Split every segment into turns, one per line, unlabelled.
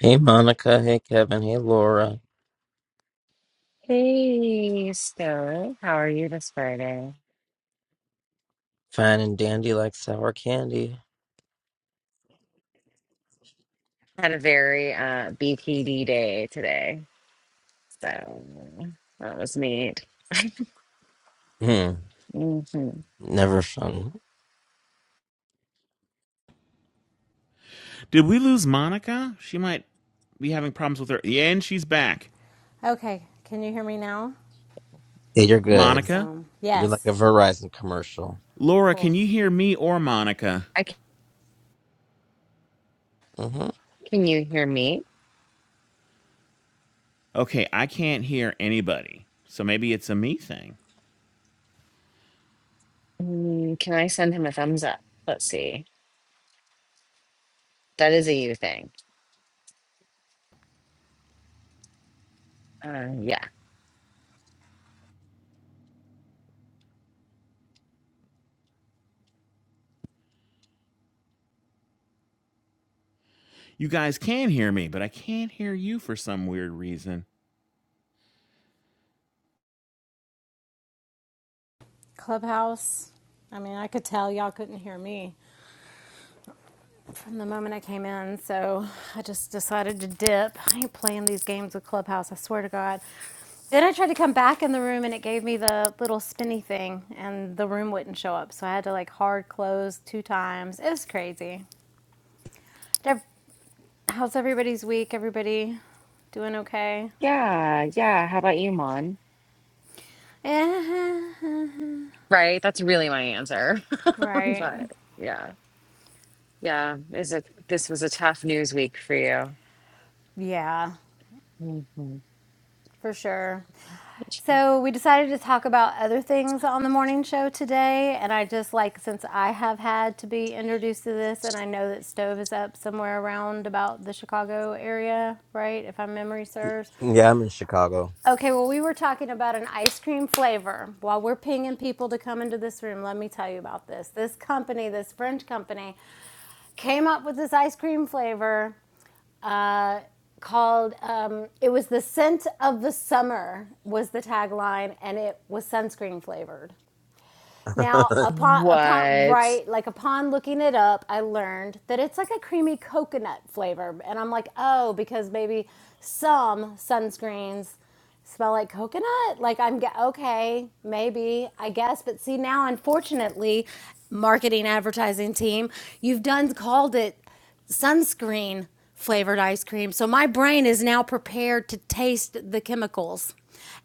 Hey Monica, hey Kevin, hey Laura.
Hey, Stone. How are you this Friday?
Fine and dandy like sour candy.
Had a very uh, BPD day today, so that was neat.
Hmm,
hmm
never fun.
Did we lose Monica? She might be having problems with her. Yeah, and she's back.
Okay, can you hear me now?
Yeah, you're good.
Monica?
Awesome.
You're like
Yes,
a Verizon commercial.
Laura, can
cool.
you hear me or Monica?
I c
hmm
can you hear me?
Okay, I can't hear anybody. So maybe it's a me thing.
Mm, can I send him a thumbs up? Let's see. That is a you thing. Uh, yeah.
You guys can hear me, but I can't hear you for some weird reason.
Clubhouse. I mean, I could tell y'all couldn't hear me from the moment I came in, so I just decided to dip. I ain't playing these games with Clubhouse, I swear to God. Then I tried to come back in the room and it gave me the little spinny thing, and the room wouldn't show up, so I had to like hard close two times. It was crazy. Ev- How's everybody's week? Everybody doing okay?
Yeah, yeah. How about you, Mon? Right? That's really my answer.
Right.
But yeah, yeah. Is it? This was a tough news week for you.
Yeah.
hmm
For sure. So we decided to talk about other things on the morning show today. And I just like, since I have had to be introduced to this, and I know that Stove is up somewhere around about the Chicago area, right? If my memory serves.
Yeah, I'm in Chicago.
Okay, well, we were talking about an ice cream flavor. While we're pinging people to come into this room, let me tell you about this. This company, this French company, came up with this ice cream flavor uh, called um, it was the scent of the summer was the tagline and it was sunscreen flavored now upon upon
What?
right like upon looking it up i learned that it's like a creamy coconut flavor and i'm like oh because maybe some sunscreens smell like coconut like i'm okay maybe i guess but see now unfortunately marketing advertising team you've done called it sunscreen flavored ice cream. So my brain is now prepared to taste the chemicals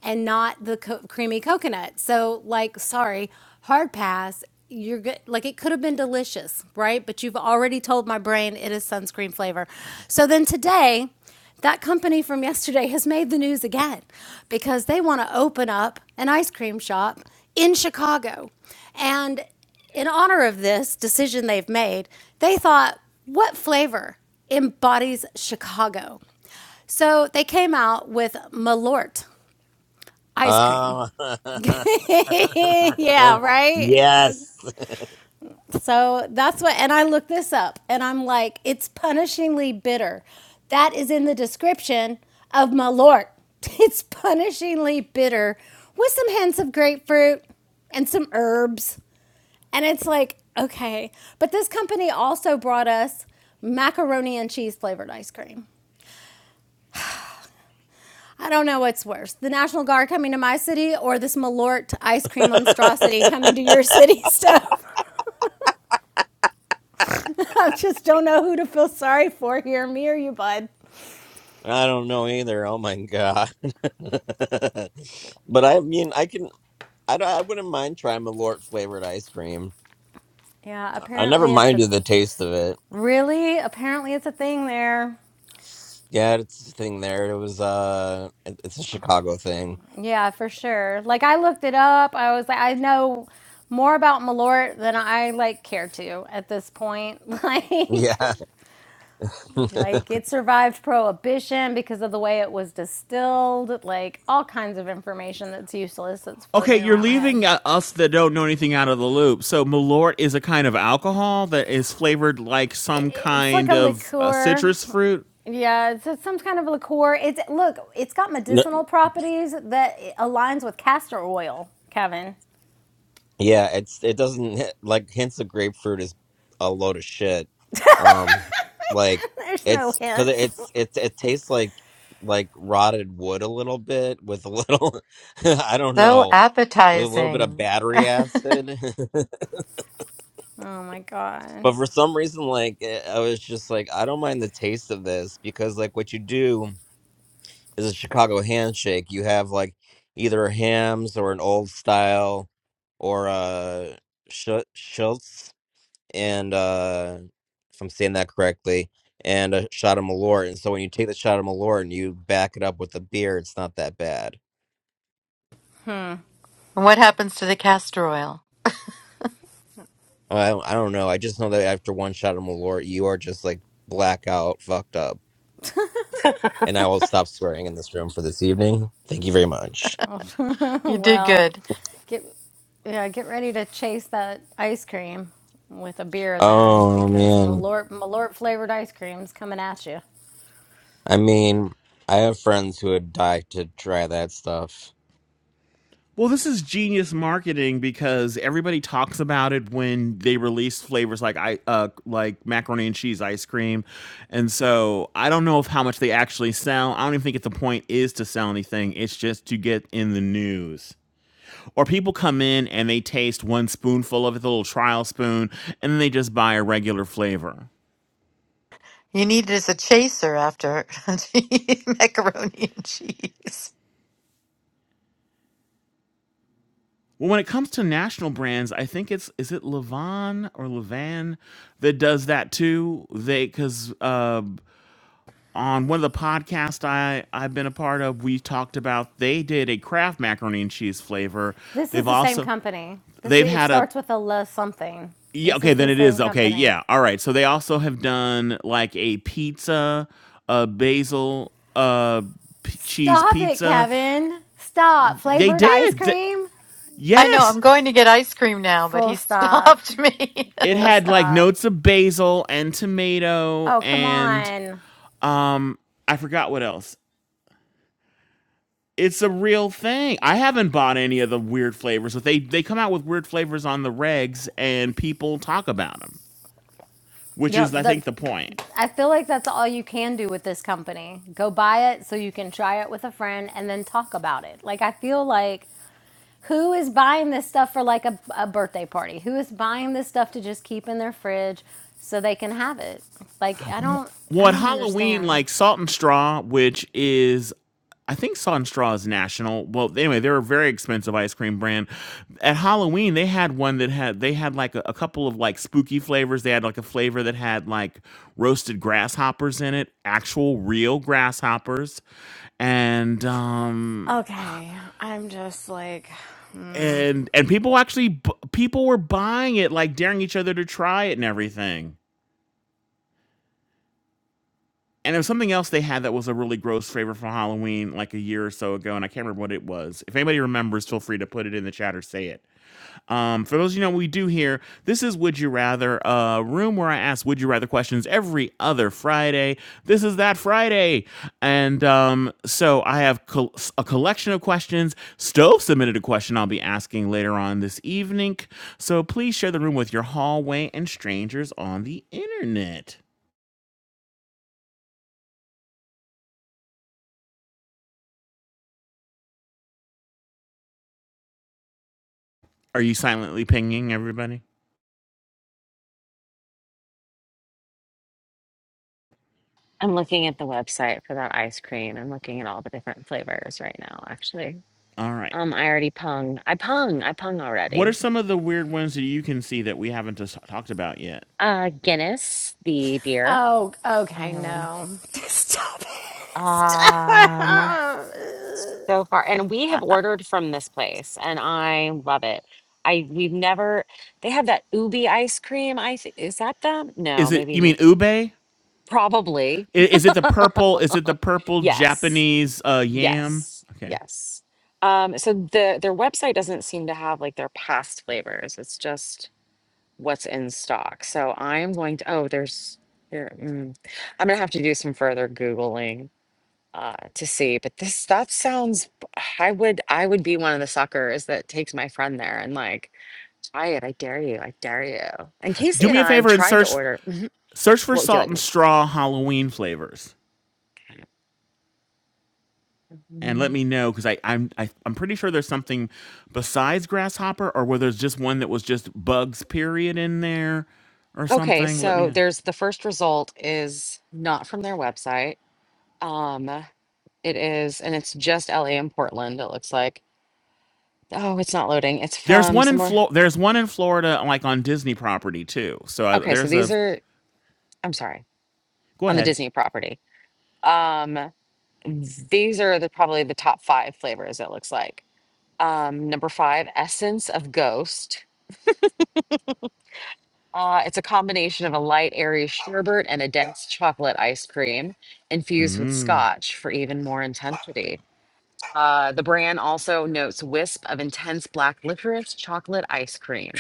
and not the co- creamy coconut. So like sorry, hard pass. You're good. Like it could have been delicious, right? But you've already told my brain it is sunscreen flavor. So then today, that company from yesterday has made the news again because they want to open up an ice cream shop in Chicago. And in honor of this decision they've made, they thought, what flavor embodies Chicago? So they came out with Malort ice cream.
Oh.
yeah, right?
yes.
So that's what, and I looked this up and I'm like, it's punishingly bitter. That is in the description of Malort. It's punishingly bitter with some hints of grapefruit and some herbs. And it's like, okay. But this company also brought us macaroni and cheese flavored ice cream. I don't know what's worse the National Guard coming to my city or this Malort ice cream monstrosity coming to your city, Stove. I just don't know who to feel sorry for here, me or you, bud.
I don't know either. Oh my God. but I mean, I can, I, don't, I wouldn't mind trying Malort flavored ice cream.
Yeah,
I never
apparently it's a
minded the taste of it.
really apparently it's a thing there.
Yeah, it's a thing there. It was uh it- it's a Chicago thing.
Yeah, for sure. Like I looked it up. I was like I know more about Malort than I like care to at this point. Like
Yeah.
Like it survived prohibition because of the way it was distilled, like all kinds of information that's useless that's
Okay,
floating
you're
around my head.
leaving uh, us that don't know anything out of the loop. So Malort is a kind of alcohol that is flavored like some
It's like
kind
a
of uh,
liqueur.
citrus fruit.
Yeah, it's it's some kind of liqueur. It's look, it's got
No-
medicinal properties that aligns with castor oil, Kevin.
yeah, it's it doesn't hit, like hints of grapefruit is a load of shit. Um like
There's no
it's cuz
hint.
it's it's it tastes like like rotted wood a little bit with a little I don't
So
know, with a little bit of
appetizing.
battery acid.
Oh my god.
But for some reason like eh, I was just like I don't mind the taste of this because like what you do is a Chicago handshake. You have like either a Hams or an old style or uh Sch- Schultz and uh if I'm saying that correctly and a shot of Malort. And so when you take the shot of Malort and you back it up with a beer, it's not that bad.
And what happens to the castor oil?
I don't, I don't know. I just know that after one shot of Malort, you are just like blackout fucked up. And I will stop swearing in this room for this evening. Thank you very much.
You did
well,
good.
get yeah, get ready to chase that ice cream with a beer then,
Oh
because
man.
Malort Malort flavored ice cream's coming at you.
I mean, I have friends who would die to try that stuff.
Well, this is genius marketing because everybody talks about it when they release flavors like I uh, like macaroni and cheese ice cream, and so I don't know if how much they actually sell. I don't even think if the point is to sell anything. It's just to get in the news. Or people come in and they taste one spoonful of it, the little trial spoon, and then they just buy a regular flavor.
You need it as a chaser after macaroni and cheese.
Well, when it comes to national brands, I think it's is it Levan or Levan that does that too. They because uh, on one of the podcasts I, I've been a part of, we talked about they did a Kraft macaroni and cheese flavor.
This is
They've
the same
also
company. This
they've
it
had a
starts with a L something.
yeah,
This
okay,
is
then
the
it
same
is okay,
company.
yeah. All right. So they also have done like a pizza, a basil uh p- cheese
Stop it,
pizza.
Kevin. Stop.
They
Flavored ice
did. Th-
cream?
I know,
yes.
I'm going to get ice cream now, but
Full
he
stop.
stopped me.
It
Full
had like
stop.
notes of basil and tomato
Oh, come
and
on.
um I forgot what else. It's a real thing. I haven't bought any of the weird flavors, but they they come out with weird flavors on the regs, and people talk about them, which
Yep,
is I think
that
the point.
I feel like that's all you can do with this company. Go buy it so you can try it with a friend and then talk about it. Like I feel like who is buying this stuff for like a, a birthday party? Who is buying this stuff to just keep in their fridge so they can have it? Like I don't I
Well, at
don't
Halloween,
understand.
like Salt and Straw, which is I think Salt and Straw is national. Well, anyway, they're a very expensive ice cream brand. At Halloween, they had one that had they had like a, a couple of like spooky flavors. They had like a flavor that had like roasted grasshoppers in it, actual real grasshoppers, and um
Okay, I'm just like, hmm.
and and people actually people were buying it like daring each other to try it and everything and there was something else they had that was a really gross flavor for halloween like a year or so ago and i can't remember what it was if anybody remembers feel free to put it in the chat or say it Um, for those of you who know what we do here, this is Would You Rather, a room where I ask Would You Rather questions every other Friday. This is that Friday. And um, so I have col- a collection of questions. Stove submitted a question I'll be asking later on this evening. So please share the room with your hallway and strangers on the internet. Are you silently pinging everybody?
I'm looking at the website for that ice cream. I'm looking at all the different flavors right now, actually.
All right.
Um, I already pung. I pung. I pung
What are
already.
some of the weird ones that you can see that we haven't just talked about yet?
Uh, Guinness, the beer.
oh, okay,
Um,
no. Stop it.
um,
Stop.
so far, and we have
I
ordered from this place, and I love it. I we've never. They have that ubi ice cream. I th- is that them? No,
Is it,
maybe
you mean
n-
Ube?
probably
Is it the purple? Is it the purple
yes.
Japanese uh, yam?
Yes,
Okay.
yes. Um, so the their website doesn't seem to have like their past flavors. It's just what's in stock. So I'm going to, oh, there's here. Mm, I'm gonna have to do some further Googling uh to see. But this that sounds I would I would be one of the suckers that takes my friend there and like, try it. I dare you. I dare you. And Casey
Do me
and
a
I
favor and
tried to
search
order.
search for
What would you
salt
like
and
me?
straw Halloween flavors, and let
Mhm.
me know because I I'm I, I'm pretty sure there's something besides grasshopper, or where there's just one that was just bugs period in there, or
Okay,
something. Let me
so
know.
there's the first result is not from their website. Um, it is, and it's just LA and Portland, it looks like. Oh, it's not loading. It's
There's
from
one in
somewhere.
Flo- There's one in Florida, like on Disney property too. So uh,
Okay, so
there's a.
these are, I'm sorry,
Go
on the
ahead.
Disney property. Um, these are the probably the top five flavors, it looks like. Um, number five, Essence of Ghost. Uh, it's a combination of a light, airy sherbet and a dense chocolate ice cream infused with
Mm.
scotch for even more intensity. Uh, the brand also notes wisp of intense black licorice chocolate ice cream.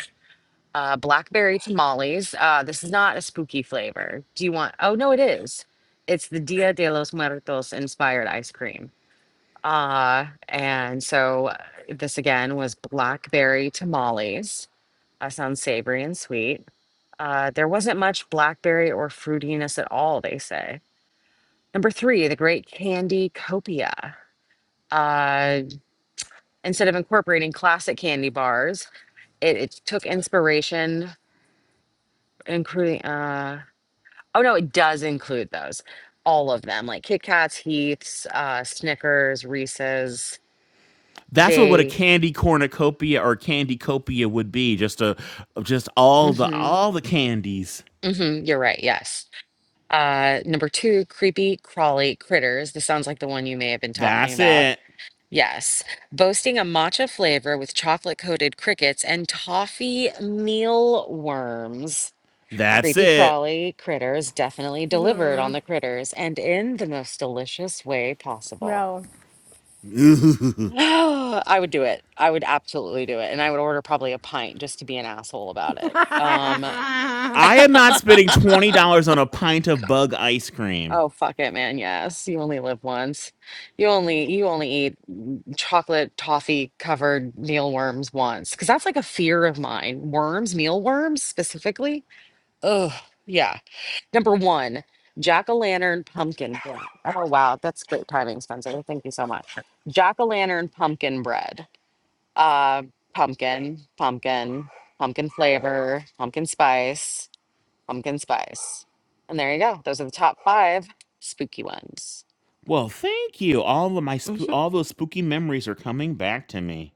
uh, blackberry tamales. Uh, this is not a spooky flavor. Do you want? Oh no, it is. It's the Dia de los Muertos inspired ice cream. Uh, and so uh, this again was blackberry tamales. Uh, sounds savory and sweet. Uh, there wasn't much blackberry or fruitiness at all, they say. Number three, the great candy copia. Uh, instead of incorporating classic candy bars, it, it took inspiration, including. uh, Oh no, it does include those. All of them, like Kit Kats, Heath's, uh, Snickers, Reese's.
That's what, what a
They,
candy cornucopia or candy copia would be. Just a just all the
mm-hmm,
all the candies.
mm-hmm, you're right, yes. Uh, number two, creepy crawly critters. This sounds like the one you may have been talking
That's
about.
it.
Yes. Boasting a matcha flavor with chocolate coated crickets and toffee mealworms.
That's
Creepy
it.
crawly critters definitely delivered on
Mm,
the critters and in the most delicious way possible.
No.
I would do it. I would absolutely do it. And I would order probably a pint just to be an asshole about it. Um,
I am not spending twenty dollars on a pint of bug ice cream.
oh fuck it, man. Yes. You only live once. You only you only eat chocolate toffee covered mealworms once. Because that's like a fear of mine. Worms, mealworms specifically. Ugh, yeah. Number one, jack-o'-lantern pumpkin bread. Oh wow, that's great timing, Spencer. Thank you so much. Jack-o'-lantern pumpkin bread. uh, pumpkin, pumpkin, pumpkin flavor, pumpkin spice, pumpkin spice. And there you go. Those are the top five spooky ones.
Well, thank you. All of my sp-
Mhm.
all those spooky memories are coming back to me.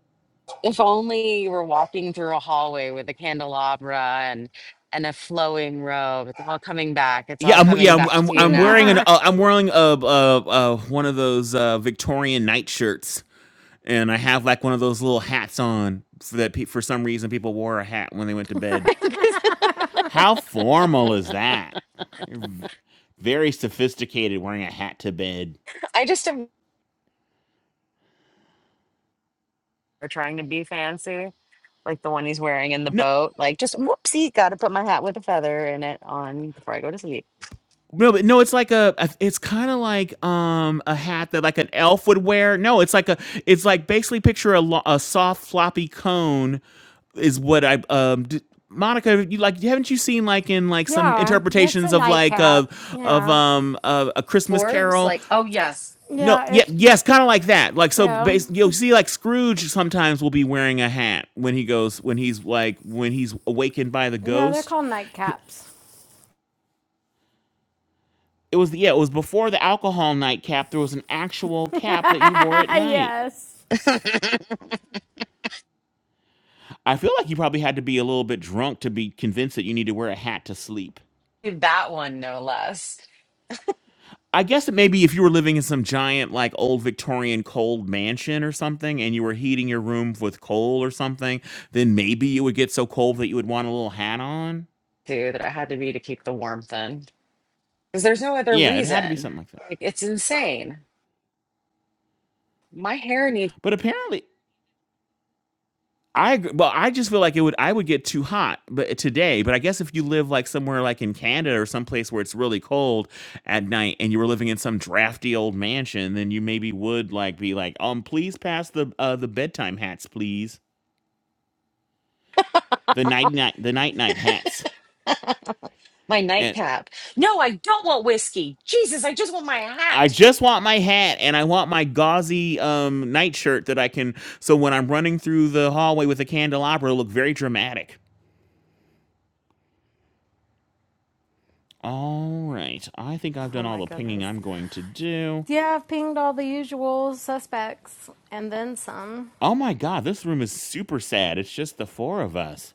If only you were walking through a hallway with a candelabra and and a flowing robe. It's all coming back. It's
Yeah,
all
I'm yeah
coming
I'm
back
I'm,
to you
I'm wearing
now.
an
yeah,
uh, I'm wearing a, a, a one of those uh, Victorian night shirts, and I have like one of those little hats on so that pe- for some reason people wore a hat when they went to bed. How formal is that? You're very sophisticated wearing a hat to bed.
I just am or trying to be fancy, like the one he's wearing in the
No,
boat. Like just whoopsie, got to put my hat with a feather in it on before I go to sleep.
no, but no, it's like a, a- it's kind of like um a hat that like an elf would wear. No, it's like a, it's like basically picture a, lo- a soft floppy cone, is what I um. D- Monica, you like haven't you seen like in like some
it's a
interpretations of like of
nightcap.
of
Yeah.
um of a Christmas
Dwarves,
Carol
like, oh yes.
No,
Yeah,
yeah,
it's,
yes, kind of like that. Like so,
yeah.
bas you'll see like Scrooge sometimes will be wearing a hat when he goes when he's like when he's awakened by the
Yeah, they're
ghost.
called
He-
nightcaps.
It was yeah, it was before the alcohol night cap. There was an actual cap that you wore at night.
yes.
I feel like you probably had to be a little bit drunk to be convinced that you need to wear a hat to sleep.
That one, no less,
I guess it maybe if you were living in some giant like old Victorian cold mansion or something and you were heating your room with coal or something, then maybe it would get so cold that you would want a little hat on.
too, that I had to be to keep the warmth in. Because there's no other
Yeah, it had to be
reason.
something like that.
Like, it's insane. My hair needs
But apparently, I agree. Well, I just feel like it would. I would get too hot, but uh, today. But I guess if you live like somewhere like in Canada or someplace where it's really cold at night, and you were living in some drafty old mansion, then you maybe would like be like, um, please pass the uh the bedtime hats, please. The night night the night night hats.
my
And
nightcap. No, I don't want whiskey. Jesus, I just want my
I
hat.
just want my hat and I want my gauzy um nightshirt that I can so when I'm running through the hallway with a candelabra it'll look very dramatic. All right. I think I've
Oh
done all
my
the pinging
goodness.
I'm going to do.
Yeah, I've pinged all the usual suspects and then some.
Oh my god, this room is super sad. It's just the four of us.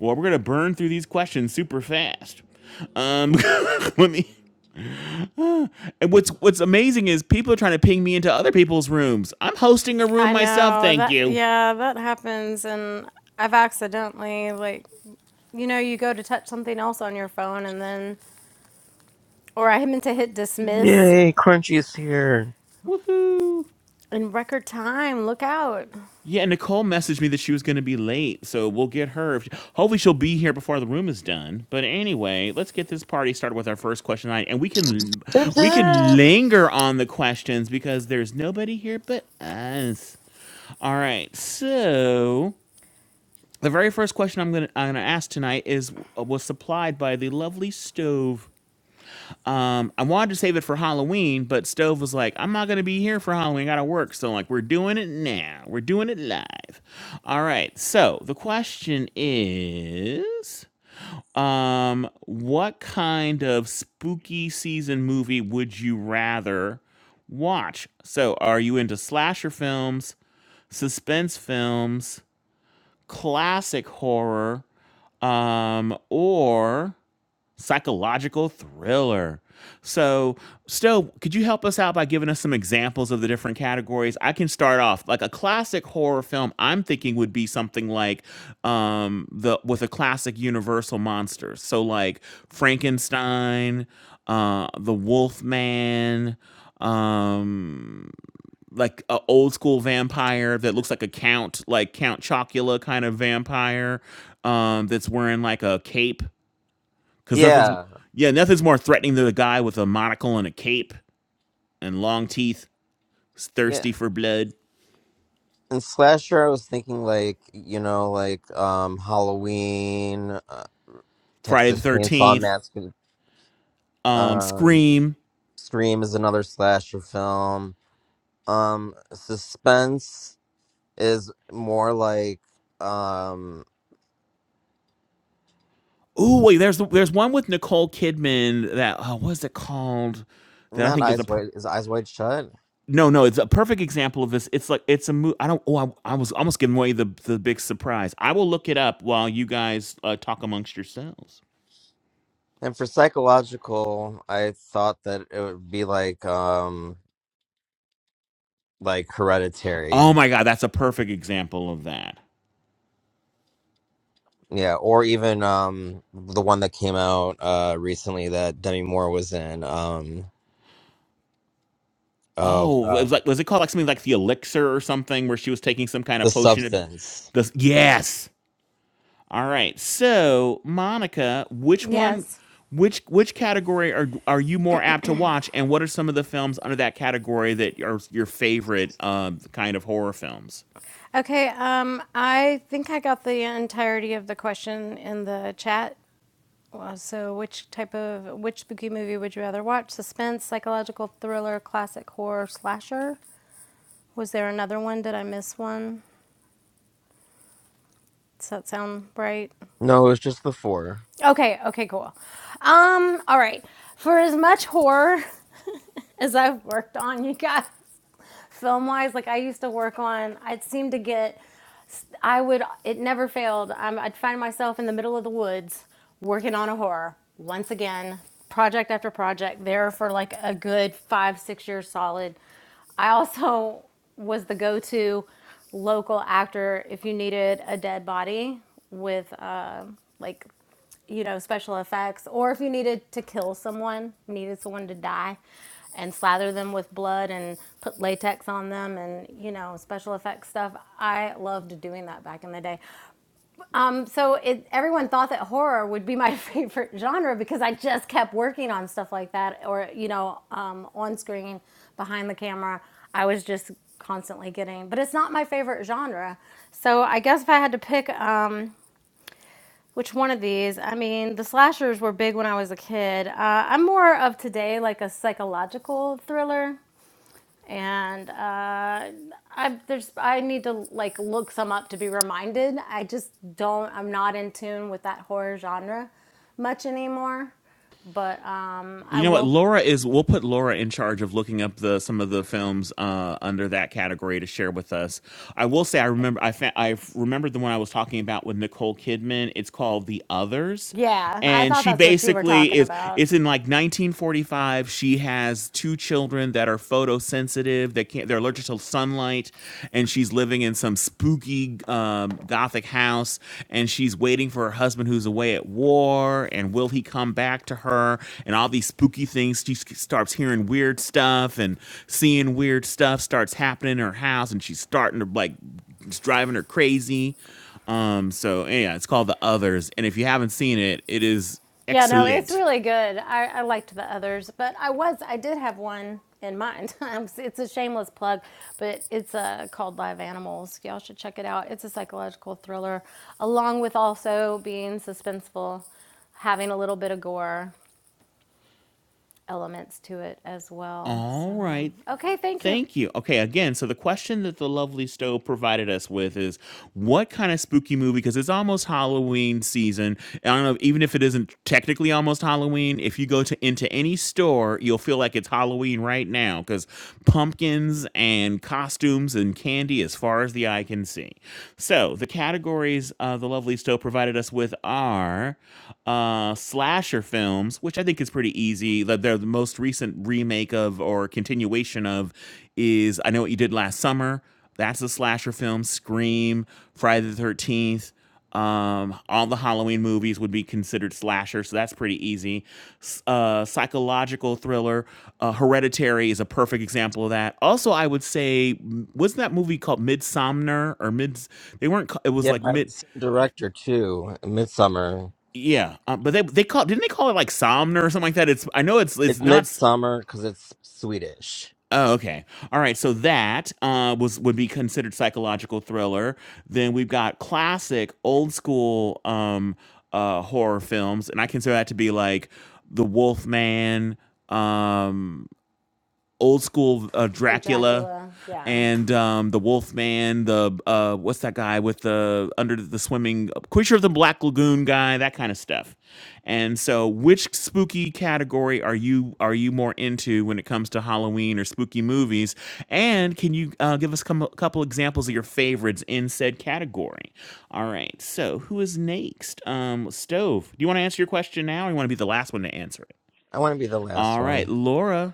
Well, we're going to burn through these questions super fast. Um let me Ah, And what's what's amazing is people are trying to ping me into other people's rooms. I'm hosting a room
I
myself,
know
thank
that,
you.
yeah, that happens. And I've accidentally, like, you know, you go to touch something else on your phone and then, or I meant to hit dismiss
Yay, Crunchy's here.
Woohoo.
in record time. Look out.
Yeah, Nicole messaged me that she was going to be late, so we'll get her. If hopefully, she'll be here before the room is done. But anyway, let's get this party started with our first question tonight, and we can
Zip
we can
zip.
linger on the questions because there's nobody here but us. All right, so the very first question I'm gonna I'm gonna ask tonight is uh, was supplied by the lovely stove. Um, I wanted to save it for Halloween, but Stove was like, I'm not gonna be here for Halloween, I gotta work. So like we're doing it now. We're doing it live. All right, so the question is um what kind of spooky season movie would you rather watch? So are you into slasher films, suspense films, classic horror, um, or Psychological thriller. So, Stowe, could you help us out by giving us some examples of the different categories? I can start off like a classic horror film. I'm thinking would be something like um, the with a classic Universal monsters. So like Frankenstein, uh, the Wolfman, um, like a old school vampire that looks like a count, like Count Chocula kind of vampire um, that's wearing like a cape because nothing's,
Yeah,
yeah, nothing's more threatening than a guy with a monocle and a cape and long teeth,
yeah.
thirsty for blood.
And slasher, I was thinking like you know, like um Halloween, uh,
Friday the
Texas Chainsaw
Thirteenth,
Massacre.
um,
Um,
Scream.
Scream is another slasher film. Um, suspense is more like um
Ooh, wait, there's there's one with Nicole Kidman that uh, what's it called? That I
not
think is a
eyes wide is eyes wide shut.
no, no, it's a perfect example of this. It's like it's a movie. I don't. Oh, I, I was almost giving away the the big surprise. I will look it up while you guys uh, talk amongst yourselves.
And for psychological, I thought that it would be like um like Hereditary.
Oh my god, that's a perfect example of that.
Yeah, or even um the one that came out uh recently that Demi Moore was in. Um oh
Oh, it was
god.
like was it called like something like the elixir or something where she was taking some kind of
The
potion and
Substance.
this yes. All right. So, Monica, which one
Yes.
which which category are are you more apt to watch and what are some of the films under that category that are your favorite um kind of horror films?
Okay, um, I think I got the entirety of the question in the chat. Well, So, which type of which spooky movie would you rather watch? Suspense, psychological thriller, classic horror, slasher. Was there another one? Did I miss one? Does that sound right?
No, it was just the four.
Okay, okay, cool. Um, all right. For as much horror as I've worked on, you guys, film wise, like I used to work on, I'd seem to get I would. It never failed. Um, I'd find myself in the middle of the woods working on a horror once again, project after project. There for like a good five, six years solid. I also was the go-to local actor if you needed a dead body with like you know special effects or if you needed to kill someone needed someone to die and slather them with blood and put latex on them and you know special effects stuff i loved doing that back in the day um, so it, everyone thought that horror would be my favorite genre because i just kept working on stuff like that or you know um, on screen behind the camera i was just constantly getting but it's not my favorite genre so i guess if i had to pick um, which one of these? I mean, the slashers were big when I was a kid. Uh, I'm more of today like a psychological thriller, and uh, I there's I need to like look some up to be reminded. I just don't. I'm not in tune with that horror genre much anymore. But um, I
You know what?
will.
Laura is. We'll put Laura in charge of looking up the some of the films uh, under that category to share with us. I will say, I remember. I fa- I remembered the one I was talking about with Nicole Kidman. It's called The Others,
Yeah, I
and
thought
she
that's what you were
basically
talking
is.
about.
It's in like 1945. She has two children that are photosensitive. They can't. They're allergic to sunlight, and she's living in some some spooky um, gothic house, and she's waiting for her husband who's away at war, and will he come back to her? And all these spooky things. She s- starts hearing weird stuff and seeing weird stuff starts happening in her house, and she's starting to like it's driving her crazy. Um, so yeah, it's called The Others, and if you haven't seen it, it is
Yeah, no, it's
excellent.
really good. I, I liked the others, but I was I did have one in mind. I'm- s- it's a shameless plug, but it's uh, called Live Animals. Y'all should check it out. It's a psychological thriller, along with also being suspenseful, having a little bit of gore elements to it as well. So,
All right.
okay, thank you.
Thank you. Okay, again, so the question that the lovely stove provided us with is what kind of spooky movie? Because it's almost Halloween season. And I don't know, even if it isn't technically almost Halloween, if you go to into any store, you'll feel like it's Halloween right now because pumpkins and costumes and candy as far as the eye can see. So the categories uh, the lovely stove provided us with are uh, slasher films which I think is pretty easy. That they the most recent remake of or continuation of is I Know What You Did Last Summer. That's a slasher film. Scream, Friday the Thirteenth, um, all the Halloween movies would be considered slasher, so that's pretty easy. S- Uh, psychological thriller, uh, Hereditary is a perfect example of that. Also, I would say, m- wasn't that movie called Midsomner or Mid? They weren't. ca- It was
Yeah,
like
by
Mid.
the same director too. Midsummer.
Yeah, um, but they they call didn't they call it like Somner or something like that? It's I know it's it's
It's
not.
Midsummer because it's Swedish.
Oh, okay. All right. So that uh, was would be considered psychological thriller. Then we've got classic, old school um, uh, horror films, and I consider that to be like The Wolf Man, um, old school uh,
Like
Dracula
Dracula, yeah.
and um, the Wolfman, the uh, what's that guy with the under the swimming creature of the Black Lagoon guy, that kind of stuff. And so, which spooky category are you are you more into when it comes to Halloween or spooky movies? And can you uh, give us com- a couple examples of your favorites in said category? All right. So, who is next? Um, Stove, do you want to answer your question now, or you want to be the last one to answer it?
I want to be the last
All right,
one.
Laura.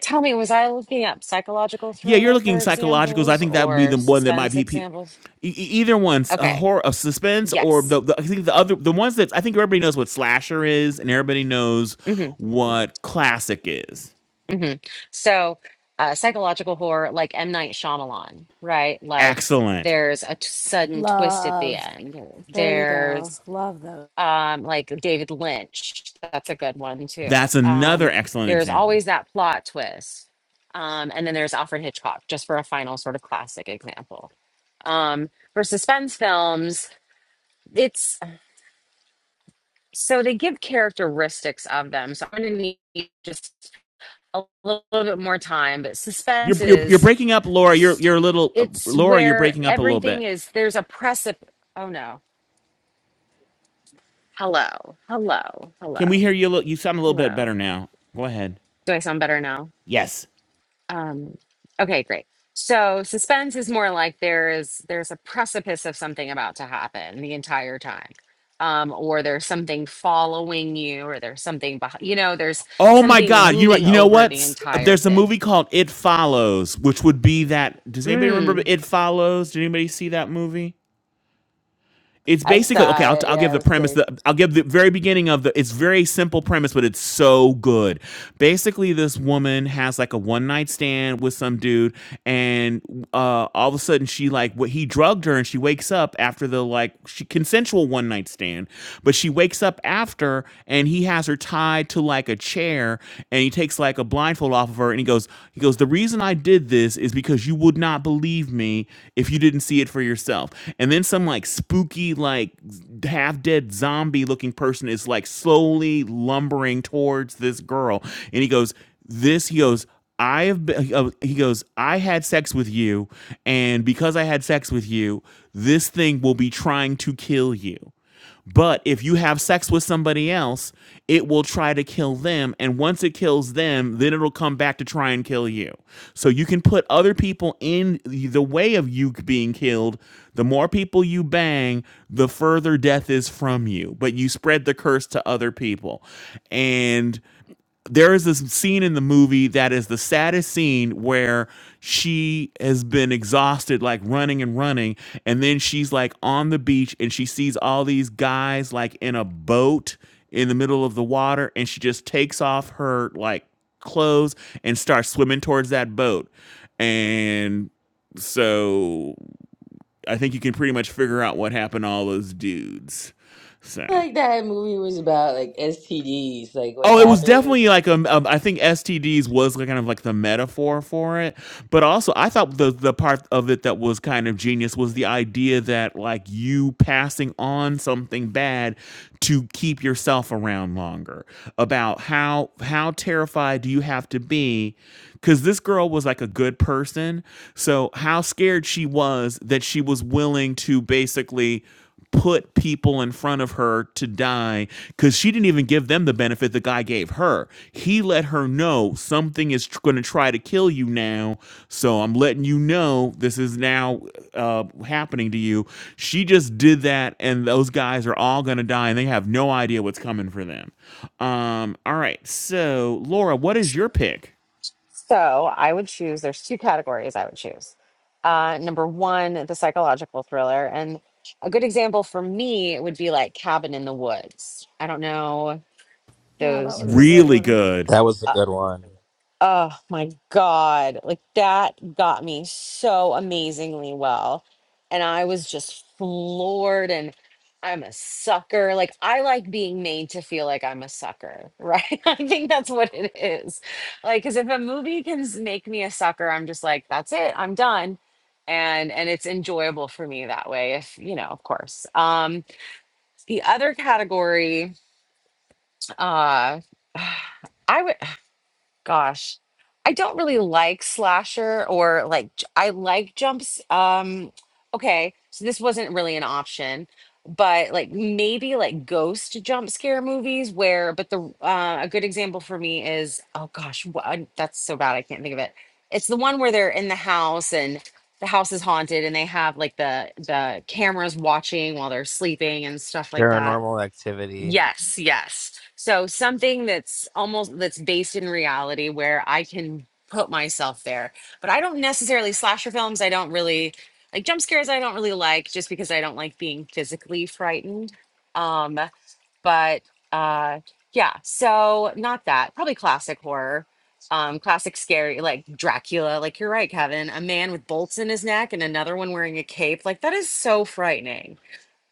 Tell me, was I looking up psychological
Yeah, you're
thriller
looking psychologicals. I
examples
think that would be
or
the one that might
suspense
be pe- e-
examples?
e- either one's a
Okay.
horror of suspense or
Yes.
the, the I think the other the ones that I think everybody knows what slasher is and everybody knows
hmm
what classic is.
hmm So, uh, psychological horror, like M. Night Shyamalan, right? Like,
Excellent.
there's a t- sudden twist at the
Love.
end.
There you go.
There's
Love those.
um, like David Lynch. That's a good one too.
That's
Um,
another excellent
there's
example.
always that plot twist. Um, and then there's Alfred Hitchcock, just for a final sort of classic example. Um, for suspense films, it's so they give characteristics of them. So I'm going to need just a little bit more time, but
You're
suspense
you're, you're
is
breaking up, Laura. You're you're a little uh,
it's
Laura. You're
where
breaking up a little
everything
bit.
is there's a precip. Oh no. Hello. Hello.
Can we
Hello.
hear you? A little, you sound a little bit
Hello.
better now. Go ahead.
Do I sound better now?
Yes.
Um, okay, great. So suspense is more like there is there's a precipice of something about to happen the entire time. Um, or there's something following you, or there's something behind, you know, there's
Oh my
something
God! You're right.
looming
You know
over
what?
the entire
There's a
thing.
movie called It Follows, which would be that. Does anybody remember
Mm.
It Follows? Did anybody see that movie? it's
I
basically okay
saw
I'll,
it.
I'll give
Yeah, it
the
was
premise
good.
the, i'll give the very beginning of the it's very simple premise but it's so good basically this woman has like a one night stand with some dude and uh, all of a sudden she like what he drugged her and she wakes up after the like she consensual one night stand but she wakes up after and he has her tied to like a chair and he takes like a blindfold off of her and he goes he goes, he goes, the reason I did this is because you would not believe me if you didn't see it for yourself. And then some like spooky, like half dead zombie looking person is like slowly lumbering towards this girl. And he goes, this, he goes, I have been, uh, he goes, I had sex with you. And because I had sex with you, this thing will be trying to kill you. But if you have sex with somebody else, it will try to kill them. And once it kills them, then it'll come back to try and kill you. So you can put other people in the way of you being killed. The more people you bang, the further death is from you. But you spread the curse to other people. And there is this scene in the movie that is the saddest scene where she has been exhausted like running and running and then she's like on the beach and she sees all these guys like in a boat in the middle of the water and she just takes off her like clothes and starts swimming towards that boat and so i think you can pretty much figure out what happened to all those dudes so
Like that movie was about like STDs, like what's
Oh, it was definitely
happened.
like um, um, I think STDs was like kind of like the metaphor for it, but also I thought the the part of it that was kind of genius was the idea that like you passing on something bad to keep yourself around longer. About how how terrified do you have to be? Because this girl was like a good person, so how scared she was that she was willing to basically put people in front of her to die because she didn't even give them the benefit the guy gave her. He let her know something is tr- going to try to kill you now. So I'm letting you know this is now uh, happening to you. She just did that, and those guys are all going to die, and they have no idea what's coming for them. Um, all right. So, Laura, what is your pick?
So I would choose, there's two categories I would choose. Uh, number one, the psychological thriller. And a good example for me would be like Cabin in the Woods. I don't know
Yeah, that
those
was
who've
a
seen.
good
Really
one.
good.
That was a good one.
Oh my God. Like that got me so amazingly well. And I was just floored and I'm a sucker. Like I like being made to feel like I'm a sucker, right? I think that's what it is. Like cuz if a movie can s- make me a sucker, I'm just like that's it. I'm done. And and it's enjoyable for me that way if, you know, of course. Um the other category uh I would. Gosh, I don't really like slasher or like j- I like jumps. Um, okay, so this wasn't really an option, but like maybe like ghost jump scare movies where, but the uh, a good example for me is oh gosh, wha- I- that's so bad I can't think of it. It's the one where they're in the house and the house is haunted and they have like the the cameras watching while they're sleeping and stuff like that.
Paranormal Activity.
Yes, yes. So something that's almost that's based in reality where I can put myself there. But I don't necessarily slasher films, I don't really like jump scares I don't really like just because I don't like being physically frightened. Um but uh yeah, so not that. Probably classic horror. Um classic scary like Dracula, like you're right Kevin, a man with bolts in his neck and another one wearing a cape. Like that is so frightening.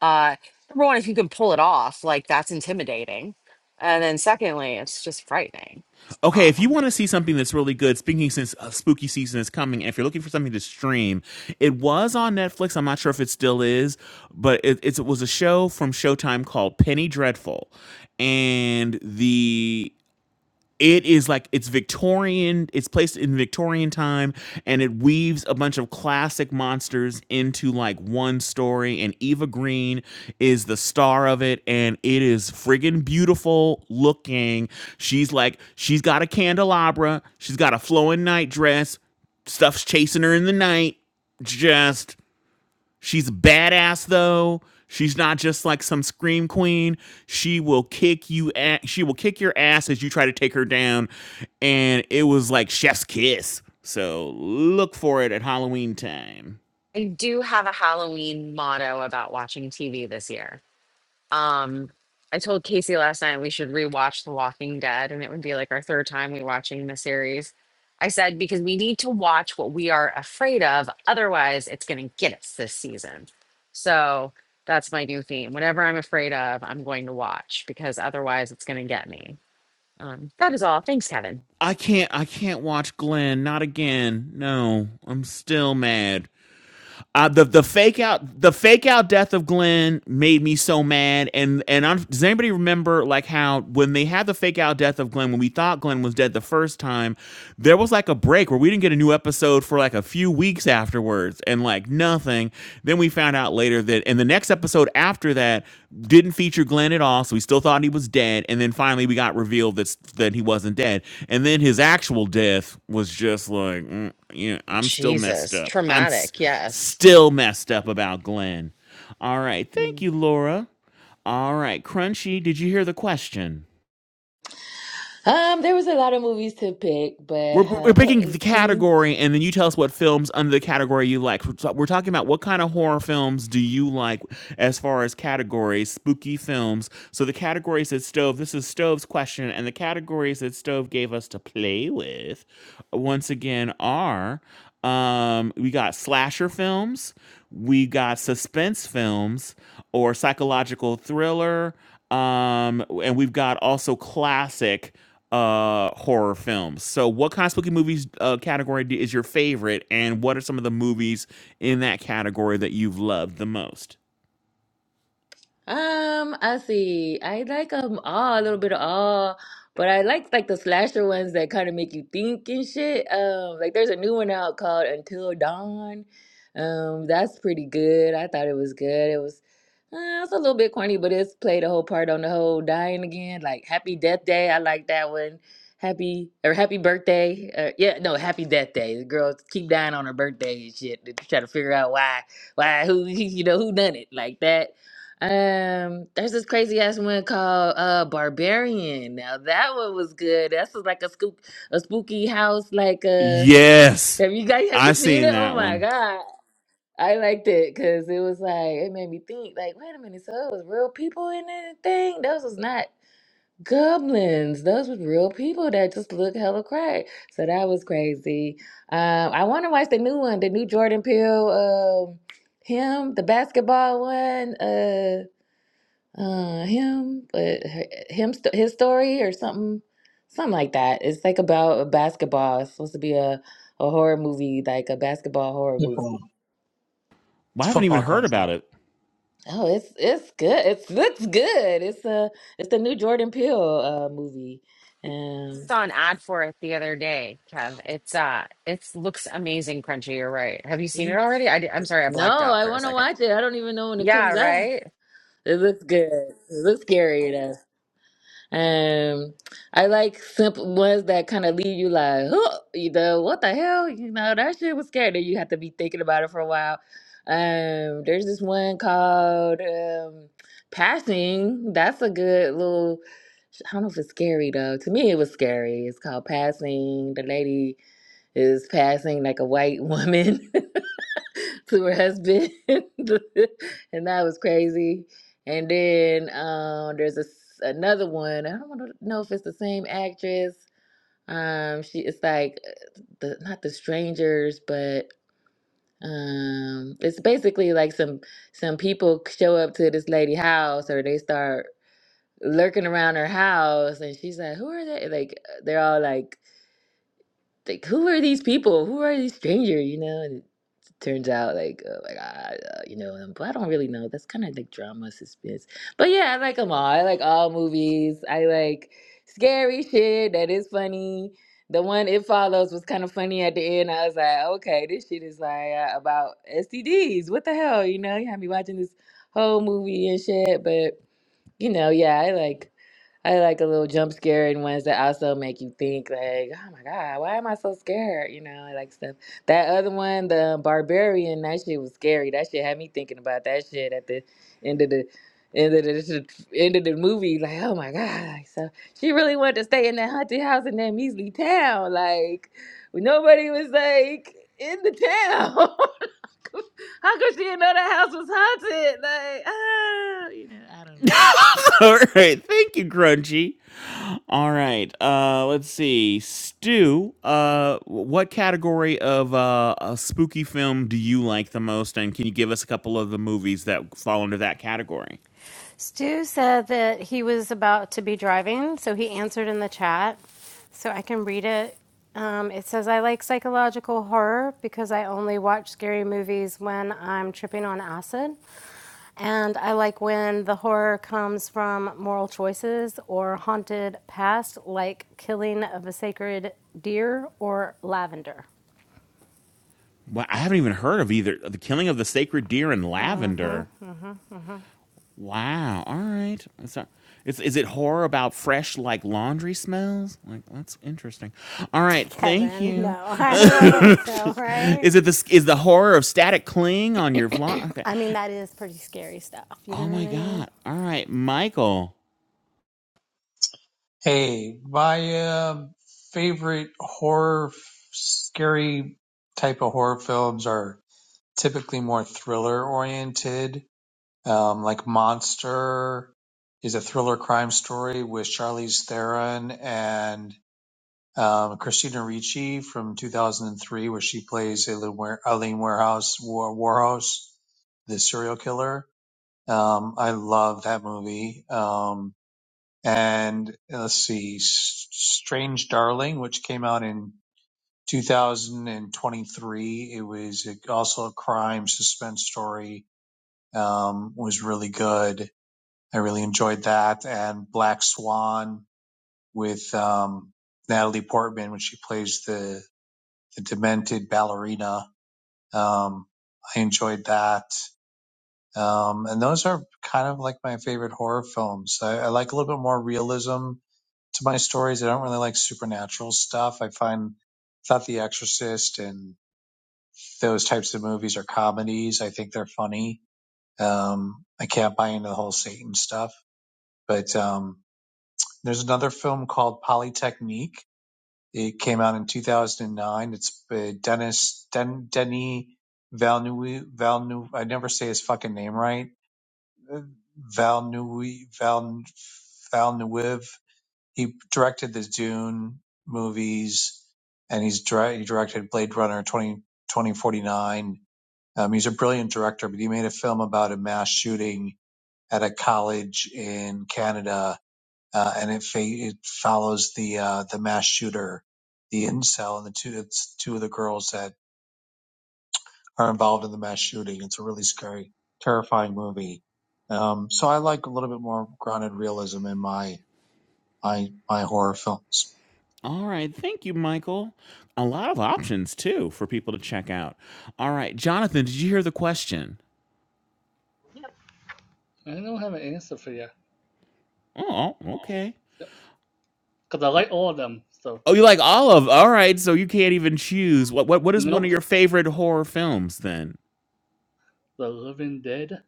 Uh, number one, if you can pull it off, like that's intimidating. And then secondly, it's just frightening.
Okay, if you
Um,
want to see something that's really good, speaking since uh, spooky season is coming, and if you're looking for something to stream, it was on Netflix. I'm not sure if it still is, but it, it's, it was a show from Showtime called Penny Dreadful, and the it is like it's Victorian, it's placed in Victorian time, and it weaves a bunch of classic monsters into like one story. And Eva Green is the star of it, and it is friggin' beautiful looking. She's like, she's got a candelabra, she's got a flowing night dress, stuff's chasing her in the night. Just She's a badass though. She's not just like some scream queen. She will kick you at she will kick your ass as you try to take her down. And it was like chef's kiss. So look for it at Halloween time.
I do have a Halloween motto about watching TV this year. Um, I told Casey last night we should rewatch The Walking Dead, and it would be like our third time we watching the series. I said because we need to watch what we are afraid of, otherwise it's going to get us this season. So that's my new theme. Whatever I'm afraid of, I'm going to watch because otherwise it's going to get me. Um, that is all. Thanks, Kevin.
I can't I can't watch Glenn, not again. No, I'm still mad. Uh, the the fake out the fake out death of Glenn made me so mad and and i does anybody remember like how when they had the fake out death of Glenn when we thought Glenn was dead the first time there was like a break where we didn't get a new episode for like a few weeks afterwards and like nothing then we found out later that and the next episode after that didn't feature Glenn at all so we still thought he was dead and then finally we got revealed that that he wasn't dead and then his actual death was just like mm, you know, I'm still messed
Jesus,
up. I'm s-
traumatic. Yes.
still messed up about Glenn. All right. Thank
Mm.
you, Laura. All right. Crunchy, did you hear the question?
Um, there was a lot of movies to pick, but
We're, we're
uh, what
picking the
can you?
category, and then you tell us what films under the category you like. We're we're talking about what kind of horror films do you like as far as categories, spooky films. So the categories that Stove. This is Stove's question, and the categories that Stove gave us to play with, once again, are um, we got slasher films, we got suspense films, or psychological thriller, um, and we've got also classic uh horror films. So what kind of spooky movies uh category do- is your favorite and what are some of the movies in that category that you've loved the most?
Um, I see. I like them all, a little bit of all, but I like like the slasher ones that kind of make you think and shit. Um, like there's a new one out called Until Dawn. Um, that's pretty good. I thought it was good. It was, uh, it's a little bit corny, but it's played a whole part on the whole dying again. Like Happy Death Day, I like that one. Happy or Happy Birthday. Uh, yeah, no, Happy Death Day. The girls keep dying on her birthday and shit to try to figure out why, why, who, you know, who done it like that. Um, there's this crazy ass one called uh Barbarian. Now that one was good. That's just like a spook a spooky house, like uh
Yes.
have you guys have you
I've
seen
seen
it? Oh
that
my
one.
god. I liked it because it was like it made me think, like, wait a minute, so it was real people in that thing? Those was not goblins. Those was real people that just look hella crack. So that was crazy. Um, I wanna watch the new one, the new Jordan Peele um him, the basketball one. Uh uh him but her- him st- his story or something something like that it's like about a basketball it's supposed to be a a horror movie like a basketball horror
Football.
movie
Well,
It's
I haven't even
football
heard
country.
about it.
oh it's it's good It looks good it's a it's the new Jordan Peele uh movie um
Saw an ad for it the other day, Kev. It's uh, it's looks amazing, crunchy. You're right. Have you seen it
Mhm.
already? I did, I'm sorry, I
no
blacked out
I
for a
want to
second.
watch it I don't even know when it
Yeah,
comes out
right.
it looks good it looks scary Um, I like simple ones that kind of leave you like, oh, you know, what the hell? You know, that shit was scary. Then you have to be thinking about it for a while. Um, there's this one called um, Passing. That's a good little. I don't know if it's scary though. To me, it was scary. It's called Passing. The lady is passing like a white woman. to her husband, and that was crazy. And then um, there's a s another one. I don't wanna know if it's the same actress. Um, she it's like uh, the not the strangers, but um, it's basically like some some people show up to this lady house, or they start lurking around her house, and she's like, "Who are they?" Like they're all like. Like, who are these people? Who are these strangers? You know, and turns out like oh my god, uh, you know um, but i don't really know that's kind of like drama suspense but yeah i like them all i like all movies i like scary shit that is funny the one it follows was kind of funny at the end i was like okay this shit is like uh, about stds what the hell you know you had me watching this whole movie and shit but you know yeah i like I like a little jump scare and ones that also make you think like, oh my God, why am I so scared? You know, I like stuff. That other one, the barbarian, that shit was scary. That shit had me thinking about that shit at the end of the end of the end of the movie. Like, oh my God. Like, so she really wanted to stay in that haunted house in that measly town. Like nobody was like in the town. How could she know that house was haunted? Like, ah, you know, I don't know.
All right. Thank you, Grungy. All right. Uh let's see. Stu, uh what category of uh a spooky film do you like the most and can you give us a couple of the movies that fall under that category?
Stu said that he was about to be driving, so he answered in the chat. So I can read it. Um, it says, I like psychological horror because I only watch scary movies when I'm tripping on acid. And I like when the horror comes from moral choices or haunted past, like killing of a sacred deer or lavender.
Well, I haven't even heard of either. The Killing of the Sacred Deer in Lavender. Wow. All right. It's not, it's, is it horror about fresh, like laundry smells? Like, that's interesting. All right. Thank
Kevin,
you.
no, I don't think so, right?
is it this? Is the horror of static cling on your vlog? Okay.
I mean, that is pretty scary stuff. You
Oh
know
my
what I mean?
God. All right, Michael.
Hey, my uh, favorite horror, f- scary type of horror films are typically more thriller oriented. Um, like Monster is a thriller crime story with Charlize Theron and um, Christina Ricci from 2003, where she plays Aileen Eileen Warehouse, War- Warhouse, the serial killer. Um, I love that movie. Um, and let's see, S- Strange Darling, which came out in 2023. It was a- also a crime suspense story. Um, was really good. I really enjoyed that. And Black Swan with um, Natalie Portman when she plays the the demented ballerina. Um, I enjoyed that. Um, and those are kind of like my favorite horror films. I, I like a little bit more realism to my stories. I don't really like supernatural stuff. I find thought The Exorcist and those types of movies are comedies. I think they're funny. Um, I can't buy into the whole Satan stuff. But um, there's another film called Polytechnique. It came out in 2009. It's uh, Dennis Den, Denis Valnui Valnui. I never say his fucking name right. Valnui Val Valnuiv he directed the Dune movies, and he's direct, he directed Blade Runner 20, 2049. Um, he's a brilliant director, but he made a film about a mass shooting at a college in Canada, uh, and it fa- it follows the uh, the mass shooter, the incel, and the two it's two of the girls that are involved in the mass shooting. It's a really scary, terrifying movie. Um, so I like a little bit more grounded realism in my my my horror films.
All right. Thank you, Michael. A lot of options too for people to check out. All right, Jonathan. Did you hear the question?
I don't have an answer for you.
Oh, okay.
Because I like all of them. So,
Oh, you like all of? All right, so you can't even choose. What what what is one of
nope.
your favorite horror films then?
The Living Dead.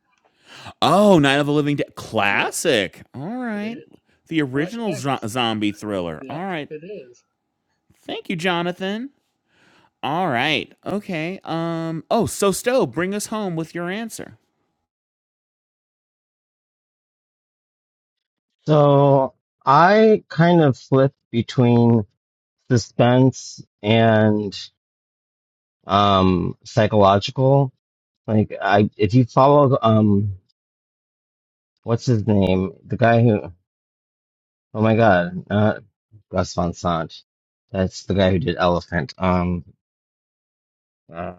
Oh, Night of the Living Dead,
Yep,
classic. All
it
right,
is.
the
All right,
original zo-
next.
zombie thriller.
Yep,
All right,
it is.
thank you, Jonathan. All right, okay. Um. Oh, so Stowe, bring us home with your answer.
So I kind of flip between suspense and um psychological like i if you follow um what's his name the guy who oh my god not gus Van sant that's the guy who did elephant um uh,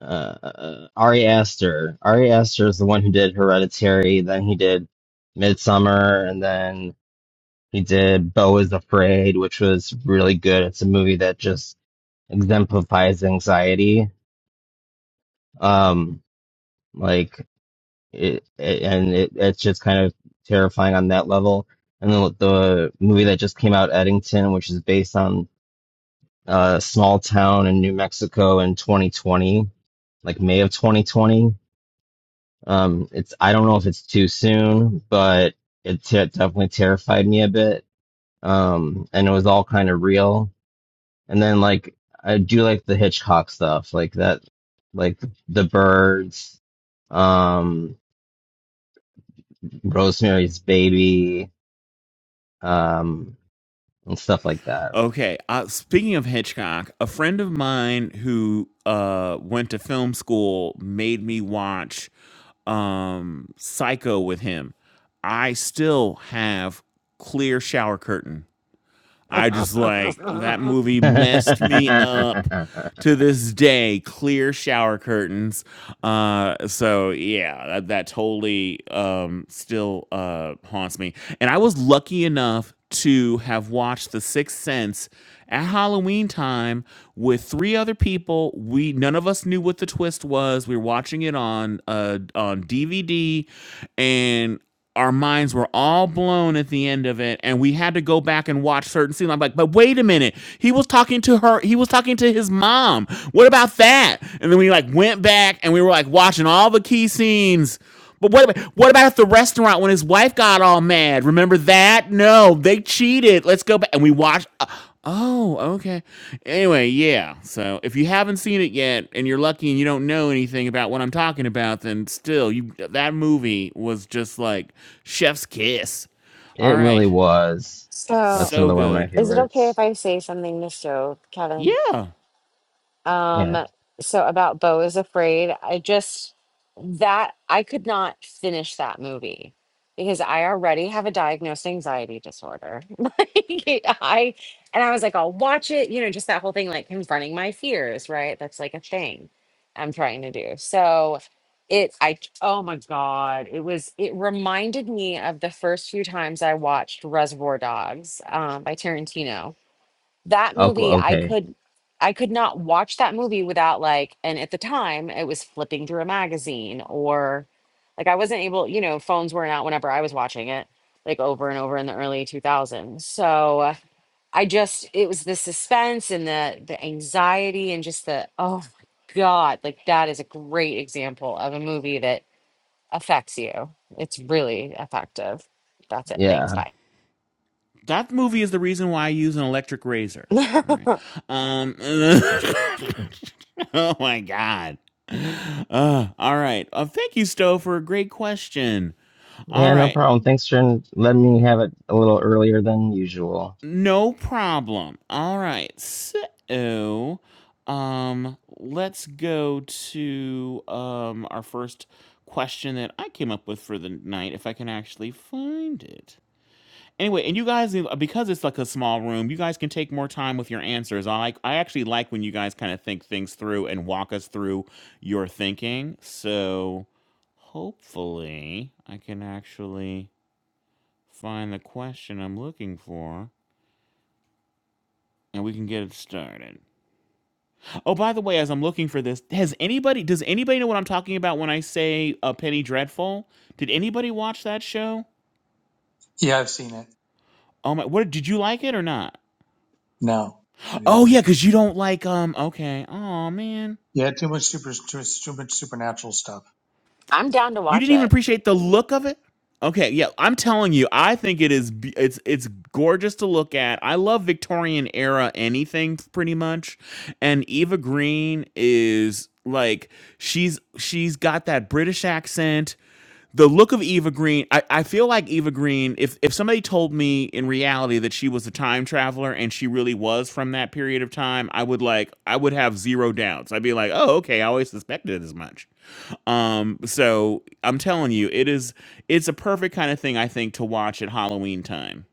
uh ari aster ari aster is the one who did hereditary then he did midsummer and then he did bo is afraid which was really good it's a movie that just exemplifies anxiety um like it, it- and it, it's just kind of terrifying on that level. And then the movie that just came out, Eddington, which is based on uh, a small town in New Mexico in 2020, like May of 2020. Um, it's I don't know if it's too soon, but it te- definitely terrified me a bit. Um, and it was all kind of real. And then like I do like the Hitchcock stuff, like that, like The Birds, um, Rosemary's Baby um, and stuff like that.
Okay. Uh, speaking of Hitchcock, a friend of mine who uh, went to film school made me watch um, Psycho with him. I still have clear shower curtain I just like that movie messed me up to this day. Clear shower curtains. Uh, so yeah, that, that totally um, still uh, haunts me. And I was lucky enough to have watched The Sixth Sense at Halloween time with three other people. We none of us knew what the twist was. We were watching it on uh, on DVD, and our minds were all blown at the end of it and we had to go back and watch certain scenes i'm like but wait a minute he was talking to her he was talking to his mom what about that and then we like went back and we were like watching all the key scenes but what about, what about at the restaurant when his wife got all mad remember that no they cheated let's go back and we watched Uh, Oh, okay. Anyway, yeah. So if you haven't seen it yet and you're lucky and you don't know anything about what I'm talking about, then still, you that movie was just like chef's kiss. All
it
right.
really was. That's
So,
So
another one of my
good.
is it okay if
favorites.
I say something to show Kevin?
Yeah.
Yeah.
Um, so about Bo is Afraid, I just that I could not finish that movie because I already have a diagnosed anxiety disorder. Like I and I was like, I'll watch it, you know, just that whole thing like confronting my fears, right? That's like a thing I'm trying to do. So it I oh my God, it was it reminded me of the first few times I watched Reservoir Dogs um by Tarantino that
Oh,
movie i
okay.
could i could not watch that movie without like and at the time it was flipping through a magazine or like i wasn't able you know phones weren't out whenever i was watching it like over and over in the early 2000s so uh, i just it was the suspense and the the anxiety and just the oh my god like that is a great example of a movie that affects you it's really effective that's it thanks
Yeah.
bye
That movie is the reason why I use an electric razor. All right. Um Oh my god. Uh, all right. Uh, thank you, Stowe, for a great question. All
Yeah, no
right.
problem. Thanks for letting me have it a little earlier than usual.
No problem. All right. So, um, let's go to um our first question that I came up with for the night, if I can actually find it. Anyway, and you guys, because it's like a small room, you guys can take more time with your answers. I like, I actually like when you guys kind of think things through and walk us through your thinking. So, hopefully, I can actually find the question I'm looking for. and we can get it started. Oh, by the way, as I'm looking for this, has anybody does anybody know what I'm talking about when I say a Penny Dreadful? Did anybody watch that show?
Yeah, I've seen it.
Oh my, what did you like it or not?
No, I didn't
Oh yeah,
like it.
cuz you don't like um okay. Oh man.
Yeah, too much super, too, too much supernatural stuff.
i'm down to
You
watch
didn't
it
even appreciate the look of it? Okay, yeah, I'm telling you, I think it is be- it's it's gorgeous to look at. I love Victorian era anything pretty much. And Eva Green is like she's she's got that British accent the look of Eva Green, I, I feel like Eva Green, if if somebody told me in reality that she was a time traveler and she really was from that period of time, I would like I would have zero doubts. I'd be like, oh, okay, I always suspected as much. Um, so I'm telling you, it is it's a perfect kind of thing I think to watch at Halloween time.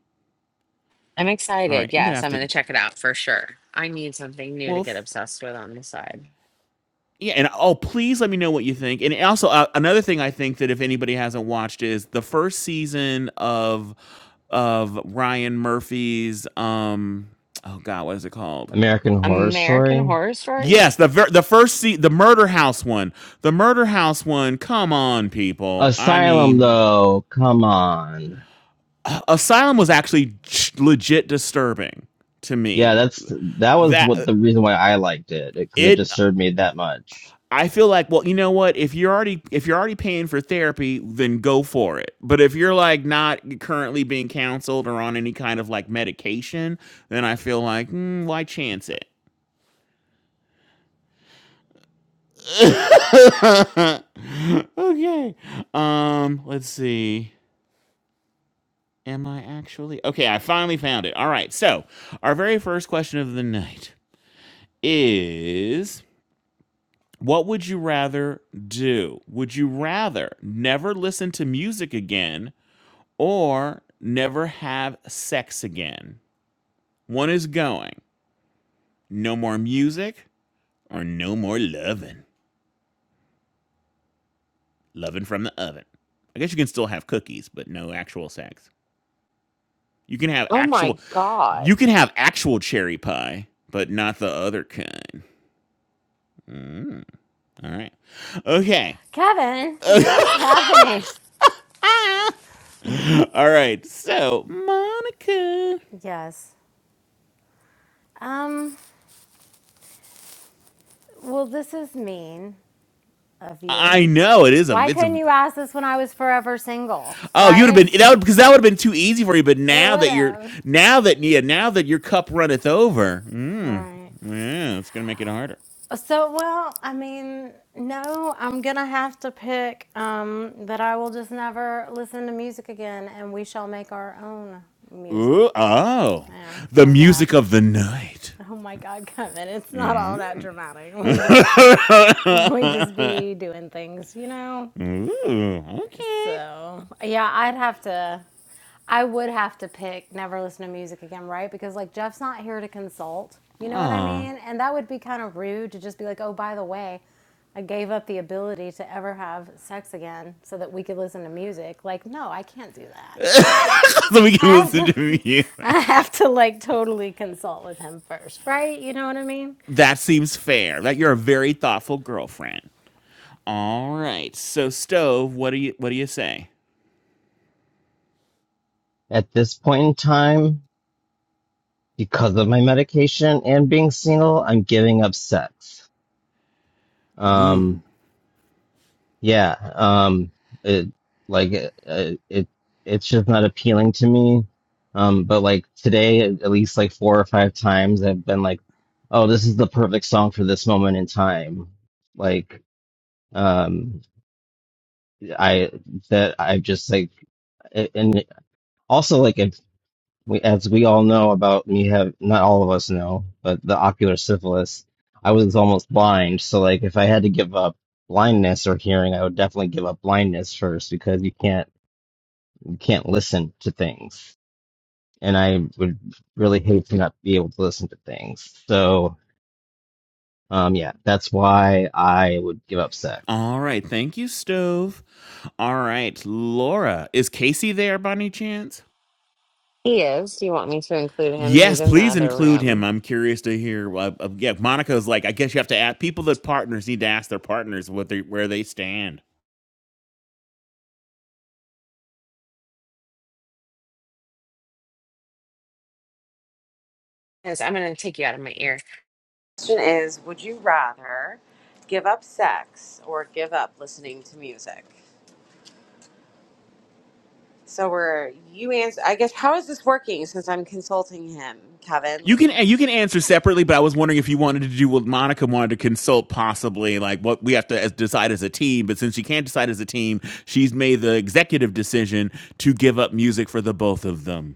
I'm
All right,
excited.
I'm gonna
Yes,
have
I'm
to
going to check it out for sure. I need something new to
well
get obsessed with on the side.
Yeah, and oh, please let me know what you think. And also, uh, another thing I think that if anybody hasn't watched is the first season of of Ryan Murphy's um oh god, what is it called?
American Horror
American
Story.
Horror Story?
Yes, the ver- the first se- the Murder House one. The Murder House one. Come on, people. I
Asylum,
mean,
though. Come on.
Asylum was actually j- legit disturbing to
Yeah,
me.
that's that was what
That
the reason why I liked it because it
it
disturbed me that much.
I feel like, well, you know what? If you're already if you're already paying for therapy, then go for it. But if you're like not currently being counseled or on any kind of like medication, then I feel like mm, why chance it? okay. Um, let's see. Am I actually okay? I finally found it. All right. So our very first question of the night is. What would you rather do? Would you rather never listen to music again or never have sex again. One is going. No more music or no more loving. Loving from the oven. I guess you can still have cookies, but no actual sex. You can have
Oh my
actual
God.
you can have actual cherry pie, but not the other kind. All right. Okay.
Kevin, what is happening?
All right. So, Monica
Yes. Um, well, this is mean of you.
I know it is a
Why
it's
couldn't
a
you ask this when I was forever single?
Oh, you'd have
Right?
been that would because that would have been too easy for you. But
It
now
would
that you're
have.
now that yeah now that your cup runneth over, mm,
Right.
yeah, it's gonna make it harder.
So, well, I mean, no, I'm going to have to pick um, that I will just never listen to music again and we shall make our own
Ooh,
music.
oh,
Yeah,
the
how's that?
music of the night.
Oh my God, Kevin, it's not
Mm.
all that dramatic. We just, we just be doing things, you know?
Ooh, okay.
So yeah, I'd have to. I would have to pick never listen to music again, right? Because like Jeff's not here to consult. You know what I
Aw.
mean? And that would be kind of rude to just be like, oh, by the way, I gave up the ability to ever have sex again so that we could listen to music. Like, no, I can't do that. I,
so we can
I have
listen
to,
to you.
I have to like totally consult with him first, right? You know what I mean?
That seems fair. That you're a very thoughtful girlfriend. All right. So stove, what do you what do you say?
At this point in time, because of my medication and being single, I'm giving up sex.
Ooh.
Um, yeah, um, it, like it, it, it's just not appealing to me. Um, but like today, at at least like four or five times, I've been like, oh, this is the perfect song for this moment in time. Like, um, I that I've just like, a- and also like if we, as we all know about me have not all of us know, but the ocular syphilis, I was almost blind. So like if I had to give up blindness or hearing, I would definitely give up blindness first because you can't you can't listen to things. And I would really hate to not be able to listen to things. So um yeah, that's why I would give up sex.
All right. Thank you, Stove. All right. Laura, is Casey there by any chance?
He is. Do you want me to include him?
Yes,
He's in the
please
other
include him.
room.
I'm curious to hear. Uh, uh, yeah, Monica's like, I guess you have to ask people that partners need to ask their partners what they where they stand.
Yes, I'm going to take you out of my ear. Question is Would you rather give up sex or give up listening to music? So, we're you answer, I guess, how is this working since I'm consulting him, Kevin?
You
Like,
can you can answer separately, but I was wondering if you wanted to do what Monica wanted to consult, possibly like what we have to as, decide as a team. But since she can't decide as a team, she's made the executive decision to give up music for the both of them.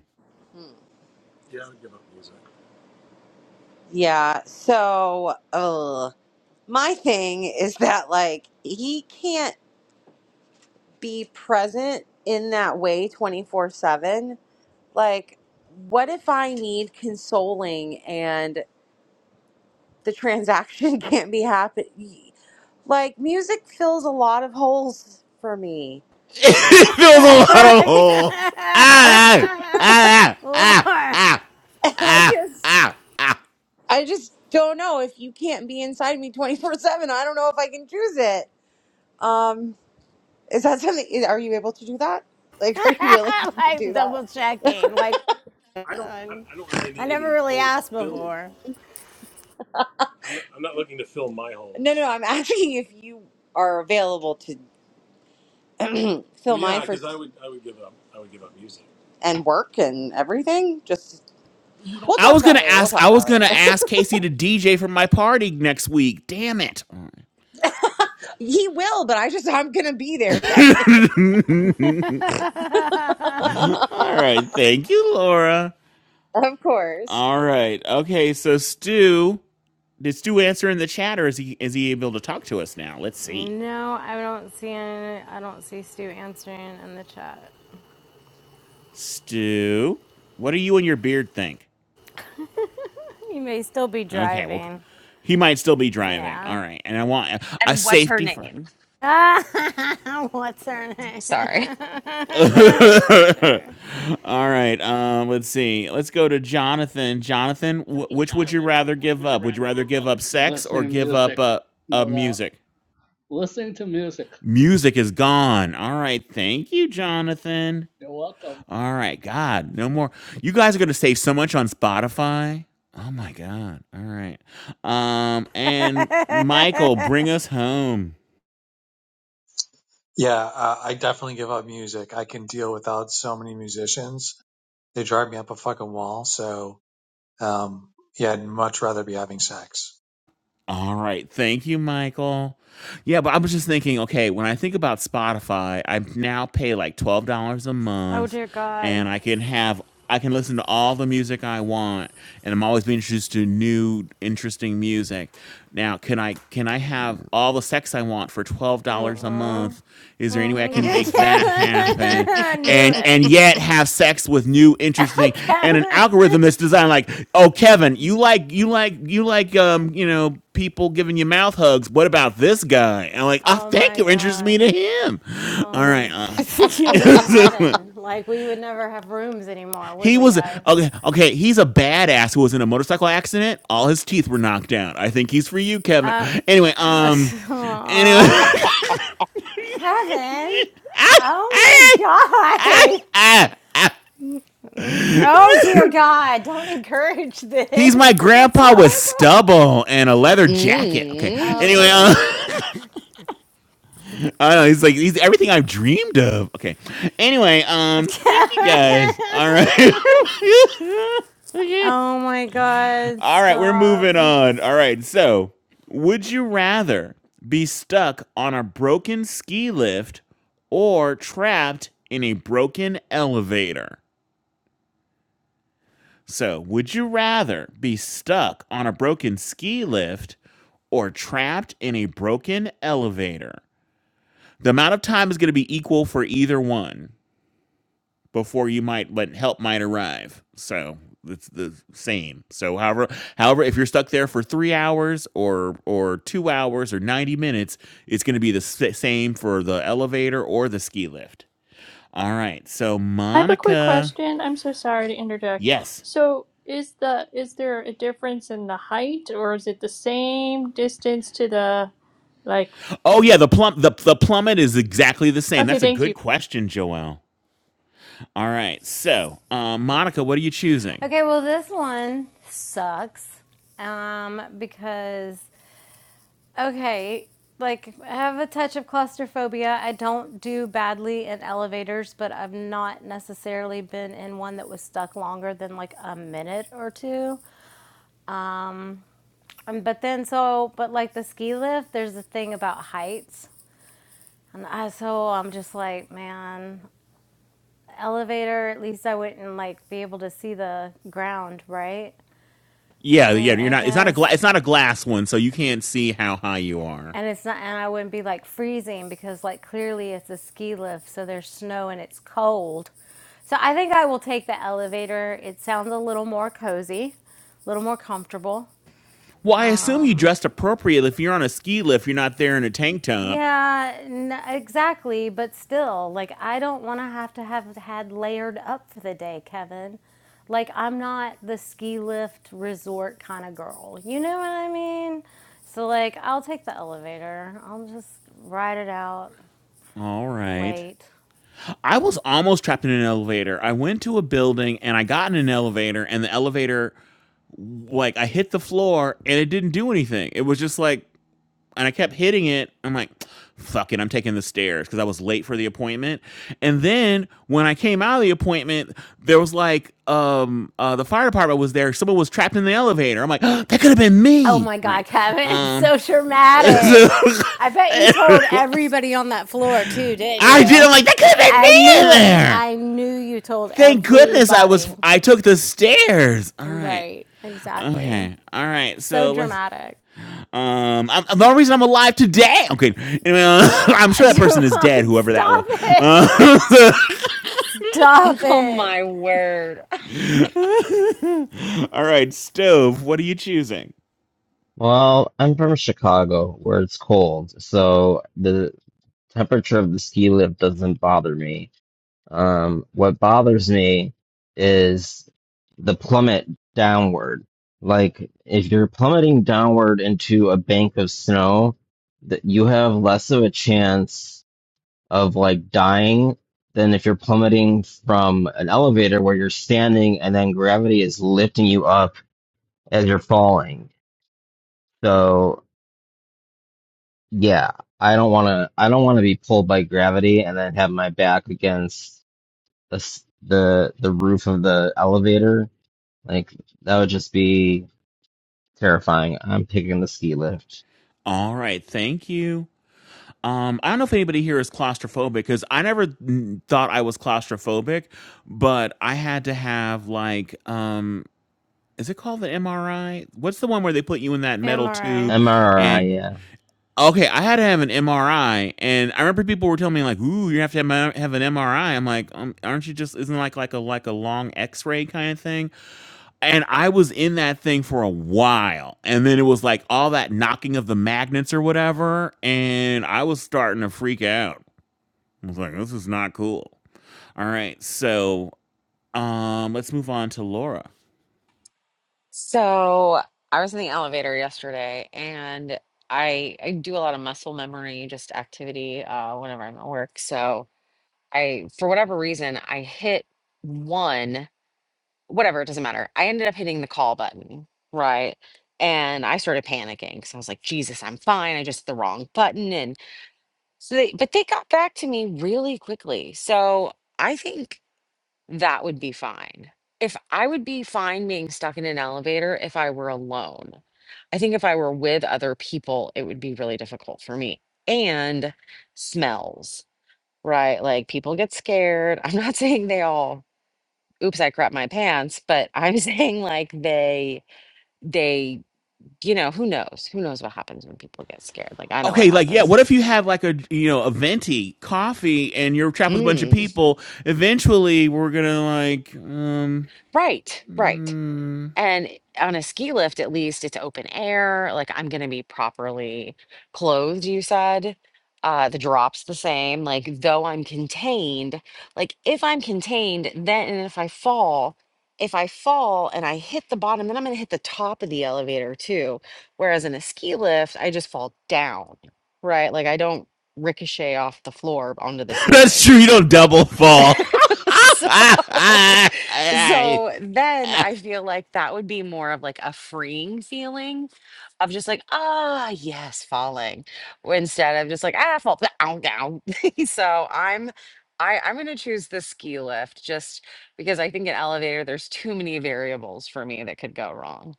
yeah, so, uh, my thing is that, like, he can't. be present in that way 24 7 like what if i need consoling and the transaction can't be happen like music fills a lot of holes for me
It fills a lot of holes. Ah, ah, ah,
Lord,
ah,
i
ah,
just
ah, ah.
i just don't know if you can't be inside me 24 7 i don't know if i can choose it um is that something is- are you able to do that like are you willing to be, do
like
that
double checking. Like uh, I never really asked before.
holes. no no i'm asking if you are available to. fill Well, mine and work and everything. Just You don't we'll have
I
talk
was
about
gonna
it later. We'll
ask.
talk
I was
about it
gonna
later.
ask Casey to DJ for my party next week. Damn it!
he will, but I just I'm gonna be there, Kevin. of
All right, thank you, Laura.
course.
All right, okay. So Stu, Did Stu answer in the chat, or is he is he able to talk to us now? Let's see.
No, I don't see any, I don't see Stu answering in the chat.
Stu, what do you and your beard think?
He may still be
Okay, well,
driving.
he might still be driving. All
Yeah.
right, and I want a
And what's her
safety for
name?
What's her name?
Sorry.
All
sure.
right. Um, let's see. Let's go to Jonathan. Jonathan, wh- which would you rather give up? Would you rather give up sex or
Listening to
give up
music,
uh, uh
no doubt.
music?
Listening to music.
Music is gone. All right. Thank you, Jonathan.
You're welcome.
All right. God, no more. You guys are gonna save so much on Spotify. Oh my God. All right. Um, and Michael, bring us home.
Yeah, uh, I definitely give up music. I can deal without so many musicians. They drive me up a fucking wall. So, um, yeah, I'd much rather be having sex.
All right. Thank you, Michael. Yeah, but I was just thinking, okay, when I think about Spotify, I now pay like $12 a
Oh
month
dear God.
and I can have I can listen to all the music I want, and I'm always being introduced to new, interesting music. Now, can I can I have all the sex I want for twelve dollars a
Mm-mm.
month? Is there any way I
Mm-mm.
can
Kevin.
make that happen?
I knew
And and
it.
yet have sex with new, interesting, and an
Kevin.
algorithm that's designed like, oh, Kevin, you like you like you like um you know people giving you mouth hugs. What about this guy? And I'm like, oh,
Oh
thank
my
you, interests me
God.
to him.
Oh,
All right. Um,
you would be in heaven. Like we would never have rooms anymore, would
He
we,
was
guys?
okay. Okay, he's a badass who was in a motorcycle accident. All his teeth were knocked out. I think he's for you, Kevin.
Uh,
Anyway, um, anyway,
aw. Kevin.
ah,
Oh my
ah, ah,
God.
ah, ah.
Oh dear God. Don't encourage
he's
this.
my
That's so
grandpa with
horrible.
stubble and a leather jacket. Okay.
Mm.
Anyway,
Okay.
um, I don't know. He's like he's everything I've dreamed of. Okay. Anyway, um, thank you
Kevin.
guys. All right. okay.
Oh my God.
All right, we're moving
Stop.
on. All right, so would you rather be stuck on a broken ski lift or trapped in a broken elevator? So, would you rather be stuck on a broken ski lift or trapped in a broken elevator? The amount of time is going to be equal for either one. before you might let help might arrive. So it's the same. So however however if you're stuck there for 3 hours or or 2 hours or 90 minutes, it's going to be the s- same for the elevator or the ski lift. All right. So
I have a quick
Monica,
question. I'm so sorry to interject.
yes.
So, is the is there a difference in the height, or is it the same distance to the like?
Oh yeah, the plum the, the plummet is exactly the same.
Okay,
That's a
thank
good
you.
question, Joelle. All right. So, um, Monica, what are you choosing?
Okay, well, this one sucks um, because, okay, like I have a touch of claustrophobia. I don't do badly in elevators, but I've not necessarily been in one that was stuck longer than like a minute or two. Um, but then, so, but like the ski lift, there's a thing about heights. And I, so I'm just like, man, elevator, at least I wouldn't like be able to see the ground, right? So
Yeah, yeah, you're
I, I
not. It's not a gla-
guess
It's not a glass one, so you can't see how high you are.
And it's not, and I wouldn't be like freezing because like clearly it's a ski lift, so there's snow and it's cold. So I think I will take the elevator. It sounds a little more cozy, a little more comfortable.
Well, I assume you dressed appropriate. If you're on a ski lift, you're not there in a tank top.
Yeah, n- exactly. But still, like I don't want to have to have had layered up for the day, Kevin. Like I'm not the ski lift resort kind of girl. You know what I mean? So like I'll take the elevator. I'll just ride it out,
All right.
wait.
I was almost trapped in an elevator. I went to a building and I got in an elevator, and the elevator, like, I hit the floor and it didn't do anything. It was just like, and I kept hitting it. I'm like, fuck it, I'm taking the stairs because I was late for the appointment. And then when I came out of the appointment, there was like, um, uh, the fire department was there. Someone was trapped in the elevator. I'm like, oh, that could have been
Oh
me.
my
All right.
God, Kevin, it's
Um,
so dramatic. I bet you
I
told everybody on that floor too, didn't
did.
you?
I'm like, that could have been
I
me in
knew it.
there.
I knew you told
Thank goodness I was.
everybody.
I took the stairs. All right.
Right, exactly.
Okay. All right.
So
So let's.
dramatic.
Um, I'm, the only reason I'm alive today. Okay. Anyway, uh, I'm sure that person is dead. Whoever that was.
Stop it.
Uh,
Stop
Oh
it.
my word.
all right, stove. What are you choosing?
Well, I'm from Chicago where it's cold, so the temperature of the ski lift doesn't bother me Um, what bothers me is the plummet downward. Like if you're plummeting downward into a bank of snow, that you have less of a chance of like dying than if you're plummeting from an elevator where you're standing and then gravity is lifting you up as you're falling. So yeah, I don't want to. I don't want to be pulled by gravity and then have my back against the s- the the roof of the elevator Like that would just be terrifying. I'm picking the ski lift.
All right. Thank you. Um, I don't know if anybody here is claustrophobic because I never mm, thought I was claustrophobic, but I had to have like um, is it called an MRI? What's the one where they put you in that metal
MRA.
tube and
MRI, yeah.
okay, I had to have an MRI, and I remember people were telling me like, "Ooh, you have to have a- have an MRI." I'm like, um, "Aren't you just isn't it like like a like a long X-ray kind of thing?" And I was in that thing for a while, and then it was like all that knocking of the magnets or whatever, and I was starting to freak out. I was like, this is not cool. All right. So um let's move on to Laura.
So I was in the elevator yesterday and I, I do a lot of muscle memory, just activity, uh, whenever I'm at work. So I, for whatever reason, I hit one. whatever, it doesn't matter. I ended up hitting the call button, right? And I started panicking because I was like, Jesus, I'm fine. I just hit the wrong button. And so they, but they got back to me really quickly. So I think that would be fine. If I would be fine being stuck in an elevator if I were alone, I think if I were with other people, it would be really difficult for me. And smells, right? Like people get scared. I'm not saying they all oops i crap my pants but i'm saying like they they you know who knows who knows what happens when people get scared like i know what
Okay, like yeah,
happens
what if you have like a you know, a venti coffee and you're trapped with a bunch of
mm,
people? Eventually we're gonna like um
right right
mm.
And on a ski lift, at least it's open air. Like I'm going to be properly clothed, you said. Uh, the drop's the same. Like, though I'm contained, like if I'm contained, then and if I fall, if I fall and I hit the bottom, then I'm going to hit the top of the elevator too. Whereas in a ski lift, I just fall down, right? Like I don't ricochet off the floor onto the
That's
ceiling.
true, you don't double fall.
so so then I feel like that would be more of like a freeing feeling of just like, ah, yes, falling. Instead of just like, ah, fall down, down. so I'm I, I'm gonna choose the ski lift just because I think an elevator, there's too many variables for me that could go wrong.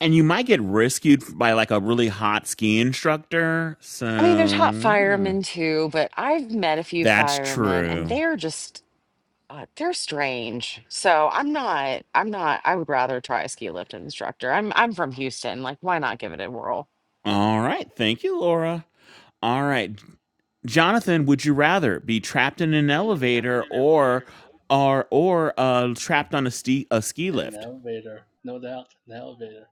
and you might get rescued by like a really hot ski instructor. So
I mean, there's hot
mm,
firemen too, but I've met a few
that's
firemen and
true.
they're just God, they're strange. So I'm not, I'm not, I would rather try a ski lift instructor. I'm I'm from Houston. Like, why not give it a whirl?
All right. Thank you, Laura. All right. Jonathan, would you rather be trapped in an elevator or or or uh, trapped on a ski a ski
An
lift?
elevator, no doubt. An elevator.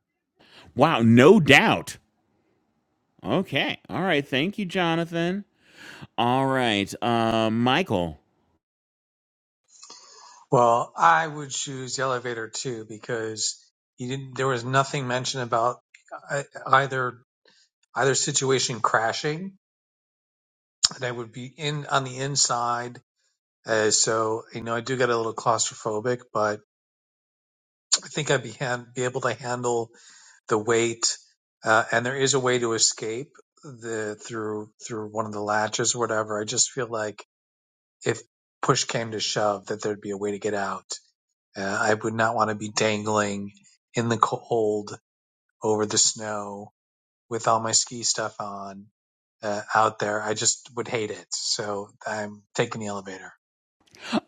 Wow, no doubt. Okay. All right. Thank you, Jonathan. All right. Uh, Michael.
Well, I would choose the elevator too because you didn't. There was nothing mentioned about uh, either either situation crashing, and I would be in on the inside. Uh, so, you know, I do get a little claustrophobic, but I think I'd be, han- be able to handle the weight, uh, and there is a way to escape the through through one of the latches or whatever. I just feel like if push came to shove, that there'd be a way to get out. Uh, I would not want to be dangling in the cold over the snow with all my ski stuff on uh, out there. I just would hate it. So I'm taking the elevator.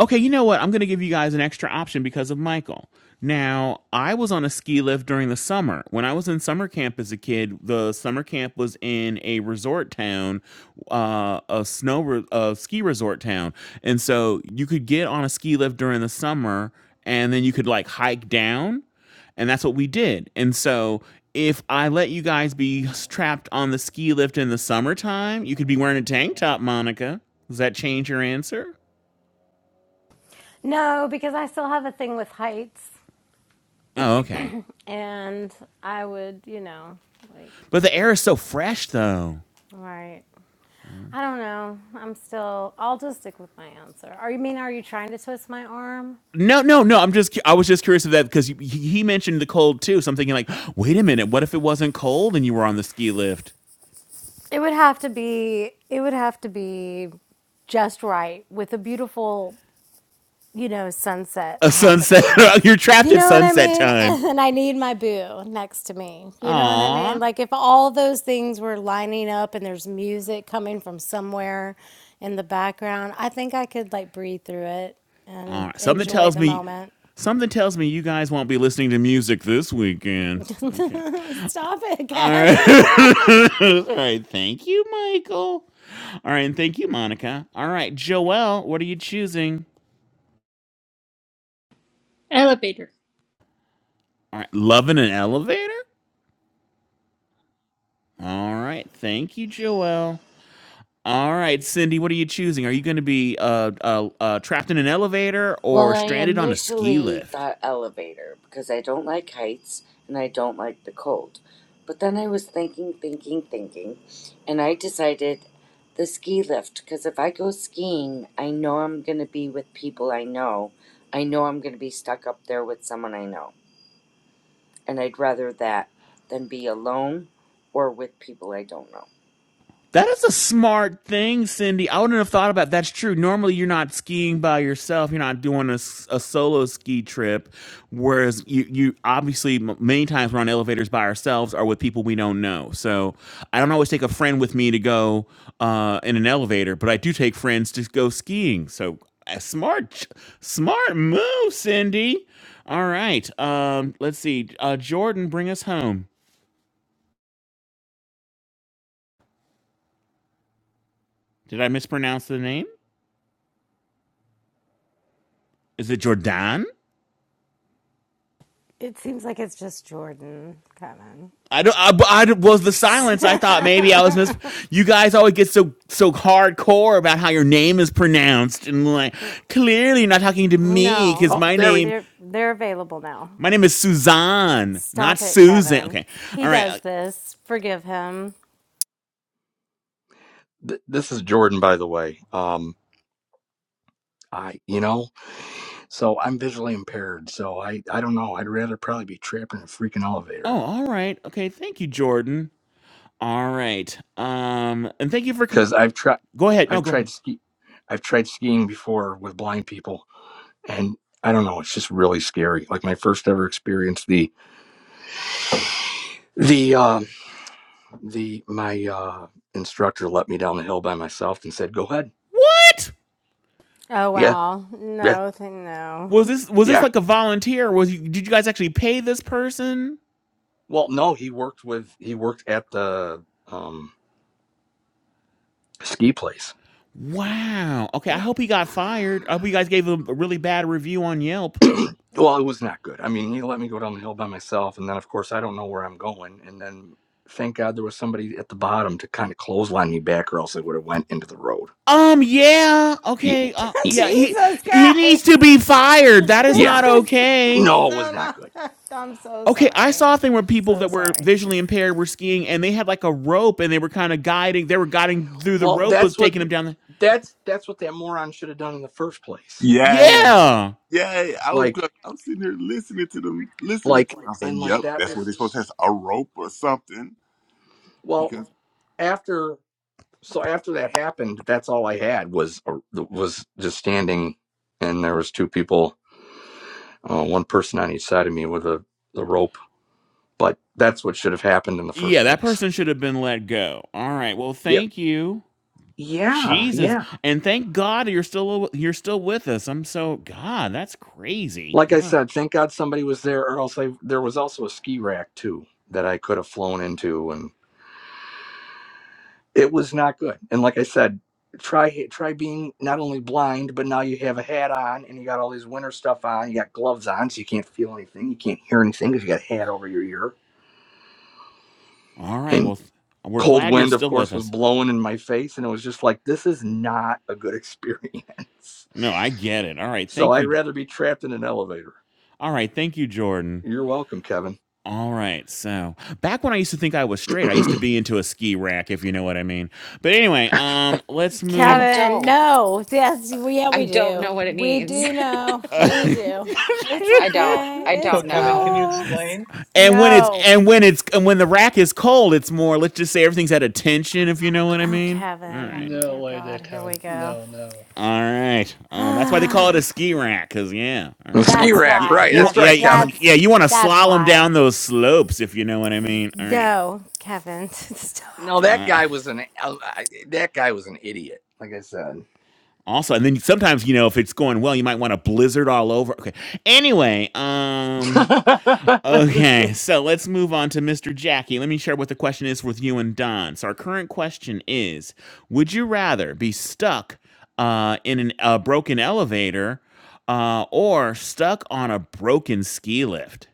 Okay, you know what? I'm going to give you guys an extra option because of Michael. Now, I was on a ski lift during the summer. When I was in summer camp as a kid, the summer camp was in a resort town, uh, a snow re- a ski resort town, and so you could get on a ski lift during the summer, and then you could like hike down and that's what we did. And so, if I let you guys be trapped on the ski lift in the summertime, you could be wearing a tank top, Monica. Does that change your answer?
No, because I still have a thing with heights
Oh, okay.
and I would, you know, like,
But the air is so fresh, though.
all right. I don't know. I'm still. I'll just stick with my answer. Are you mean? Are you trying to twist my arm?
No, no, no. I'm just. I was just curious of that because he, he mentioned the cold too. So I'm thinking like, wait a minute. What if it wasn't cold and you were on the ski lift?
It would have to be. It would have to be just right with a beautiful, you know, sunset
A sunset.
happening.
you're trapped
You
at
know what I
sunset
mean?
time.
And then I need my boo next to me. You know what I mean?
Aww.
Like if all those things were lining up and there's music coming from somewhere in the background, I think I could like breathe through it
All
and
right. Something
enjoy
tells
the
me.
moment.
Something tells me you guys won't be listening to music this weekend. Okay.
Stop it,
All
Kevin.
right. All right. Thank you, Michael. All right, and thank you, Monica. All right, Joelle, what are you choosing?
Elevator.
All right, love in an elevator. All right. Thank you, Joelle. All right, Cindy, what are you choosing? Are you going to be uh, uh, uh, trapped in an elevator
Well,
or
I
stranded on a ski
initially
lift?
thought elevator because I don't like heights and I don't like the cold. But then I was thinking, thinking, thinking, and I decided the ski lift because if I go skiing, I know I'm going to be with people I know. I know I'm going to be stuck up there with someone I know. And I'd rather that than be alone or with people I don't know.
That is a smart thing, Cindy. I wouldn't have thought about it. that's true. Normally, you're not skiing by yourself. You're not doing a, s- a solo ski trip. Whereas you, you obviously m- many times we're on elevators by ourselves or with people we don't know. So I don't always take a friend with me to go uh, in an elevator, but I do take friends to go skiing. So a smart, ch- smart move, Cindy. All right. Um, let's see. Uh, Jordan, bring us home. Did I mispronounce the name? Is it Jordan?
it seems like it's just Jordan, Kevin.
I don't. I, I was the
Just
silence. I thought maybe I was mis. You guys always get so so hardcore about how your name is pronounced, and like clearly you're not talking to me because
no,
Oh,
my
there we.
name
they're they're available now.
my name is Suzanne, not
Stop it,
Susan.
Kevin.
Okay,
He
all right. Uh,
does this. Forgive him.
Th- this is Jordan, by the way. Um, I, you know, so I'm visually impaired, so I, I don't know. I'd rather probably be trapped in a freaking elevator
Oh, all right. Okay, thank you, Jordan. All right. Um, and thank you for. c-
because I've tried,
Go ahead. No,
I've
go
tried
ahead.
ski, I've tried skiing before with blind people, and I don't know. It's just really scary. Like my first ever experience, the, the, um, the my uh, instructor let me down the hill by myself and said, "Go ahead."
What
Oh
Yeah,
wow.
yeah,
No, th- no.
was this? Was this
yeah.
like a volunteer? Was you, did you guys actually pay this person?
Well, no, he worked with, he worked at the um, ski place
Wow. Okay, I
Yeah.
hope he got fired. I hope you guys gave him a really bad review on Yelp.
well, it was not good. I mean, he let me go down the hill by myself, and then of course I don't know where I'm going. And then thank God there was somebody at the bottom to kind of clothesline me back, or else I would have went into the road.
Um, yeah.
Yeah,
Okay. Uh,
yeah,
yeah, he
Jesus
he needs to be
Christ.
fired. That is
yeah.
not
This is
okay.
No, it was
so
not good.
not. I'm so
Okay, I
sorry.
saw a thing where people
So
that were
sorry.
visually impaired were skiing and they had like a rope and they were kind of guiding, they were guiding through the
Well,
rope was
that's what
taking them down the
that's that's what that moron should have done in the first place.
Yay.
And
Yeah.
Yay. I was
like
like, I'm sitting here listening to them, listening to
like
them. I said,
and like
yep,
that
that's what
was
they're supposed to have, a rope or something.
well
Because
after so after that happened, that's all I had was a- was just standing, and there was two people uh, one person on each side of me with a the rope. But that's what should have happened in the
Yeah,
first
that
place.
person should have been let go. All right. Well,
Yeah,
thank you.
yeah,
Jesus.
yeah.
And thank God you're still you're still with us. I'm so God, that's crazy.
Like
All
I
right.
said, thank God somebody was there, or else I, there was also a ski rack too that I could have flown into, and it was not good. And like I said, try try being not only blind, but now you have a hat on and you got all these winter stuff on. You got gloves on, so you can't feel anything, you can't hear anything because you got a hat over your ear
All right.
And
Well, th- we're
cold
glad you're
wind of
still
course
with
was
us.
blowing in my face and it was just like this is not a good experience
No, I get it. All right.
so
Thank
i'd
you.
rather be trapped in an elevator
All right. Thank you, Jordan.
you're welcome kevin
All right. So back when I used to think I was straight, I used to be into a ski rack, if you know what I mean. But anyway, um, let's
I
move.
Kevin,
don't,
no. Yes, we- yeah,
I
we
don't
do.
know what it
We
means.
do know. We
and
do.
I,
It's
I don't, I
okay.
So,
It's
don't
Kevin, can
know.
you
cool.
explain?
when it's
No.
and when it's and when the rack is cold, it's more. Let's just say everything's at a tension, if you know what I
Oh,
mean. All
Kevin.
right.
Oh,
No
dear
way there,
God. Here we
Kevin.
go.
No, no.
All right. Um, that's why they call
Ah.
it a ski rack, cause yeah. All
the
right. You
ski
want
that's
rack
you,
why.
right
you
that's
Yeah,
want yeah
right
y-
kevin
yeah
that's
you want to
that's
slalom
why.
down those slopes, if you know what I mean. All right.
No, Kevin.
no
Stop
that
Uh,
guy was an el- I- that guy was an idiot like i said
also, and then sometimes you know if it's going well, you might want a blizzard all over. Okay. Anyway, um, okay, so let's move on to Mr. Jackie. Let me share what the question is with you and Don. So our current question is: Would you rather be stuck uh, in a uh, broken elevator uh, or stuck on a broken ski lift?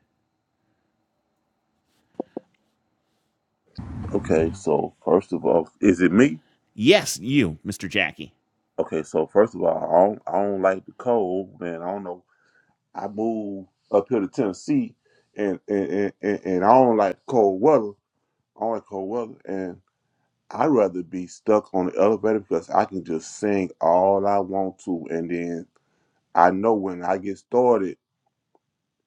Okay, so first of all, is it me?
Yes, you, Mr. Jackie.
Okay, so first of all, I don't, I don't like the cold, man. I don't know. I moved up here to Tennessee and and, and, and and I don't like cold weather. I don't like cold weather and I'd rather be stuck on the elevator because I can just sing all I want to and then I know when I get started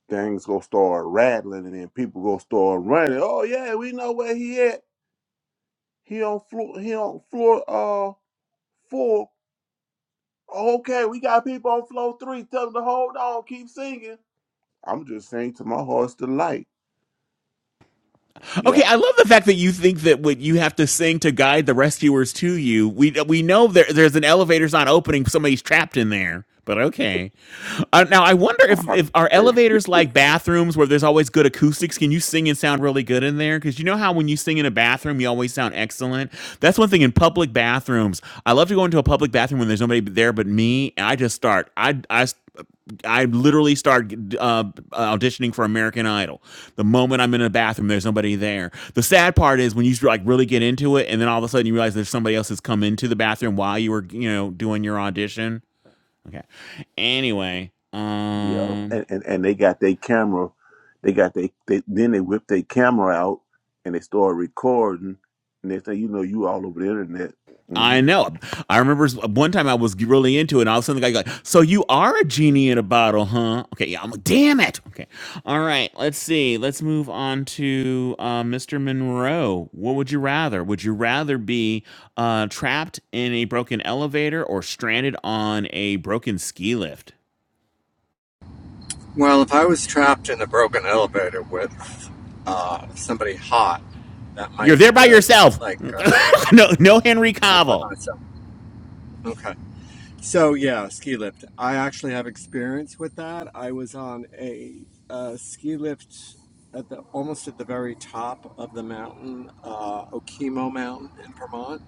Things gonna start rattling, and then people gonna start running. Oh yeah, we know where he at. He on floor. He on floor. Uh, four. Okay, we got people on floor three. Tell them to hold on. Keep singing. I'm just saying to my heart's delight. Yeah.
Okay, I love the fact that you think that what you have to sing to guide the rescuers to you. We we know there there's an elevator's not opening, somebody's trapped in there. But okay. Uh, now I wonder if if are elevators like bathrooms where there's always good acoustics? Can you sing and sound really good in there? Because you know how when you sing in a bathroom, you always sound excellent. That's one thing in public bathrooms. I love to go into a public bathroom when there's nobody there but me, and I just start. I I I literally start uh, auditioning for American Idol. The moment I'm in a bathroom, there's nobody there. The sad part is when you like really get into it, and then all of a sudden you realize there's somebody else that's come into the bathroom while you were you know doing your audition. Okay. Anyway,
Yep.
um,
And and, and they got their camera. They got they, they then they whip their camera out and they start recording. And they say, you know, you all over the internet. hmm
I know. I remember s- one time I was really into it, and all of a sudden the guy like, "So you are a genie in a bottle, huh?" Okay, yeah. I'm like, "Damn it!" Okay, all right. Let's see. Let's move on to uh, Mr. Monroe. What would you rather? Would you rather be uh, trapped in a broken elevator or stranded on a broken ski lift?
Well, if I was trapped in a broken elevator with, uh, somebody hot, that
You're
might be
there by
good.
yourself.
Like, uh,
no, no Henry
not by
Cavill.
myself. Okay. So, yeah, ski lift. I actually have experience with that. I was on a, uh, ski lift at the almost at the very top of the mountain, uh, Okemo Mountain in Vermont.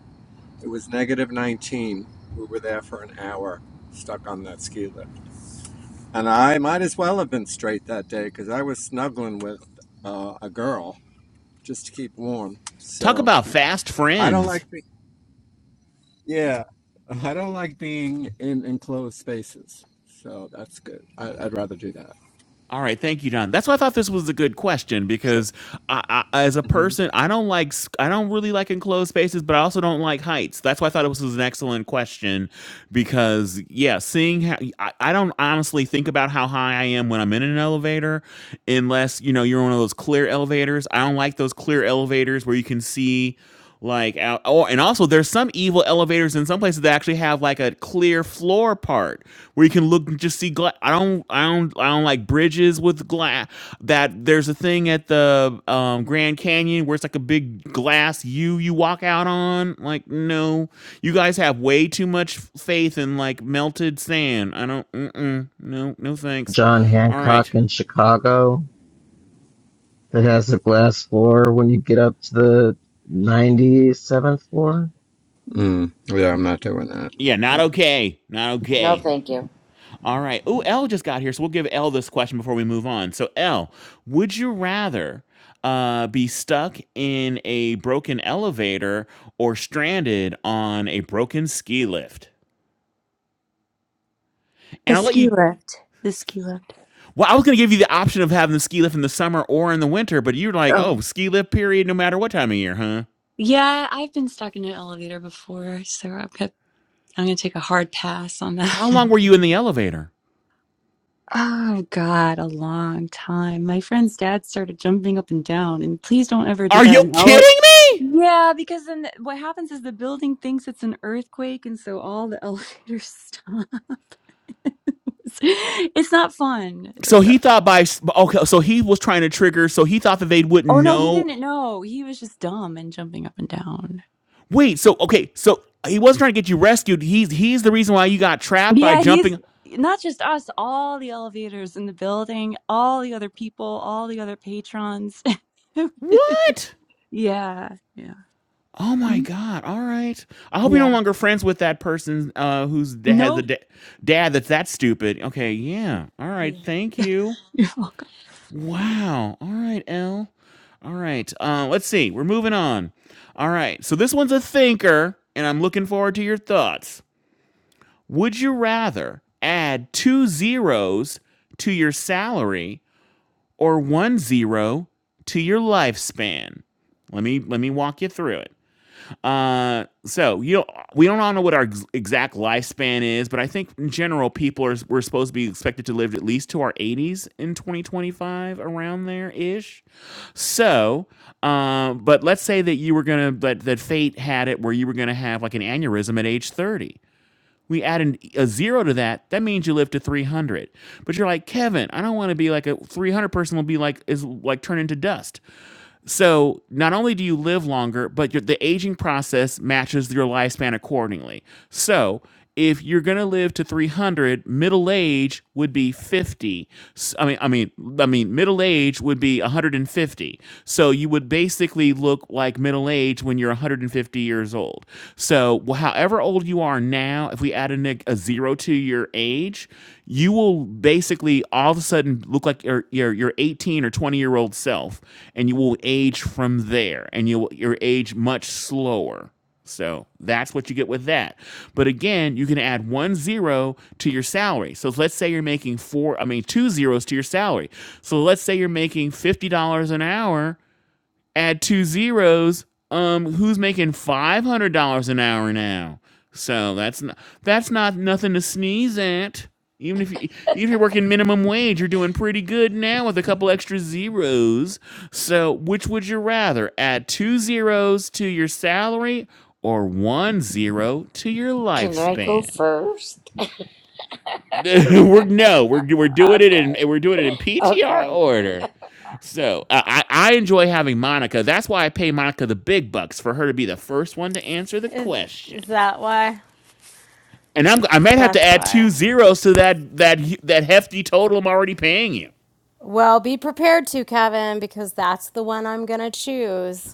It was negative 19. We were there for an hour, stuck on that ski lift. And I might as well have been straight that day because I was snuggling with uh, a girl just to keep warm.
Talk
So
about fast
I don't
friends.
like, be- yeah, I don't like being in enclosed spaces. So that's good. I, I'd rather do that.
All right, thank you, John. That's why I thought this was a good question
Sure.
because, I, I, as a
hmm
person, I don't like i I don't really like enclosed spaces, but I also don't like heights. That's why I thought it was, was an excellent question because, yeah, seeing how I, I don't honestly think about how high I am when I'm in an elevator, unless you know you're one of those clear elevators. I don't like those clear elevators where you can see like out. Oh, and also there's some evil elevators in some places that actually have like a clear floor part where you can look and just see glass. I don't, I don't, I don't like bridges with glass. That there's a thing at the um, Grand Canyon where it's like a big glass U you walk out on. Like, no, you guys have way too much faith in like melted sand. I don't, mm-mm, no, no, thanks.
John
All right,
Hancock in Chicago that has a glass floor when you get up to the 97th floor.
Mm, yeah, I'm not doing that.
yeah, not
Yeah.
okay, not
No,
okay.
thank you.
All right. Oh, L just got here, so we'll give L this question before we move on. So, L, would you rather uh, be stuck in a broken elevator or stranded on a broken ski lift?
The
And I'll let
ski
you.
lift. The
ski-
ski lift.
Well, I was going to give you the option of having the ski lift in the summer or in the winter, but you're like,
Oh.
oh, ski lift period, no matter what time of year, huh?
Yeah, I've been stuck in an elevator before, so I've got, I'm going to take a hard pass on that
How long
one.
were you in the elevator?
Oh, God, a long time. My friend's dad started jumping up and down, and please don't ever do
Are
that
you
in
kidding
ele-
me?
Yeah, because then what happens is the building thinks it's an earthquake, and so all the elevators stop. it's not fun.
So
It's-
he thought by okay, so he was trying to trigger. So he thought that they wouldn't
oh no, he
know
didn't know. He was just dumb and jumping up and down.
Wait, so okay, so he wasn't trying to get you rescued. He's he's the reason why you got trapped by
Yeah, he's
jumping.
not just us, all the elevators in the building, all the other people, all the other patrons.
What?
yeah, yeah.
Oh my
Mhm.
god! All right. I hope you're no
Yeah.
longer friends with that person uh, who's has a
Nope.
da- dad that's that stupid. Okay, yeah. All right.
Yeah.
Thank you.
You're welcome.
Wow. All right, L. All right. Uh, let's see. We're moving on. All right. So this one's a thinker, and I'm looking forward to your thoughts. Would you rather add two zeros to your salary or one zero to your lifespan. Let me let me walk you through it. Uh, so you know, we don't all know what our ex- exact lifespan is, but I think in general people are we're supposed to be expected to live at least to our 80s in 2025, around there ish. So, um, but let's say that you were gonna that that fate had it where you were gonna have like an aneurysm at age 30 we add an, a zero to that, that means you live to 300. But you're like, Kevin, I don't want to be like a 300 person will be like, is like turn into dust. So not only do you live longer, but your, the aging process matches your lifespan accordingly. So if you're going to live to 300, middle age would be 50. S- I mean, I mean, I mean, middle age would be 150. So you would basically look like middle age when you're 150 years old. So wh- however old you are now, if we add a, neg- a zero to your age, you will basically all of a sudden look like your your, your 18 or 20 year old self, and you will age from there, and you will your age much slower. So that's what you get with that. But again, you can add one zero to your salary. So let's say you're making four, I mean, two zeros to your salary. So let's say you're making $50 an hour add two zeros, um, who's making five hundred dollars an hour now? So that's not that's not nothing to sneeze at. Even if you even if you're working minimum wage, you're doing pretty good now with a couple extra zeros. So which would you rather? Add two zeros to your salary or one zero to your
Can I go
lifespan?
first?
we're no, we're we're doing it in
Okay.
we're doing it in PTR
Okay.
order. So uh, I I enjoy having Monica. That's why I pay Monica the big bucks for her to be the first one to answer the
it. Is,
question.
is that why?
And I'm I might have
That's
to add two
why.
zeros to that that that hefty total I'm already paying you.
Well, be prepared to, Kevin, because that's the one I'm going to choose.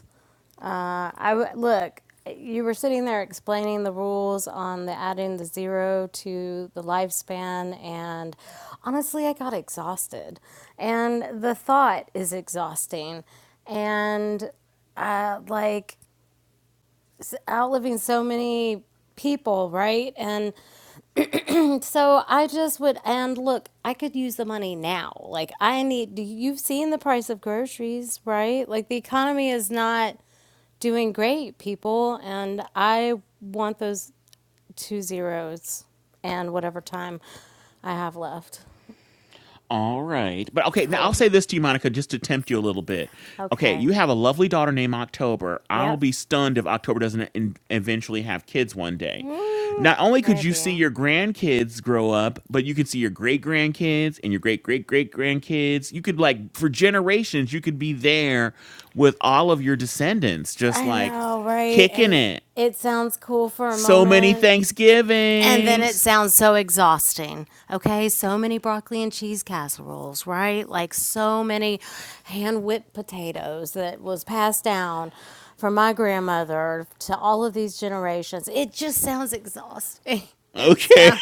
Uh, I w- look. You were sitting there explaining the rules on the adding the zero to the lifespan, and honestly, I got exhausted. And the thought is exhausting, and uh, like s- outliving so many people, right? And so I just would, and look, I could use the money now. Like I need, do- you've seen the price of groceries, right? Like the economy is not doing great, people, and I want those two zeros and whatever time I have left.
All right. But okay, now I'll
Cool.
say this to you, Monica, just to tempt you a little bit. Okay,
Okay.
you have a lovely daughter named October. I'll
Yep.
be stunned if October doesn't in- eventually have kids one day. Not only could you see
Maybe.
your grandkids grow up, but you could see your great grandkids and your great great great grandkids. You could, like, for generations, you could be there with all of your descendants, just
I
like
know, right?
kicking
And
it.
it sounds cool for a
So many
moment, And then it
Thanksgivings.
sounds so exhausting. Okay, so many broccoli and cheese casseroles, right? Like so many hand whipped potatoes that was passed down from my grandmother to all of these generations. It just sounds exhausting. It
Okay.
sounds,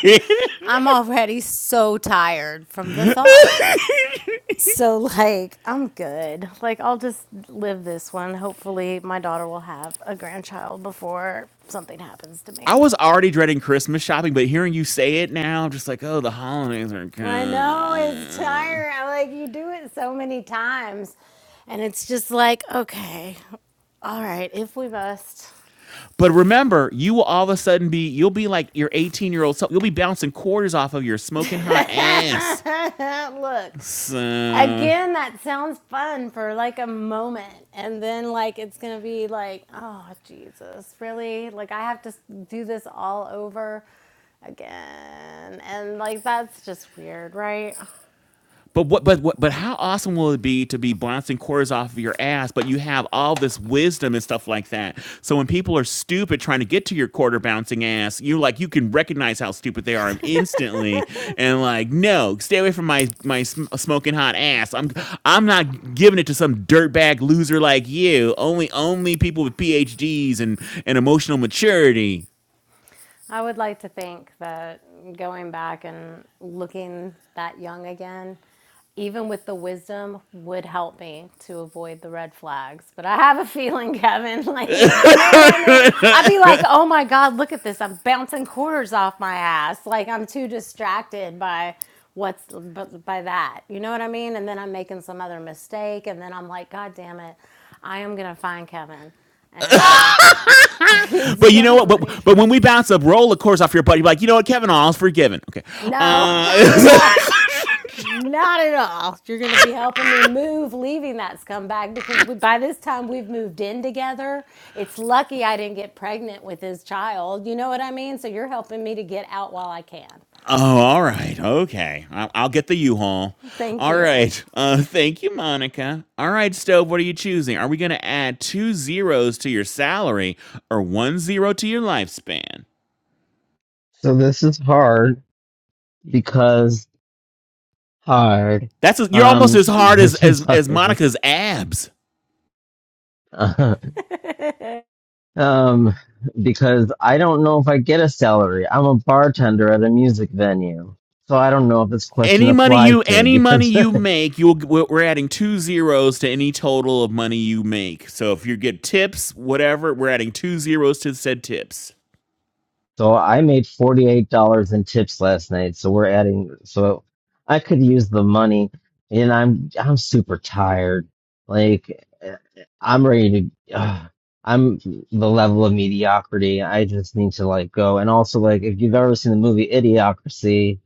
I'm already so tired from the thought. So, like, I'm good. Like, I'll just live this one. Hopefully, my daughter will have a grandchild before something happens to
I
me.
was already dreading Christmas shopping, but hearing you say it now, I'm just like, oh, the holidays are
I know it's
coming.
tiring. Like you do it so many times, and it's just like, okay, all right, if we must.
But remember, you will all of a sudden be, you'll be like your 18 year old self. You'll be bouncing quarters off of your smoking hot ass.
Look,
So.
again, that sounds fun for like a moment, and then like it's gonna be like, oh Jesus, really? Like I have to do this all over again, and like that's just weird, right?
But what? But what? But how awesome will it be to be bouncing quarters off of your ass? But you have all this wisdom and stuff like that. So when people are stupid trying to get to your quarter bouncing ass, you like you can recognize how stupid they are instantly, and like, no, stay away from my my sm- smoking hot ass. I'm I'm not giving it to some dirtbag loser like you. Only only people with PhDs and and emotional maturity.
I would like to think that going back and looking that young again, even with the wisdom, would help me to avoid the red flags. But I have a feeling, Kevin, like, you know what I mean? I'd be like, oh my God, look at this. I'm bouncing quarters off my ass. Like, I'm too distracted by what's but by that you know what i mean and then i'm making some other mistake and then i'm like god damn it i am gonna find kevin and he's
but you know
gonna
what?
like
But but when we bounce a of course off your butt, you're like, you know what, Kevin, all's forgiven. Okay.
No, not at
Uh,
all. Not at all. You're going to be helping me move, leaving that scumbag because we, by this time we've moved in together. It's lucky I didn't get pregnant with his child. You know what I mean? So you're helping me to get out while I can.
oh, all right. Okay. I'll, I'll get the U-Haul.
Thank
All
you.
right. Uh, thank you, Monica. All right, Stove. What are you choosing? Are we going to add two zeros to your salary or one zero to your lifespan?
So this is hard because hard.
That's a, you're almost
Um,
as hard as
this
as
is
as
hard.
Monica's abs.
um, because I don't know if I get a salary. I'm a bartender at a music venue. So I don't know if this question
Any money you
applies to me
any money
because
you make, you'll we're adding two zeros to any total of money you make. So if you get tips, whatever, we're adding two zeros to said tips.
So I made $48 in tips last night. So we're adding, so I could use the money and I'm, I'm super tired. Like eh, I'm ready to, uh, I'm the level of mediocrity. I just need to like go. And also like, if you've ever seen the movie Idiocracy,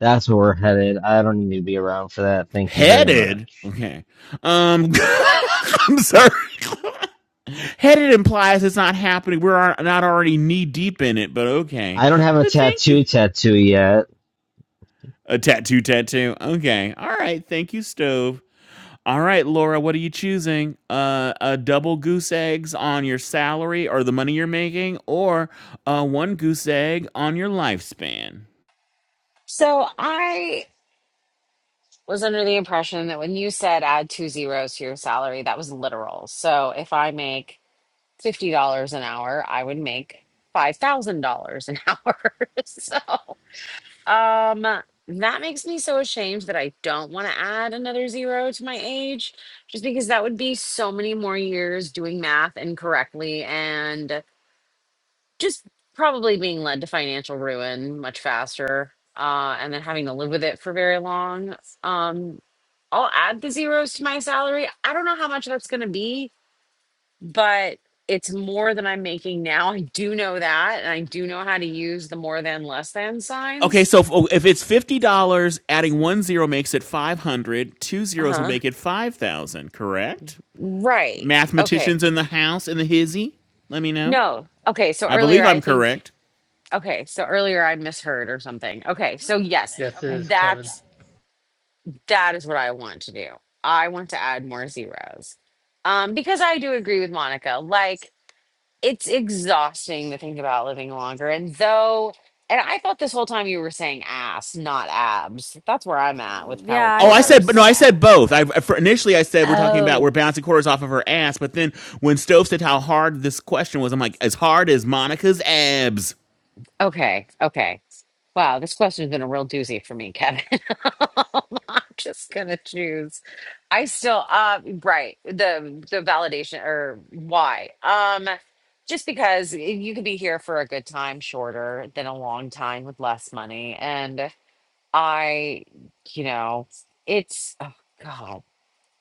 that's where we're headed. I don't need to be around for that. Thank you very
Headed.
much.
Okay. Um I'm sorry. Headed implies it's not happening. We're not already knee deep in it, but okay.
I don't have a
But thank you.
tattoo tattoo yet.
A tattoo tattoo. Okay. All right. Thank you, Stove. All right, Laura, what are you choosing? Uh, a double goose eggs on your salary or the money you're making, or uh, one goose egg on your lifespan?
So I was under the impression that when you said add two zeros to your salary, that was literal. So if I make $50 an hour, I would make $5,000 an hour. So Um, that makes me so ashamed that I don't want to add another zero to my age, just because that would be so many more years doing math incorrectly and just probably being led to financial ruin much faster, uh, and then having to live with it for very long. Um, I'll add the zeros to my salary. I don't know how much that's going to be, but it's more than I'm making now. I do know that, and I do know how to use the more than less than
Okay,
signs.
so if, oh, if it's fifty dollars, adding one zero makes it five hundred. Two
Uh
zeros will
huh.
make it five thousand. Correct?
Right. Okay.
Mathematicians in the house in the hizzy, let me know.
No. Okay. So
I
earlier,
believe
I
I'm
think.
correct.
Okay. So earlier, I misheard or something. Okay. So yes,
Yes, okay. it is, Kevin.
that's that is what I want to do. I want to add more zeros, um, because I do agree with Monica. Like it's exhausting to think about living longer, and though. And I thought this whole time you were saying ass, not abs. That's where I'm at with power
Yeah, I
Oh, I
thought he
said, but no,
quarters.
said.
I said both. I for- initially I said we're talking about we're
Oh,
bouncing quarters off of her ass, but then when Stove said how hard this question was, I'm like, as hard as Monica's abs.
okay, okay. Wow, this question's been a real doozy for me, Kevin. I'm just gonna choose. I still uh right, the the validation or why. Um just because you could be here for a good time shorter than a long time with less money. And I, you know, it's oh god.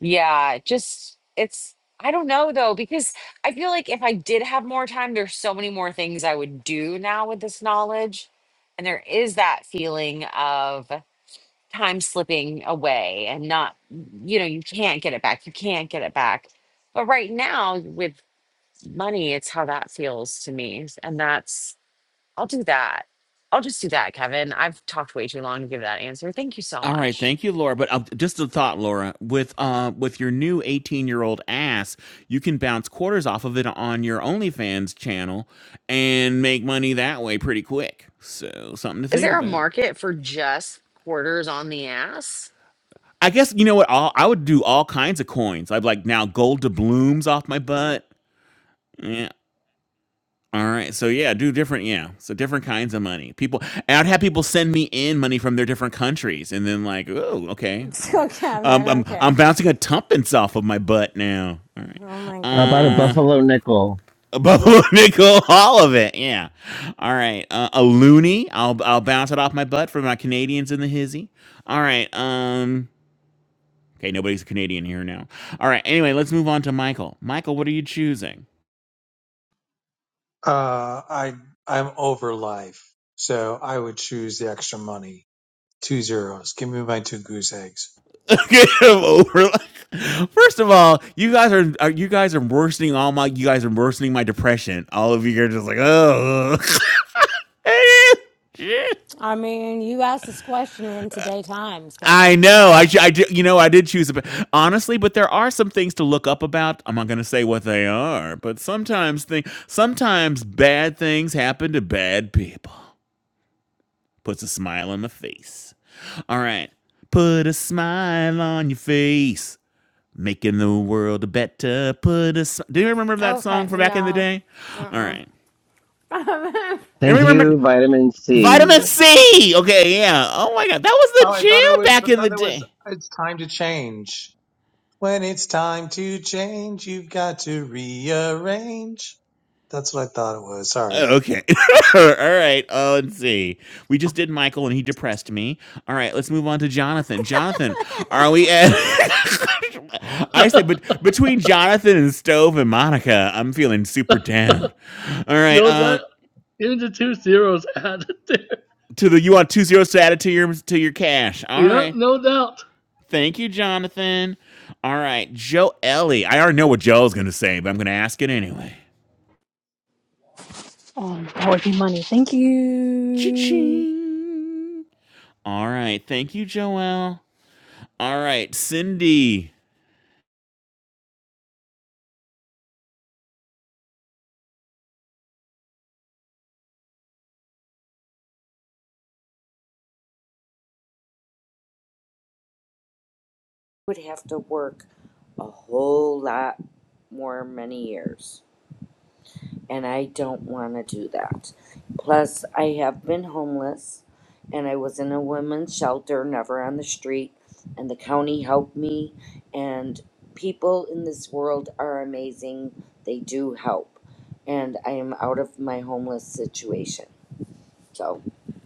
Yeah, just it's I don't know though, because I feel like if I did have more time, there's so many more things I would do now with this knowledge. And there is that feeling of time slipping away and not, you know, you can't get it back. You can't get it back. But right now with money, it's how that feels to me. And that's, I'll do that. I'll just do that, Kevin. I've talked way too long to give that answer. Thank you so
All right,
much.
thank you, Laura. But uh, just a thought, Laura, with uh, with your new 18 year old ass, you can bounce quarters off of it on your OnlyFans channel and make money that way pretty quick. So something to
Is
think
there a
about.
market for just quarters on the ass?
I guess you know what? All, I would do all kinds of coins. I'd like now gold doubloons off my butt. Yeah, All right. So yeah, do different. Yeah. So different kinds of money. People. and I'd have people send me in money from their different countries, and then like, oh, okay, all right.
So,
Um,
Kevin,
I'm I'm
okay.
bouncing a tuppence off of my butt now. All right.
Oh my
How about a
Uh.
goodness.
buffalo nickel?
Above a bubble, nickel, all of it. Yeah. All right. Uh, a loony. I'll I'll bounce it off my butt for my Canadians in the hizzy. All right. Um. Okay. Nobody's a Canadian here now. All right. Anyway, let's move on to Michael. Michael, what are you choosing?
Uh, I I'm over life, so I would choose the extra money. Two zeros. Give me my two goose eggs.
get him over. Like, first of all, you guys are, are you guys are worsening all my you guys are worsening my depression. All of you are just like, oh, shit.
I mean, you asked this question in today times,
I
Kevin,
know. I,
so.
I did- you know I did choose a honestly, but there are some things to look up about. I'm not going to say what they are, but sometimes thing sometimes bad things happen to bad people. Puts a smile on the face. All right. Put a smile on your face. making the world a better. Put us. Do you remember that song
Okay,
from back in the
no.
day? All
Uh
right. And
Thank
remember
you, vitamin
vitamin
C.
C. Okay, yeah. Oh my god, that was the
Oh, I thought it
jam
was. I
back in the
thought it was.
day.
It's time to change. When it's time to change, you've got to rearrange. That's what I thought it was. Sorry.
Oh, Okay. All right. Oh, let's see. We just did Michael and he depressed me. All right, let's move on to Jonathan. Jonathan, are we at I said but between Jonathan and Stove and Monica, I'm feeling super down. All right.
no
Um uh,
doubt. Even the two zeros added there.
to the you want two zeros to add it to your to your cash. All
Yep,
right.
no doubt.
Thank you, Jonathan. All right, Joe Ellie. I already know what Joe's going to say, but I'm going to ask it anyway.
Oh, that would be money. Thank you.
Cha-ching. All right, thank you, Joelle. All right, Cindy.
would have to work a whole lot more many years and i don't want to do that plus i have been homeless and i was in a women's shelter never on the street and the county helped me and people in this world are amazing they do help and i am out of my homeless situation so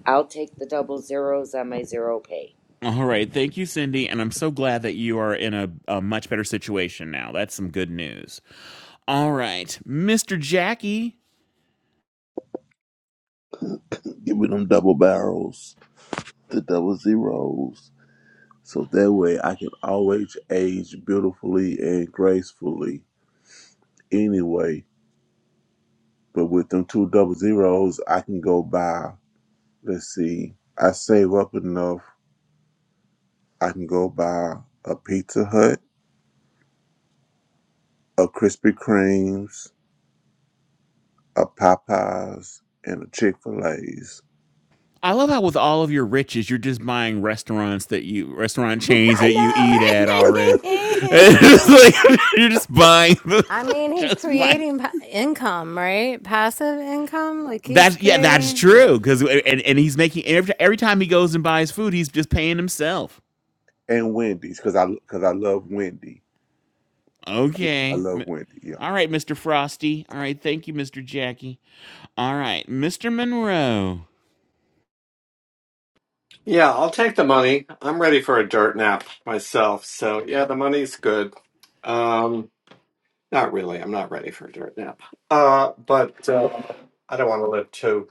i'll take the double zeros on my zero pay
All right, thank you, Cindy. And I'm so glad that you are in a, a much better situation now. That's some good news. All right, Mr. Jackie.
Give me them double barrels, the double zeros. So that way I can always age beautifully and gracefully anyway. But with them two double zeros, I can go buy, let's see, I save up enough, I can go buy a Pizza Hut, a Krispy Kreme's, a Popeyes, and a Chick fil A's.
I love how with all of your riches, you're just buying restaurants that you restaurant chains
I
that you eat at already.
know,
It's
right?
like, you're just buying,
I mean, he's
just like.
creating pa- income, right? Passive income, like he's
That's yeah, that's
creating.
Yeah.
true. Because and, and he's making every every time he goes and buys food, he's just paying himself.
And Wendy's, because I, cause I love Wendy. I
Okay,
love
M-
Wendy, yeah.
all right, Mister Frosty. All right, thank you, Mister Jackie. All right, Mister Monroe.
Yeah, I'll take the money. I'm ready for a dirt nap myself. So yeah, the money's good. Um, not really. I'm not ready for a dirt nap. Uh, but uh, I don't want to live too.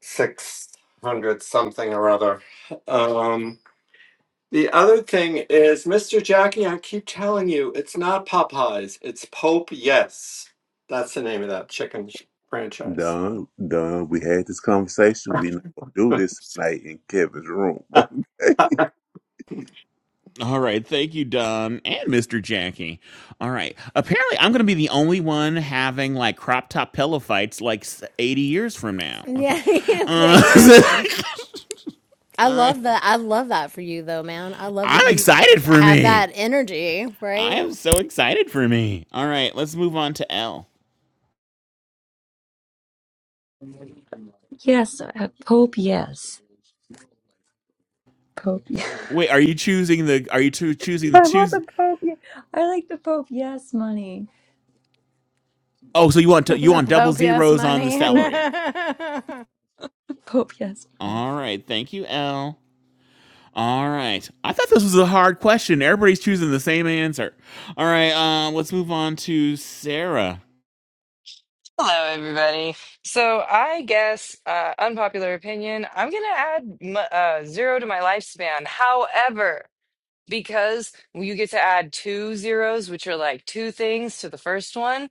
six hundred something or other. Um, the other thing is, Mr. Jackie, I keep telling you, it's not Popeyes, it's Pope Yes. That's the name of that chicken sh- franchise.
Done, done. We had this conversation. We not gonna do this tonight in Kevin's room.
All right, thank you, Don and Mister Jackie. All right, apparently I'm gonna be the only one having like crop top pillow fights like s- 80 years from now. Okay,
Yeah, okay,
uh,
Kevin. I
all right,
love that. I love that for you, though, man. I love that
I'm
you
excited for
have that
me.
energy,
I
right?
am so excited for me. All right, let's move on to L.
Yes, uh, Pope, yes. Pope, yes.
Wait, are you choosing the? Are you choo- choosing the
I want
choose?
the Pope, yes. I like the Pope, yes money.
Oh, so you want to, you
the
want double
Pope yes
zeros on the
money.
salary?
Pope, yes money.
All right, thank you, L. All right, I thought this was a hard question. Everybody's choosing the same answer. All right, uh, let's move on to Sarah.
Hello, everybody. So, I guess, uh, unpopular opinion, I'm going to add m- uh, zero to my lifespan. However, because you get to add two zeros, which are like two things to the first one,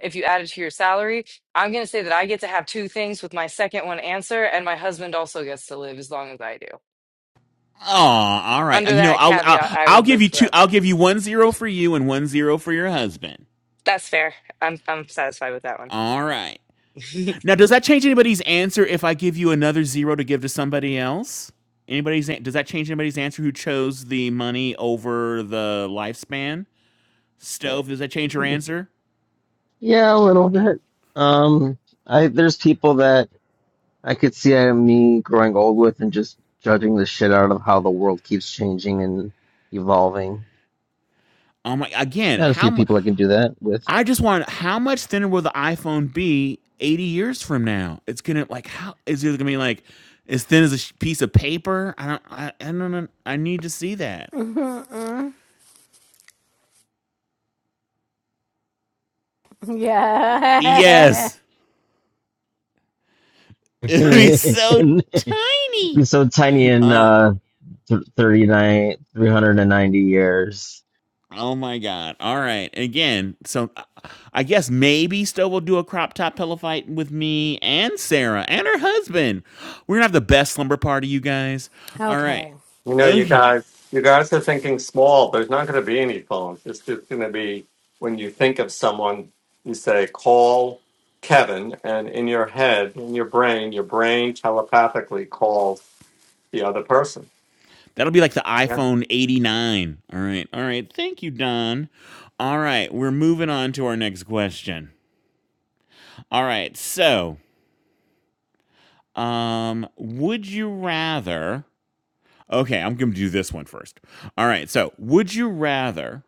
if you add it to your salary, I'm going to say that I get to have two things with my second one answer, and my husband also gets to live as long as I do.
Oh, all right.
Under
You know,
that
I'll,
caveat,
I'll
I
I'll
would
give
live
you two.
forever.
I'll give you one zero for you and one zero for your husband.
That's fair. I'm I'm satisfied with that one.
All right. Now, does that change anybody's answer if I give you another zero to give to somebody else? Anybody's an- does that change anybody's answer who chose the money over the lifespan? Stove, does that change your answer?
Yeah, a little bit. Um, I there's people that I could see uh, me growing old with and just judging the shit out of how the world keeps changing and evolving.
Oh my! Again,
Got a
how
few
mu-
people I can do that with.
I just want how much thinner will the iPhone be eighty years from now? It's gonna like how is it gonna be like as thin as a sh- piece of paper? I don't I, I don't know. I need to see that.
Mm-mm. yeah.
Yes, it'd be so
Be
tiny.
so tiny in
All right.
uh th- 39, 390 years.
Oh my god. All right. Again, so uh, I guess maybe Stowe will do a crop top pillow fight with me and Sarah and her husband. We're gonna have the best slumber party, you guys. All right.
Okay.
You know, you
Okay.
guys, you guys are thinking small. There's not going to be any phones. It's just going to be when you think of someone, you say, call Kevin, and in your head, in your brain, your brain telepathically calls the other person.
That'll be like the
Yeah.
iPhone 89. All right. All right. Thank you, Don. All right. We're moving on to our next question. All right. So, um, would you rather Okay, I'm going to do this one first. All right. So, would you rather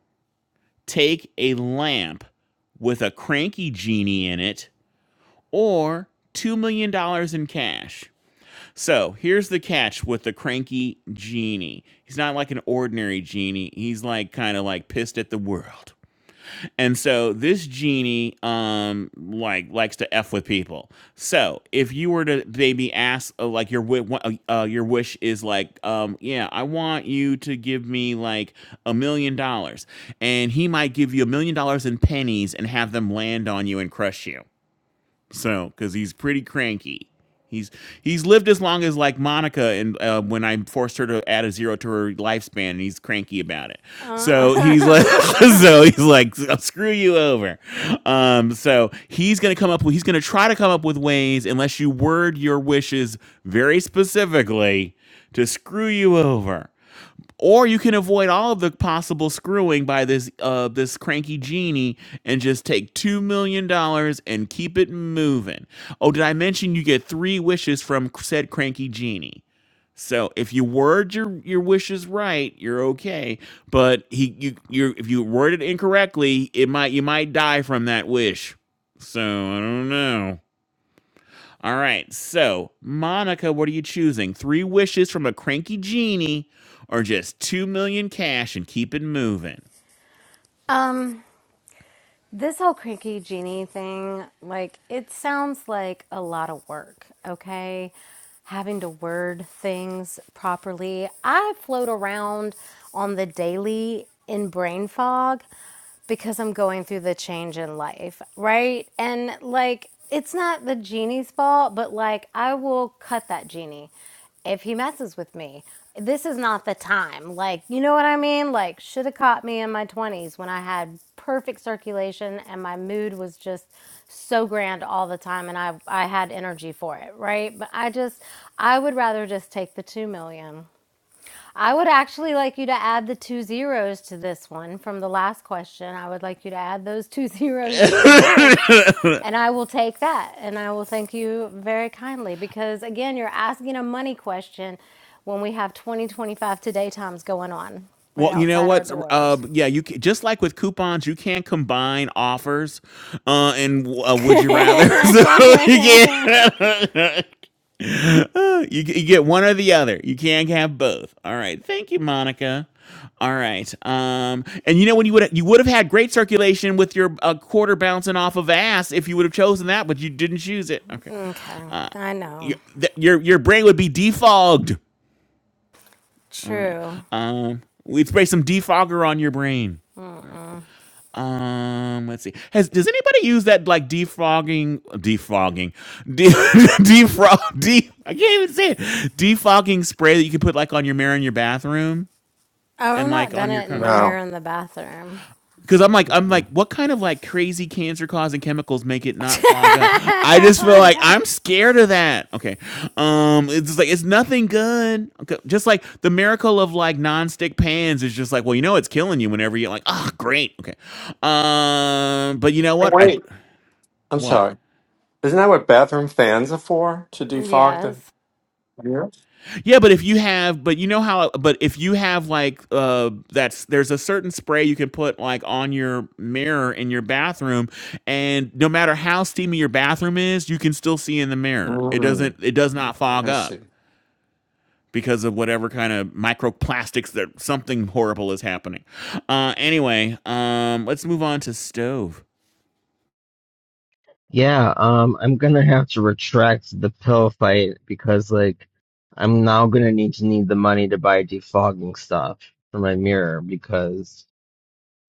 take a lamp with a cranky genie in it or $2 million dollars in cash. So here's the catch with the cranky genie. He's not like an ordinary genie. He's like kind of like pissed at the world. And so this genie um like likes to f with people. So if you were to maybe ask uh, like your wi- uh, uh, your wish is like um yeah I want you to give me like a million dollars, and he might give you a million dollars in pennies and have them land on you and crush you. So, because he's pretty cranky. He's he's lived as long as like Monica, and uh, when I forced her to add a zero to her lifespan, and he's cranky about it. So
Uh,
he's like, so he's like, "I'll screw you over. Um, so he's gonna come up with, he's gonna try to come up with ways, unless you word your wishes very specifically, to screw you over or you can avoid all of the possible screwing by this uh this cranky genie and just take two million dollars and keep it moving. Oh, did I mention you get three wishes from said cranky genie? So if you word your your wishes right, you're okay. But he you you if you word it incorrectly, it might you might die from that wish. So I don't know. All right. So, Monica, what are you choosing? Three wishes from a cranky genie or just two million cash and keep it moving?
um. This whole cranky genie thing, like, it sounds like a lot of work, okay? Having to word things properly. I float around on the daily in brain fog because I'm going through the change in life, right? And like, it's not the genie's fault, but like, I will cut that genie if he messes with me. This is not the time. Like, you know what I mean? Like, should have caught me in my 20s when I had perfect circulation and my mood was just so grand all the time and I, I had energy for it, right? But I just, I would rather just take the 2 million. I would actually like you to add the two zeros to this one from the last question. I would like you to add those two zeros to this, and I will take that. And I will thank you very kindly because, again, you're asking a money question when we have 2025 today times going on right
Well, you know
outside our
what? Uh,
doors.
yeah, you can, just like with coupons, you can combine offers, uh, and uh, would
okay,
you rather? so you
I
can Uh, you, you get one or the other. You can't have both. All right, thank you, Monica. All right, um, and you know when you would you would have had great circulation with your uh, quarter bouncing off of ass if you would have chosen that, but you didn't choose it. Okay, uh,
know.
your, th- your your brain would be defogged. All right.
True.
Um, we spray some defogger on your brain. All right. Um, let's see. Has does anybody use that like defogging, defogging, de- defrog, de- I can't even say it. Defogging spray that you can put like on your mirror in your bathroom
Oh,
and
I've not
like
done
on your
it in
car.
the mirror
No.
in the bathroom.
Because I'm like I'm like, what kind of like crazy cancer causing chemicals make it not fog up? I
oh
just feel
my
like
God.
I'm scared of that. Okay, um, it's just like it's nothing good. Okay. Just like the miracle of like nonstick pans is just like, well, you know, it's killing you whenever you're like, ah, great. Okay, um, but you know what? I
I'm
what?
sorry. Isn't that what bathroom fans are for? To defog the
Yes.
yeah.
Yeah, but if you have, but you know how, but if you have like, uh, that's there's a certain spray you can put like on your mirror in your bathroom, and no matter how steamy your bathroom is, you can still see in the mirror. It doesn't,
Mm.
it does not fog up because of whatever kind of microplastics that something horrible is happening. Uh, anyway, um, let's move on to stove.
Yeah, um, I'm gonna have to retract the pill fight because, like, I'm now gonna need to need the money to buy defogging stuff for my mirror because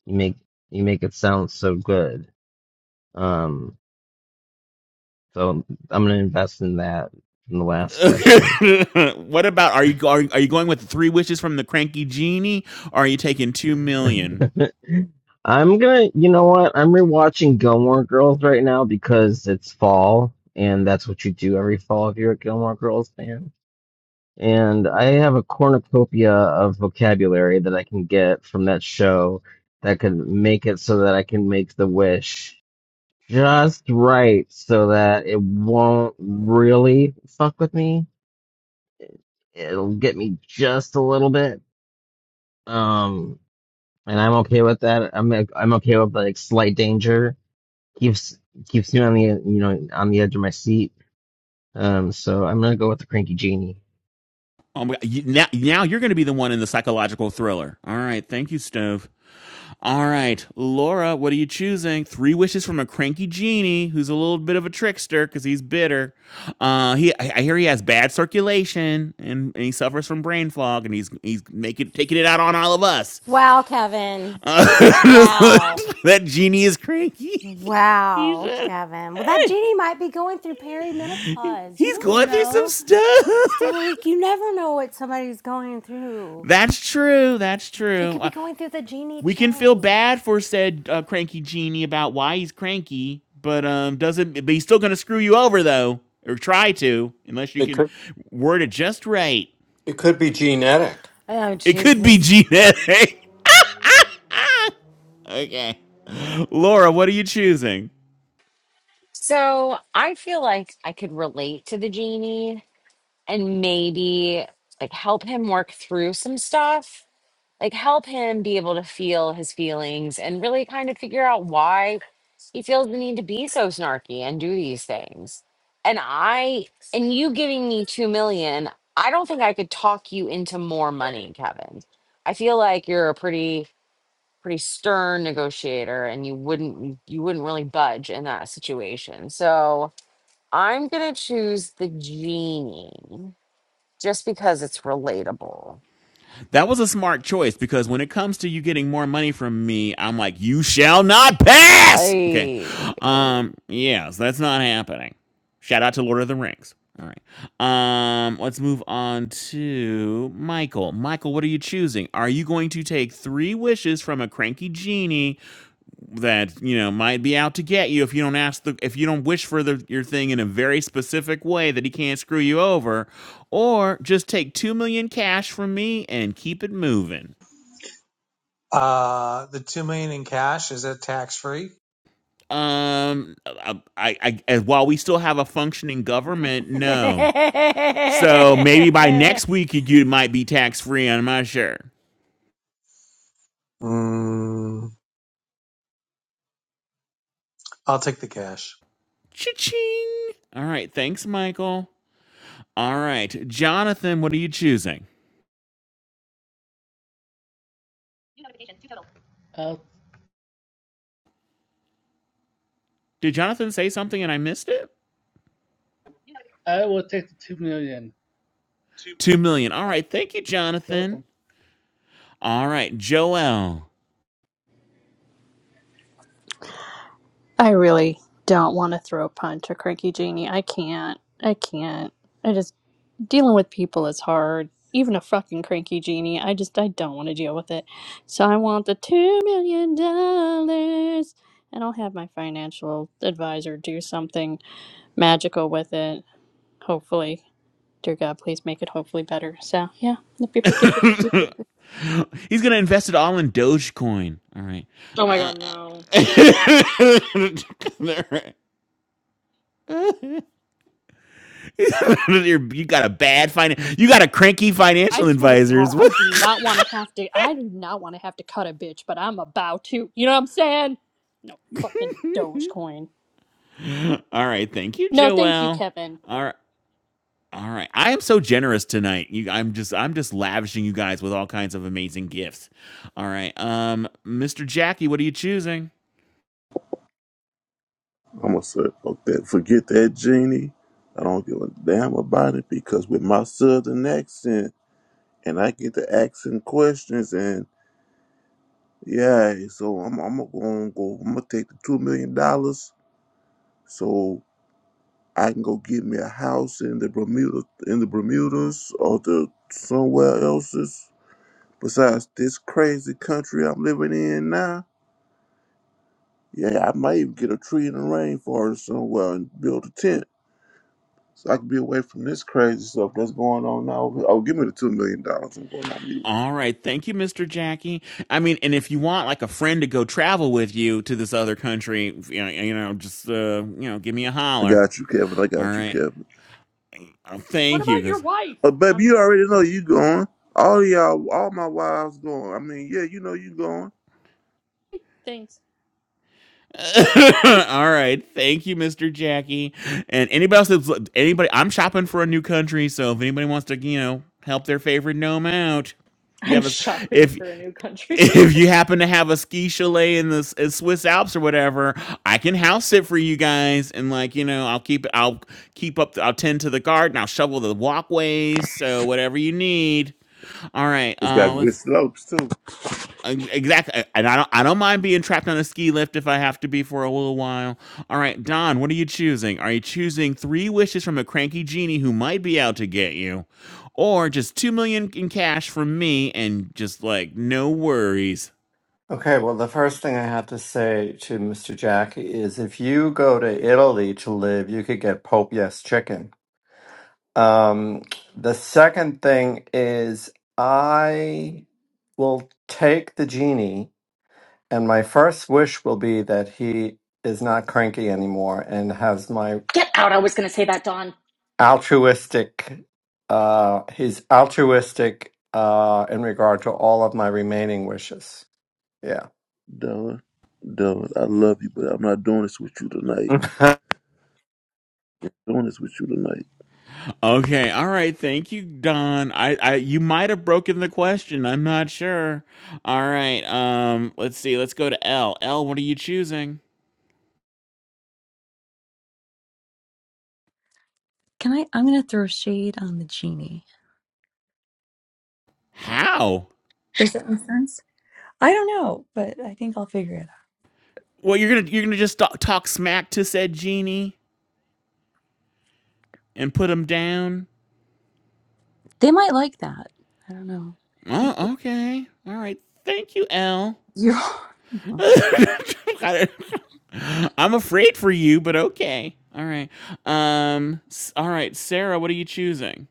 you make you make it sound so good. Um, so I'm gonna invest in that in the last question.
what about are you are, are you going with the three wishes from the cranky genie? Or are you taking two million?
I'm gonna, you know what? I'm rewatching Gilmore Girls right now because it's fall and that's what you do every fall if you're a Gilmore Girls fan. And I have a cornucopia of vocabulary that I can get from that show that could make it so that I can make the wish just right so that it won't really fuck with me. It'll get me just a little bit. Um, and I'm okay with that. I'm I'm okay with like slight danger. Keeps keeps me on the you know on the edge of my seat. Um, so I'm gonna go with the cranky genie.
Oh my, you, now, now you're going to be the one in the psychological thriller. All right. Thank you, Stove. All right. Laura, what are you choosing? Three wishes from a cranky genie who's a little bit of a trickster because he's bitter. Uh, he, I, I hear he has bad circulation and, and he suffers from brain fog and he's he's making taking it out on all of us.
Wow, Kevin.
Uh,
Wow.
that genie is cranky.
Wow, Kevin. Well, that genie might be going through perimenopause. You
He's
don't
going through some
know.
stuff.
It's like you never know what somebody's going through.
That's true. That's
He
true.
could be
Uh,
going through the genie
we can feel
change.
bad for said uh, cranky genie about why he's cranky, but um, doesn't. But he's still going to screw you over though, or try to, unless you
It
can
could
word it just right.
it could be genetic.
Oh,
It could be
Jesus.
Gene. okay, Laura, what are you choosing?
So I feel like I could relate to the genie and maybe like help him work through some stuff, like help him be able to feel his feelings and really kind of figure out why he feels the need to be so snarky and do these things. And I, and you giving me two million, I don't think I could talk you into more money, Kevin. I feel like you're a pretty, pretty stern negotiator and you wouldn't, you wouldn't really budge in that situation. So, I'm going to choose the genie just because it's relatable.
That was a smart choice because when it comes to you getting more money from me, I'm like, you shall not pass. Okay.
I
Um, yeah, so that's not happening. Shout out to Lord of the Rings. All right. Um, let's move on to Michael. Michael, what are you choosing? Are you going to take three wishes from a cranky genie that you know might be out to get you if you don't ask the if you don't wish for the, your thing in a very specific way that he can't screw you over or just take 2 million cash from me and keep it moving
Uh, the two million in cash is that tax free?
um i i, I while we still have a functioning government
oh,
no so maybe by next week you you might be tax free i'm not sure
Mm, I'll take the cash.
Cha-ching. all right thanks michael all right jonathan what are you choosing
I'll,
did jonathan say something and i missed it
I will take the two million.
Two million. All right. Thank you,
You're
Jonathan.
welcome.
All right, Joel.
I really don't want to throw a punch or cranky genie. I can't. I can't. I just. dealing with people is hard. Even a fucking cranky genie. I just I don't want to deal with it. So I want the two million dollars, and I'll have my financial advisor do something magical with it. Hopefully, dear God, please make it hopefully better. So yeah, Yep, yep, yep, yep, yep, yep, yep.
He's gonna invest it all in Dogecoin. All right.
Oh my
Uh,
god, no.
right. got a bad finance. You got a cranky
I
financial
swear to
advisor.
God, I do not want to have to. I do not want to have to cut a bitch, but I'm about to. You know what I'm saying? No fucking Dogecoin.
all right. Thank you,
No, thank you,
Joel.
Kevin.
All right. All right. I am so generous tonight. You, I'm just I'm just lavishing you guys with all kinds of amazing gifts. All right. Um, Mr. Jackie, what are you choosing?
I'm gonna say, fuck that. Forget that genie. I don't give a damn about it because with my southern accent and I get to asking questions and yeah, so I'm I'm gonna go. I'm gonna take the two million dollars so I can go get me a house in the Bermuda in the Bermudas or the somewhere else's besides this crazy country I'm living in now. Yeah, I might even get a tree in the rainforest somewhere and build a tent. so I could be away from this crazy stuff that's going on now. Oh, give me the two million dollars. and go going on mute.
All right. Thank you, Mr. Jackie. I mean, and if you want like a friend to go travel with you to this other country, you know, you know just, uh, you know, give me a
I
holler.
got you, Kevin. I
All
got you,
right.
Kevin.
Oh,
What
thank you.
about your
'Cause
wife?
But
I'm
baby, you
sorry.
already
Go
know you going. All of y'all, all my wives going. I mean, yeah, you know you going.
Thanks.
all right. Thank you, Mr. Jackie. And anybody else that's anybody, I'm shopping for a new country. So if anybody wants to, you know, help their favorite gnome out, you
I'm
have us.
shopping
If
for a new country.
if you happen to have a ski chalet in the S- uh, Swiss Alps or whatever, I can house sit for you guys, and like you know, I'll keep I'll keep up. I'll tend to the garden. I'll shovel the walkways. So whatever you need. All right.
It's
Uh,
got good
let's.
slopes too.
uh, Exactly, and I don't. I don't mind being trapped on a ski lift if I have to be for a little while. All right, Don, what are you choosing? Are you choosing three wishes from a cranky genie who might be out to get you, or just two million in cash from me and just like no worries?
Okay, well the first thing I have to say to Mr. Jack is if you go to Italy to live, you could get Pope Yes chicken. Um the second thing is I will take the genie and my first wish will be that he is not cranky anymore and has my
Get out. I was going to say that, Dawn.
altruistic uh he's altruistic uh in regard to all of my remaining wishes yeah
Dylan, Dylan, I love you, but I'm not doing this with you tonight. Doing this with you tonight.
Okay, all right. Thank you, Don. I, I you might have broken the question. I'm not sure. All right. Um, let's see. Let's go to L. L, what are you choosing?
Can I? I'm going to throw shade on the genie.
How?
Does that make sense? I don't know, but I think I'll figure it out.
Well, you're gonna you're gonna just talk, talk smack to said genie and put him down.
They might like that. I don't know.
Oh, okay. All right. Thank you, L.
You're welcome.
I don't- I'm afraid for you, but okay. All right. Um. s- All right, Sarah, what are you choosing?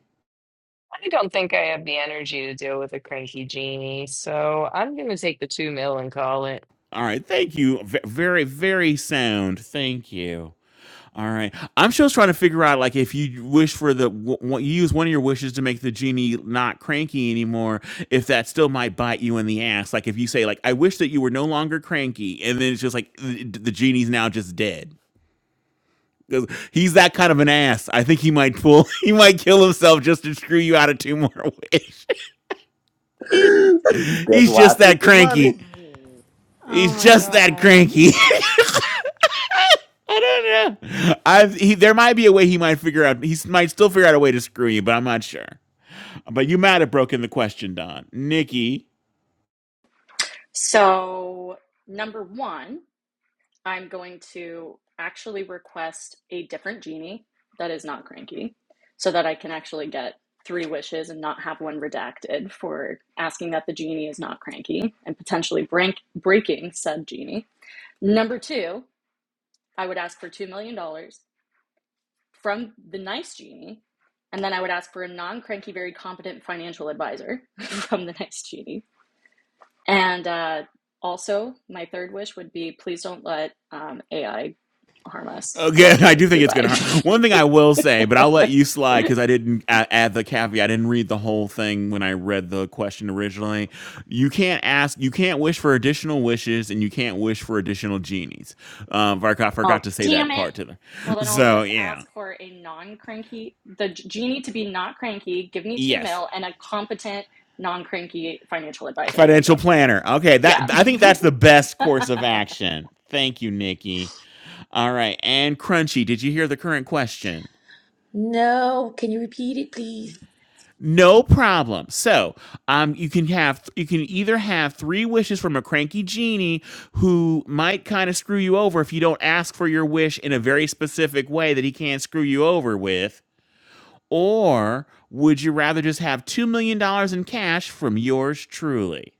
I don't think I have the energy to deal with a cranky genie, so I'm gonna take the two mil and call it.
All right. Thank you. V- very, very sound. Thank you. All right. I'm just trying to figure out, like, if you wish for the, w- w- you use one of your wishes to make the genie not cranky anymore, if that still might bite you in the ass. Like, if you say, like, I wish that you were no longer cranky, and then it's just like the, the genie's now just dead. 'Cause He's that kind of an ass. I think he might pull, he might kill himself just to screw you out of two more wishes. He's
That's
he's
why I
just that
took the money.
cranky. He's
my
just that
God.
cranky. I don't know. I he, there might be a way he might figure out. He might still figure out a way to screw you, but I'm not sure. But you might have broken the question, Don. Nikki.
So, number one, I'm going to actually request a different genie that is not cranky so that I can actually get three wishes and not have one redacted for asking that the genie is not cranky and potentially break- breaking said genie. Number two, I would ask for $2 million dollars from the nice genie. And then I would ask for a non cranky, very competent financial advisor from the nice genie. And uh, also, my third wish would be please don't let um, AI harm us.
Okay,
Thank
I
you.
do think it's
Goodbye.
gonna hurt. One thing I will say, but I'll let you slide because I didn't add the caveat. I didn't read the whole thing when I read the question originally. You can't ask. You can't wish for additional wishes, and you can't wish for additional genies. Um, I
oh,
forgot to say
damn
that
it.
part to them.
Well, then I'll
So
just
yeah.
ask for a non cranky, the genie to be not cranky, give me two
Yes.
mil, and a competent, non cranky financial advisor. There we go.
financial planner. Okay, that
Yeah.
I think that's the best course of action. Thank you, Nikki. All right, and Crunchy, did you hear the current question?
No, can you repeat it, please?
No problem. So, um, you can have you can either have three wishes from a cranky genie who might kind of screw you over if you don't ask for your wish in a very specific way that he can't screw you over with, or would you rather just have two million dollars in cash from yours truly?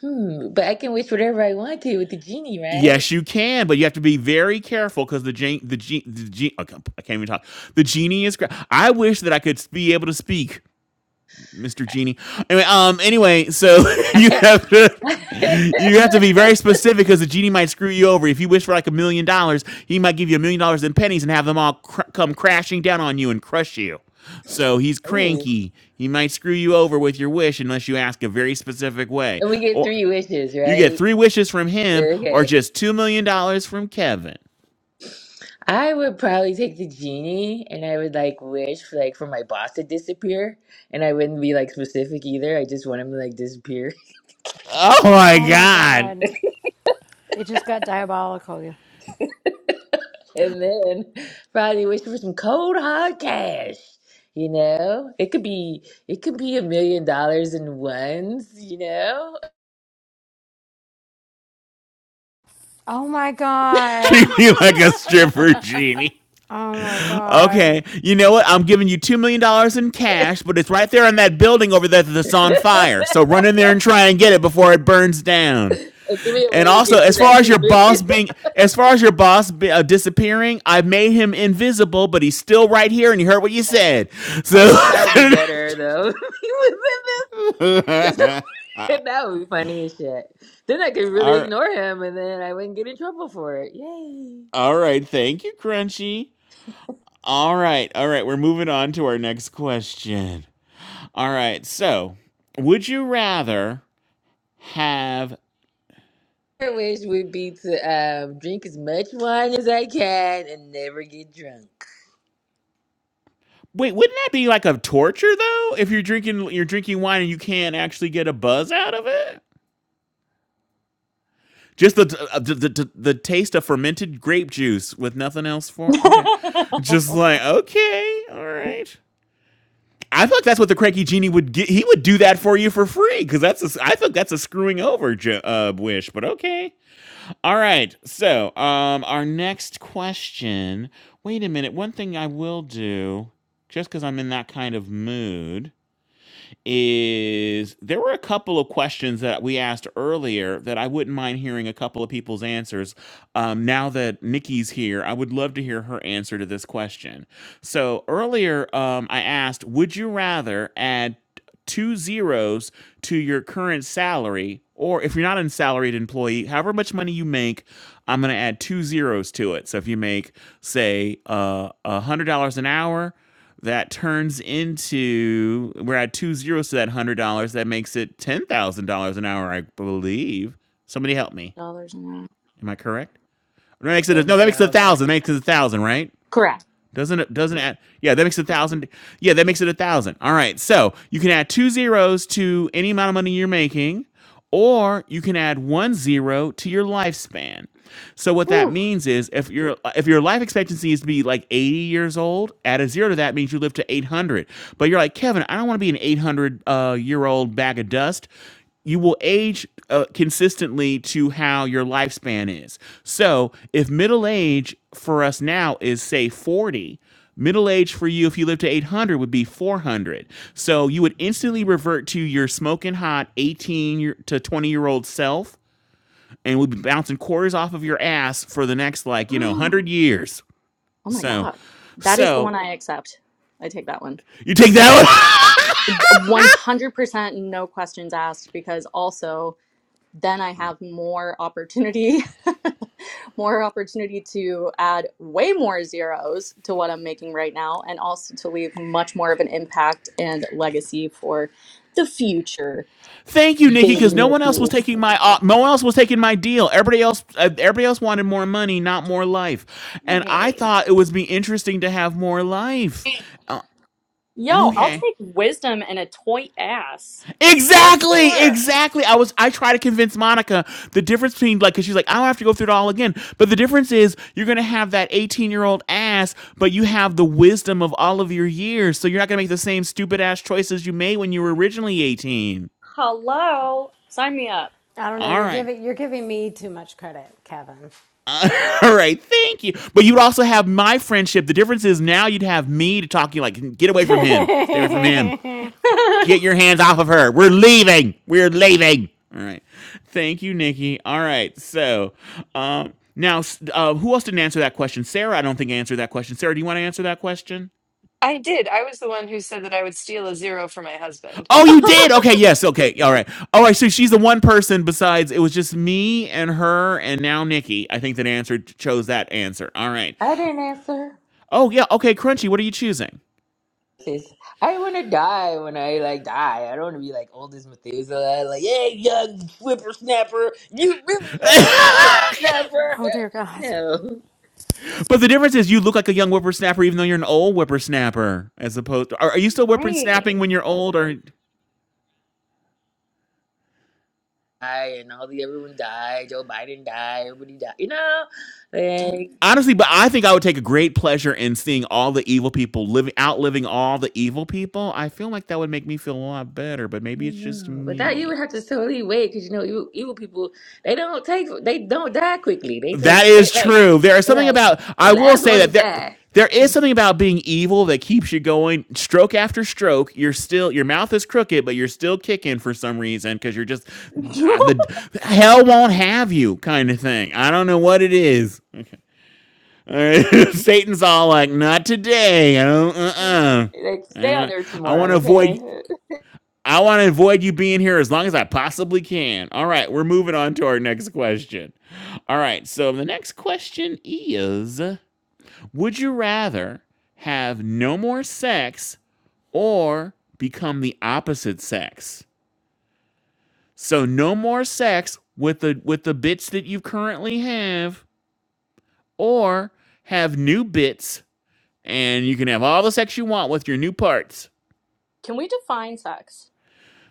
Hmm, but I can wish whatever I want to with the genie, right?
Yes, you can, but you have to be very careful because the gen- the gen- the gen- I can't I can't even talk. The genie is. Gra- I wish that I could be able to speak, Mister Genie. Anyway, um, anyway, so you have to you have to be very specific because the genie might screw you over. If you wish for like a million dollars, he might give you a million dollars in pennies and have them all cr- come crashing down on you and crush you. So he's
Ooh,
cranky. He might screw you over with your wish unless you ask a very specific way.
and we get
Or
three wishes,
you get
right?
three wishes from him or
Okay.
just $2 million dollars from Kevin.
I would probably take the genie and I would like wish like for my boss to disappear and I wouldn't be like specific either. I just want him to like disappear.
Oh my
Oh, my
God.
God. It just got diabolical.
And then probably wish for some cold hard cash. You know? It could be it could be a million dollars in ones, you know?
Oh, my God.
Treat me like a stripper, genie.
Oh, my God.
Okay, you know what? I'm giving you $2 million dollars in cash, but it's right there in that building over there that's on fire. So run in there and try and get it before it burns down.
and give me a
And
way to
also,
get to
as far
that
as
two
your
million.
boss being, as far as your boss be, uh, disappearing, I made him invisible, but he's still right here and he heard what you said.
I
So,
think that would be better though. If He was in this.
all
this- that would be funny as shit. Then I could really
right.
ignore him, and then I wouldn't get in trouble for it. Yay!
All right. Thank you, Crunchy. All right. All right. We're moving on to our next question. All right. So, would you rather have
My wish would be to um, drink as much wine as I can and never get drunk.
Wait, wouldn't that be like a torture though? If you're drinking you're drinking wine and you can't actually get a buzz out of it? Just the uh, the, the, the the taste of fermented grape juice with nothing else for. Okay. Just like, okay. All right. I thought that's what the cranky genie would get. He would do that for you for free because that's a, I thought that's a screwing over jo- uh, wish. But okay. All right. So, um, our next question. Wait a minute. One thing I will do, just because I'm in that kind of mood, is there were a couple of questions that we asked earlier that I wouldn't mind hearing a couple of people's answers. Um, now that Nikki's here, I would love to hear her answer to this question. So earlier, um, I asked, would you rather add two zeros to your current salary, or if you're not a salaried employee, however much money you make, I'm going to add two zeros to it. So if you make, say, uh, $100 an hour, that turns into we're at two zeros to that one hundred dollars. That makes it ten thousand dollars an hour, I believe. Somebody help me.
dollars an hour.
Am I correct? No, that makes it a,
One
no. That makes it a
thousand.
thousand. dollars. That makes it a thousand, dollars, right?
Correct.
Doesn't it? Doesn't add? Yeah, that makes it a thousand. dollars. Yeah, that makes it a thousand. dollars. All right. So you can add two zeros to any amount of money you're making, or you can add one zero to your lifespan. So what that
Ooh.
means is if your if your life expectancy is to be like 80 years old, add a zero to that means you live to 800. But you're like, "Kevin, I don't want to be an 800 uh, year old bag of dust." You will age uh, consistently to how your lifespan is. So, if middle age for us now is say 40, Middle age for you, if you live to 800, would be 400. So you would instantly revert to your smoking hot 18 year- to 20 year old self and we'll be bouncing quarters off of your ass for the next like you know one hundred years.
Oh my
So,
God. That is the one
so
I accept. I take that one.
you take that one.
D- 100% no questions asked because also then I have more opportunity, more opportunity to add way more zeros to what I'm making right now and also to leave much more of an impact and legacy for the future
Thank you, Nikki,
baby
because no one else was
Mickeys.
taking my uh, no one else was taking my deal. Everybody else, uh, everybody else wanted more money, not more life, and I
Hey.
thought it would be interesting to have more life. Uh,
Yo, I'll
okay,
take wisdom and a toy ass for
Exactly,
sure.
exactly. I was I try to convince Monica the difference between like cuz she's like I don't have to go through it all again, but the difference is you're going to have that 18-year-old ass, but you have the wisdom of all of your years, so you're not going to make the same stupid ass choices you made when you were originally 18.
Hello. Sign me up.
I don't know.
All
You're
right.
giving you're giving me too much credit, Kevin.
All right, thank you. But you'd also have my friendship. The difference is now you'd have me to talk to you like get away from him. Stay away from him. Get your hands off of her. We're leaving. We're leaving. All right. Thank you, Nikki. All right. So, um, now, uh, who else didn't answer that question? Sarah, I don't think answered that question. Sarah, do you want to answer that question?
I did. I was the one who said that I would steal a zero for my husband.
Oh, you did. Okay. Yes. Okay. All right. All right. So she's the one person besides it was just me and her and now Nikki. I think that answered chose that answer. All right.
I didn't answer.
Oh yeah. Okay. Crunchy. What are you choosing?
Sis, I want to die when I like die. I don't want to be like old as Methuselah, like hey young whippersnapper, you really young whippersnapper.
Oh dear God.
No.
But the difference is you look like a young whippersnapper even though you're an old whippersnapper as opposed to, are, are you still
Great.
whippersnapping when you're old or
die and all the everyone died. Joe Biden died. Everybody died. You know, like
honestly but I think I would take a great pleasure in seeing all the evil people living outliving all the evil people. I feel like that would make me feel a lot better, but
I
maybe it's
don't
just
know. But that you
me.
would have to totally wait because you know evil, evil people they don't take they don't die quickly. They take
That
they
is
like
true. There is
they
something
like
about
the
I will
last
say
one to
that there
die.
there is something about being evil that keeps you going stroke after stroke. You're still your mouth is crooked, but you're still kicking for some reason because you're just ah, the hell won't have you kind of thing. I don't know what it is. All right. Satan's all like, not today. I don't. Uh. uh
Like stay on there
I want to
tomorrow,
avoid
okay?
I want to avoid you being here as long as I possibly can. All right, we're moving on to our next question. All right, so the next question is Would you rather have no more sex or become the opposite sex? So no more sex with the with the bits that you currently have or have new bits and you can have all the sex you want with your new parts.
Can we define sex?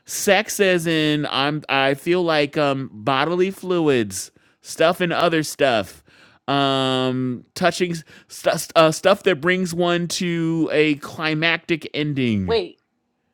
Sex as in I'm I feel like um bodily fluids, stuff and other stuff. Um touching st- st- uh, stuff that brings one to a climactic ending
Wait,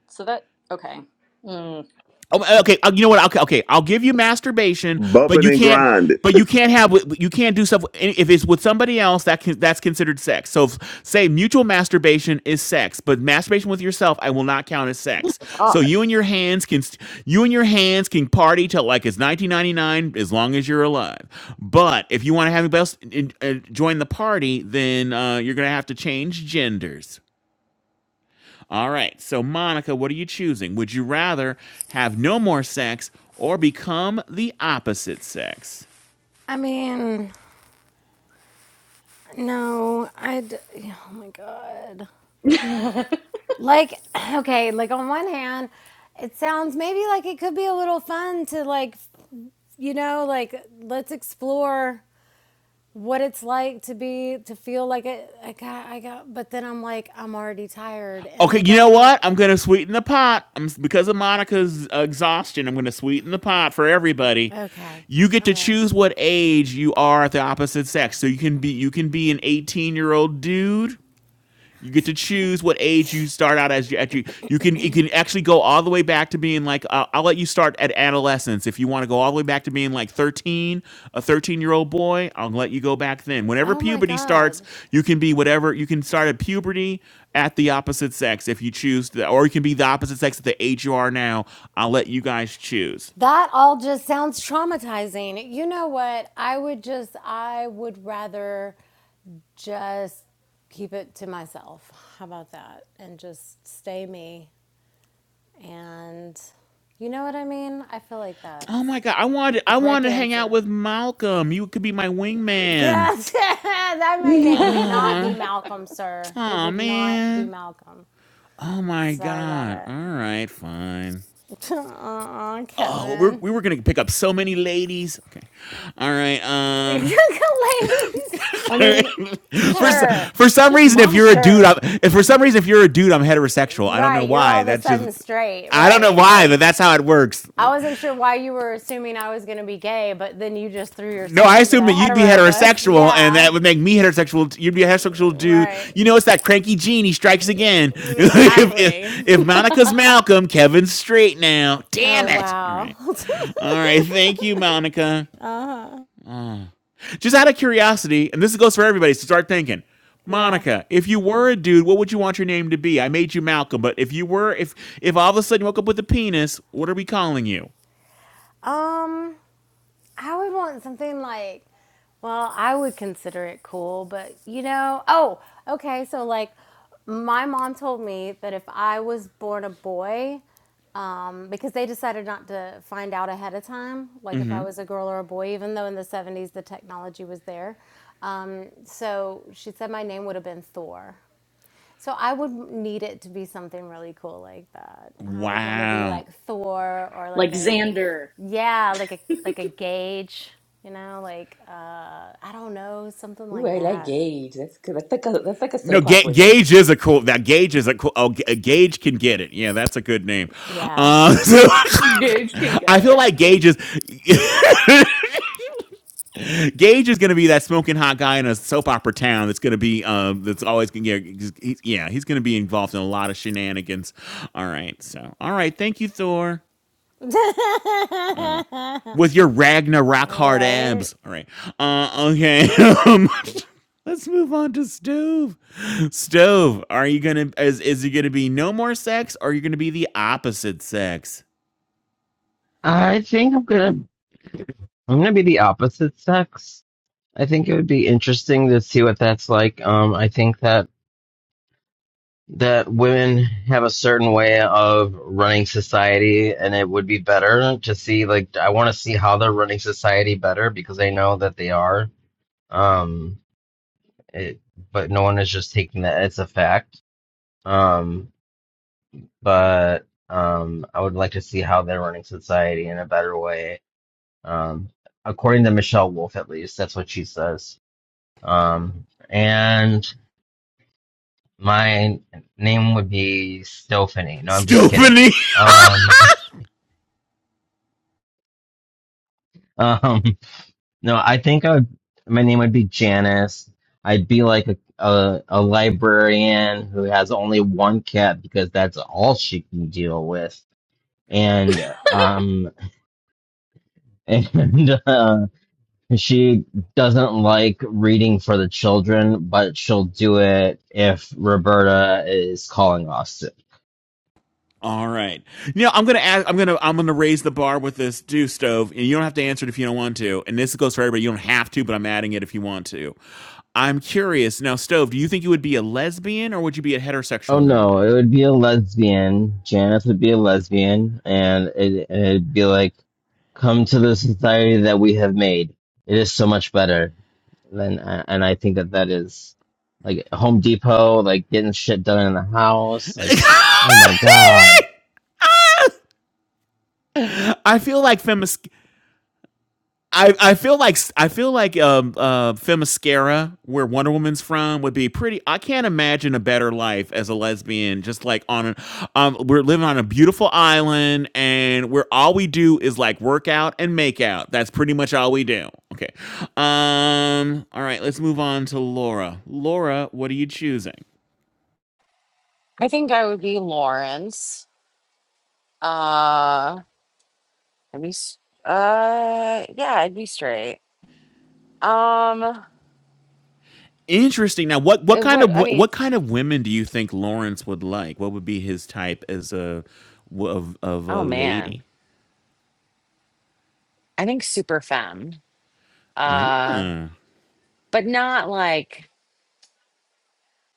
so that okay. Mm.
Oh, uh, okay, uh, you know what? Okay, okay, I'll give you masturbation,
Bump
but
it
you
and
can't,
grind it.
but you can't have, you can't do stuff if it's with somebody else. That can, that's considered sex. So, if, say mutual masturbation is sex, but masturbation with yourself, I will not count as sex. So
God.
you and your hands can, you and your hands can party till like it's 1999, as long as you're alive. But if you want to have anybody else in, uh, join the party, then uh, you're gonna have to change genders. All right. So, Monica, what are you choosing? Would you rather have no more sex or become the opposite sex?
I mean, no, I'd. Oh my God. Like, okay, like on one hand, it sounds maybe like it could be a little fun to like, you know, like let's explore what it's like to be to feel like it. I got, I got. But then I'm like, I'm already tired, and I
Okay, you know
don't.
what? I'm going to sweeten the pot. I'm, because of Monica's exhaustion, I'm going to sweeten the pot for everybody.
Okay,
You get
all
to
right.
choose what age you are at the opposite sex. So you can be you can be an 18-year-old dude You get to choose what age you start out as. You, at you, you can it can actually go all the way back to being like uh, I'll let you start at adolescence if you want to go all the way back to being like thirteen, a thirteen year old boy. I'll let you go back then. Whenever
Oh my
puberty starts,
God.
you can be whatever. You can start at puberty at the opposite sex if you choose, to, or you can be the opposite sex at the age you are now. I'll let you guys choose.
That all just sounds traumatizing. You know what? I would just, I would rather just keep it to myself. How about that? And just stay me. And you know what I mean? I feel like
Oh
that's
my god, I wanted
the
I
correct
wanted to hang out
answer.
with Malcolm. You could be my wingman.
Yes, that my name would not be
Aw,
Malcolm, sir. It
aw
would not be
man.
Malcolm.
Oh my
Sorry about
god.
it.
All right, fine.
Uh,
Oh, we're,
Kevin.
we were gonna pick up so many ladies. Okay, all right. Um,
Ladies.
I mean,
for s-
Kevin,
Sure,
for some
just
reason, if you're a
Monaco.
dude,
sure.
I'm, if for some reason if you're a dude, I'm heterosexual. I don't know
Right, you're all
why.
of a
That's just
sudden straight,
I don't know
right?
why, but
Like,
that's how it works.
I wasn't sure why you were assuming I was going to be gay, but then you just threw
No,
yourself
I
under
assume that
that
you'd be
hetero bus.
heterosexual, and
Yeah,
that would make me heterosexual. You'd be a heterosexual dude.
right.
You know, it's that cranky gene. He strikes again. if,
Exactly.
if if Monica's Malcolm, Kevin's straight now. Damn
Oh,
it! All
wow.
right, all right. Thank you, Monica.
uh-huh.
Just out of curiosity, and this goes for everybody, so start thinking.
Yeah.
Monica, if you were a dude, what would you want your name to be? I made you Malcolm, but if you were, if if all of a sudden you woke up with a penis, what are we calling you?
Um, I would want something like, well, I would consider it cool, but you know, oh, okay, so like my mom told me that if I was born a boy, um, because they decided not to find out ahead of time, like if I
hmm
was a girl or a boy, even though in the 70s the technology was there. Um, so she said my name would have been Thor. So I would need it to be something really cool like that. I would want to be
Wow.
like Thor or
like
like a,
Xander.
yeah, like a like a gauge, you know, like uh, I don't know, something
Ooh,
like
I like
that.
Gage. That's good. That's like a that's like a
No,
soap
Ga-
opera
Gage is a cool. That Gage is a cool. Oh, G- Gage can get it. Yeah, that's a good name.
Yeah.
Um, so
Gage can get
I feel
it.
like Gage is Gage is going to be that smoking hot guy in a soap opera town. That's going to be um. That's always going to get. He's, yeah, he's going to be involved in a lot of shenanigans. All right. So all right. Thank you, Thor. All right. with your Ragna rock hard
right,
abs. All right. Uh, okay. let's move on to Stove. Stove, are you gonna is is it gonna be no more sex or are you gonna be the opposite sex?
I think I'm gonna I'm gonna be the opposite sex I think it would be interesting to see what that's like. Um, I think that that women have a certain way of running society, and it would be better to see. Like, I want to see how they're running society better because I know that they are. Um, it, but no one is just taking that as a fact. Um, but um, I would like to see how they're running society in a better way. Um, according to Michelle Wolf, at least that's what she says. Um, and My name would be Stephanie. No, I'm just kidding.
Stephanie.
Um, um, no, I think I would, my name would be Janice. I'd be like a, a a librarian who has only one cat because that's all she can deal with, and um, and uh, she doesn't like reading for the children, but she'll do it if Roberta is calling us
All right. Now I'm gonna ask, I'm gonna I'm gonna raise the bar with this do stove, and you don't have to answer it if you don't want to. And this goes for everybody. You don't have to, but I'm adding it if you want to. I'm curious now, stove. Do you think you would be a lesbian or would you be a
Oh
heterosexual
no, it
woman?
would be a lesbian. Janice would be a lesbian, and it, it'd be like, come to the society that we have made. It is so much better. And, and I think that that is like Home Depot, like getting shit done in the house. Like, oh my God.
I feel like Femis. I, I feel like I feel like um uh Femascara, where Wonder Woman's from, would be pretty. I can't imagine a better life as a lesbian. Just like on, an, um, we're living on a beautiful island, and where all we do is like work out and make out. That's pretty much all we do. Okay. Um. All right. Let's move on to Laura. Laura, what are you choosing?
I think I would be Lawrence. Uh, I'd be s- uh yeah, I'd be straight. Um
Interesting. Now, what what
it,
kind
what
of
I
wo-
mean,
what
it's-
kind of women do you think Lawrence would like? What would be his type as a w- of of
oh
a
man.
lady?
I think super femme. Uh
Ah.
but not like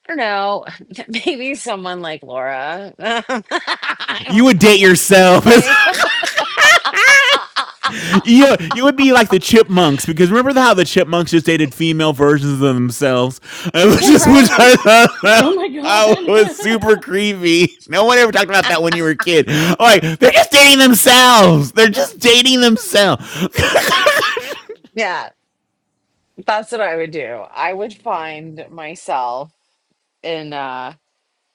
I don't know, maybe someone like Laura. I
You
don't
would date
know.
yourself.
Like
you you would be like the chipmunks because remember how the chipmunks just dated female versions of themselves, It was just which
right.
I
Oh my god.
Oh, it was super creepy. No one ever talked about that when you were a kid. Like, they're just dating themselves. They're just dating themselves.
Yeah. That's what I would do. I would find myself in uh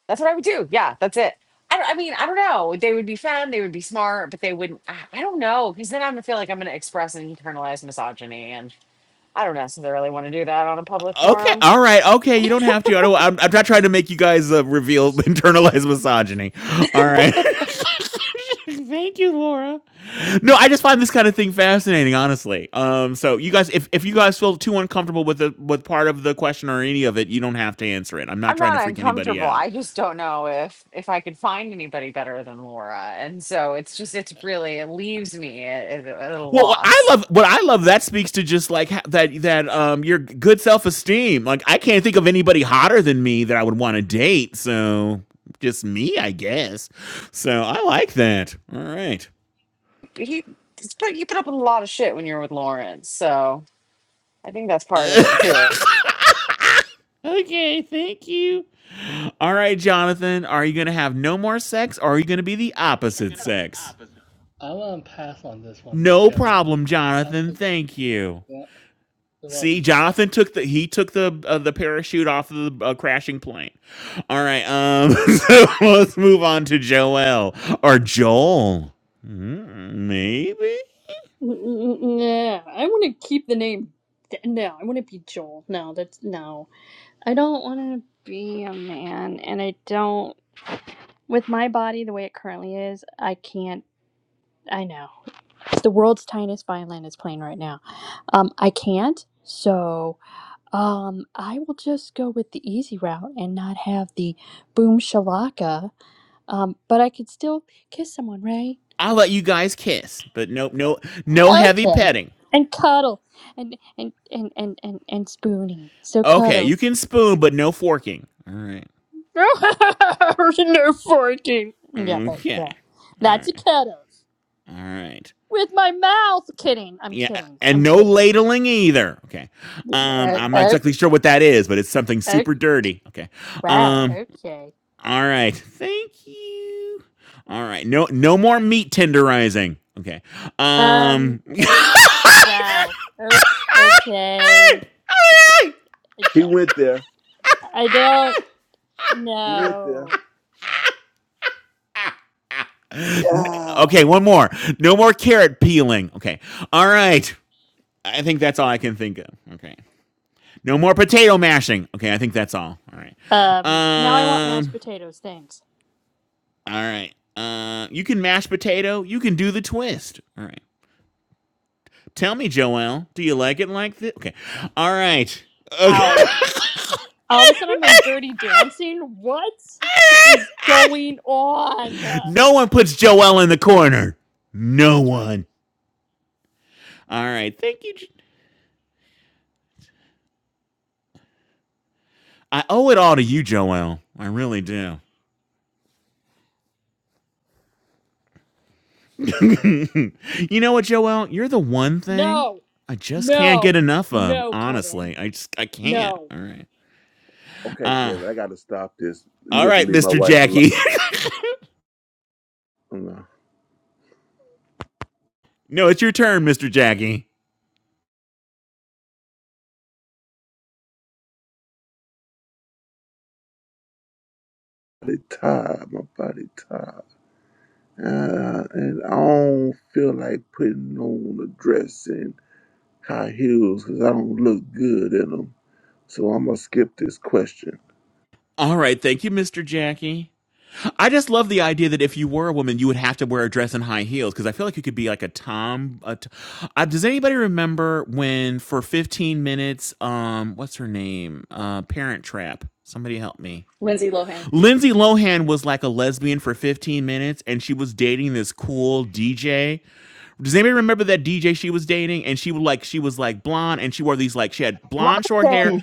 that's what I would do. Yeah, that's it. I don't I mean, I don't know. They would be fun, they would be smart, but they wouldn't I, I don't know, because then I'm gonna feel like I'm gonna express an internalized misogyny and I don't necessarily want to do that on a public
Okay,
forum.
all right, okay. You don't have to. I don't. I'm, I'm not trying to make you guys uh, reveal internalized misogyny. All right. Thank you, Laura. No, I just find this kind of thing fascinating, honestly. Um, so you guys, if, if you guys feel too uncomfortable with the with part of the question or any of it, you don't have to answer it. I'm not
I'm
trying to
not
freak anybody
uncomfortable.
out.
I just don't know if if I could find anybody better than Laura. And so it's just it's really it leaves me at, at a
Well, what I
loss.
love what I love that speaks to just like ha- that that um your good self esteem. Like I can't think of anybody hotter than me that I would want to date. So just me, I guess. So I like that. All right.
He it's put you put up with a lot of shit when you're with Lawrence, so I think that's part of it too.
okay, thank you. All right, Jonathan, are you gonna have no more sex, or are you gonna be the opposite sex?
I want to pass on this one there,
No
Kevin.
problem,
I'm
Jonathan.
too,
Thank you.
yeah, you're
See,
welcome.
Jonathan took the he took the uh, the parachute off of the uh, crashing plane. All right, um, so let's move on to Joel or Joel, Mm, maybe.
N- n- Nah, I want to keep the name. D- No, I want to be Joel. No, that's no. I don't want to be a man, and I don't. With my body the way it currently is, I can't. I know the world's tiniest violin is playing right now. Um, I can't. So, um, I will just go with the easy route and not have the boom shalaka. Um, but I could still kiss someone, right?
I'll let you guys kiss, but no, no, no heavy
Okay.
petting.
And cuddle and and and and and, and spooning. So
Okay, you
cuddles.
can spoon, but no forking. All right.
no forking. Yeah, but
Okay.
yeah,
All
that's a
right.
cuddles
All right.
with my mouth. Kidding. I'm
Yeah,
kidding.
and
I'm
no
kidding.
ladling either. Okay. Um,
Uh,
I'm not
uh,
exactly sure what that is, but it's something
uh,
super dirty. Okay.
wow.
Um,
Okay.
All right. Thank you. All right. No no more meat tenderizing. Okay.
Um.
Um
Uh, wow. Oh, okay. I,
He went there.
I don't
He went there.
know.
Yeah.
Okay, one more. No more carrot peeling. Okay. All right. I think that's all I can think of. Okay. No more potato mashing. Okay, I think that's all. All right.
Um. Now I want mashed
Um
potatoes. Thanks.
all right. Uh you can mash potato, you can do the twist. All right. Tell me, Joelle, do you like it like this? Okay. All right.
Ow.
Okay.
All of a sudden, I'm in Dirty Dancing. What is going on?
no one puts Joelle in the corner. No
That's right.
one. All right. Thank you. Jo- I owe it all to you, Joelle. I really do. you know what, Joelle? You're the one thing
No,
I just can't get
no,
enough of.
no, Kevin.
Honestly, I just I can't.
No.
All right.
Okay,
Uh,
Kevin, I gotta stop this. You
all
got to
right,
leave my
Mr.
wife alone.
Jackie.
My
no, it's your turn, Mr. Jackie.
body tired, my body tired, uh, and I don't feel like putting on a dress and high heels because I don't look good in them. So I'm gonna skip this question.
All right. Thank you, Mr. Jackie. I just love the idea that if you were a woman, you would have to wear a dress and high heels because I feel like you could be like a tom. A t- uh, does anybody remember when for 15 minutes, um, what's her name? Uh, Parent Trap. Somebody help me.
Lindsay Lohan.
Lindsay Lohan was like a lesbian for 15 minutes and she was dating this cool DJ. Does anybody remember that DJ she was dating? And she would like she was like blonde and she wore these like she had blonde short hair
Rodson.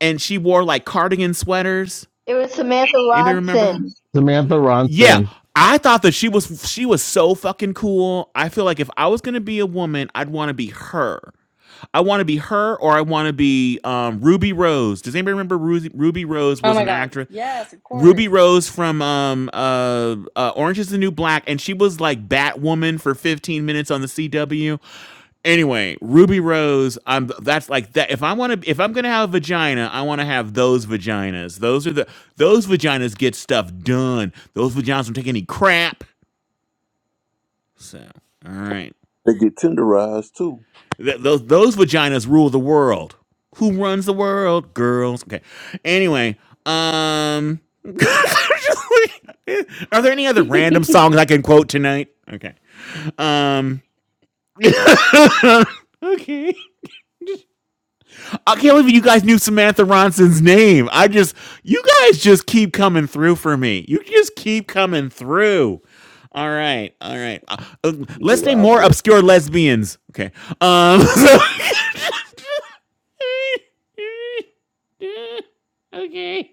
and she wore like cardigan sweaters.
It was Samantha
Anybody remember
Rodson.
her?
Samantha
Yeah,
Ronson.
I thought that she was she was so fucking cool. I feel like if I was gonna be a woman, I'd want to be her. I want to be her, or I want to be um, Ruby Rose. Does anybody remember Ruby, Ruby Rose
Oh
was
my
an
god.
actress?
Yes, of
Ruby
course.
Rose from um, uh, uh, Orange Is the New Black, and she was like Batwoman for 15 minutes on the CW. Anyway, Ruby Rose, I'm that's like that. If I want to, if I'm gonna have a vagina, I want to have those vaginas. Those are the those vaginas get stuff done. Those vaginas don't take any crap. So, all right,
They get tenderized too.
Th- those those vaginas rule the world. Who runs the world? Girls. Okay. Anyway, um, are there any other random
we
songs I can quote tonight? Okay. Um. Okay. I can't believe you guys knew Samantha Ronson's name. I just, you guys just keep coming through for me. You just keep coming through. All right, all right. Uh, uh,
You
let's
do,
name
I'll
more
bet.
obscure lesbians. Okay. Um. so- okay.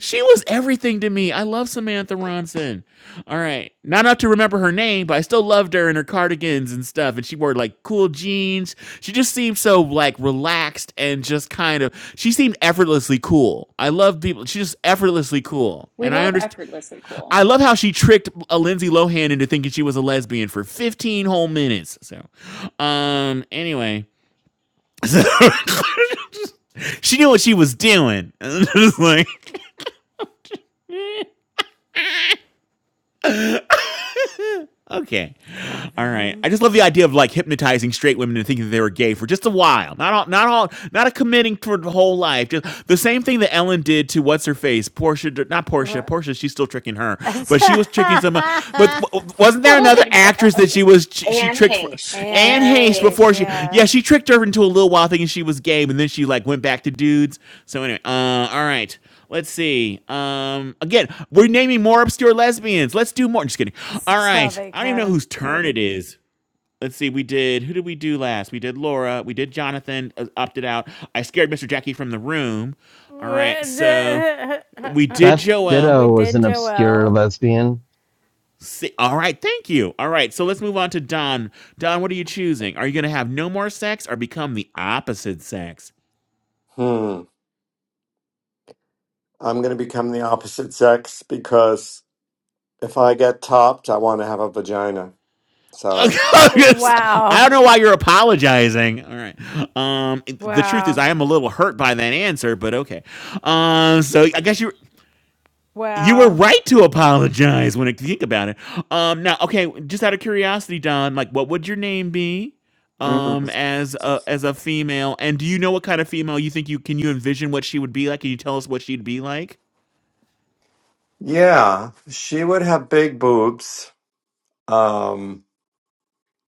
She was everything to me. I love Samantha Ronson. All right. Not enough to remember her name, but I still loved her and her cardigans and stuff. And she wore like cool jeans. She just seemed so like relaxed and just kind of she seemed effortlessly cool. I love people. She's just effortlessly cool. And I
love
understand
effortlessly cool.
I love how she tricked a Lindsay Lohan into thinking she was a lesbian for 15 whole minutes. So um anyway. so she knew what she was doing. Just like Okay. All right. I
Kevin.
just love the idea of like hypnotizing straight women and thinking that they were gay for just a while. Not all, not all, not a committing for the whole life. Just the same thing that Ellen did to what's her face, Portia. Not Portia.
What?
Portia. She's still tricking her, but she was tricking some. uh, But w- wasn't there
Oh
another
my
actress that
god.
she was she, she
Anne
tricked for
Heche,
Anne
Anne
Anne
Hayes
Heche,
Hayes,
before she? Yeah,
yeah.
she tricked her into a little while thinking she was gay, and then she like went back to dudes. So anyway, uh, all right. Let's see. Um, again, we're naming more obscure lesbians. Let's do more. I'm Just kidding. All
Stop
right.
it,
I don't even know
Kevin.
whose turn it is. Let's see. We did. Who did we do last? We did Laura. We did Jonathan. uh, Opted out. I scared Mr. Jackie from the room. All right. So we did
Beth
Joel.
We
Ditto was
did
an obscure
Joelle.
lesbian.
See, all right. Thank you. All right. So let's move on to Don. Don, what are you choosing? Are you going to have no more sex or become the opposite sex?
Hmm. I'm going to become the opposite sex because if I get topped, I want to have a vagina. Sorry.
I
Wow.
don't know why you're apologizing. All right. Um, the truth is,
Wow.
I am a little hurt by that answer, but okay. Um, so I guess you you were
Wow.
right to apologize when I think about it. Um, now, okay, just out of curiosity, Don, like, what would your name be? Um,
Mm.
as a as a female, and do you know what kind of female you think you can you envision what she would be like? Can you tell us what she'd be like?
Yeah, she would have big boobs. Um,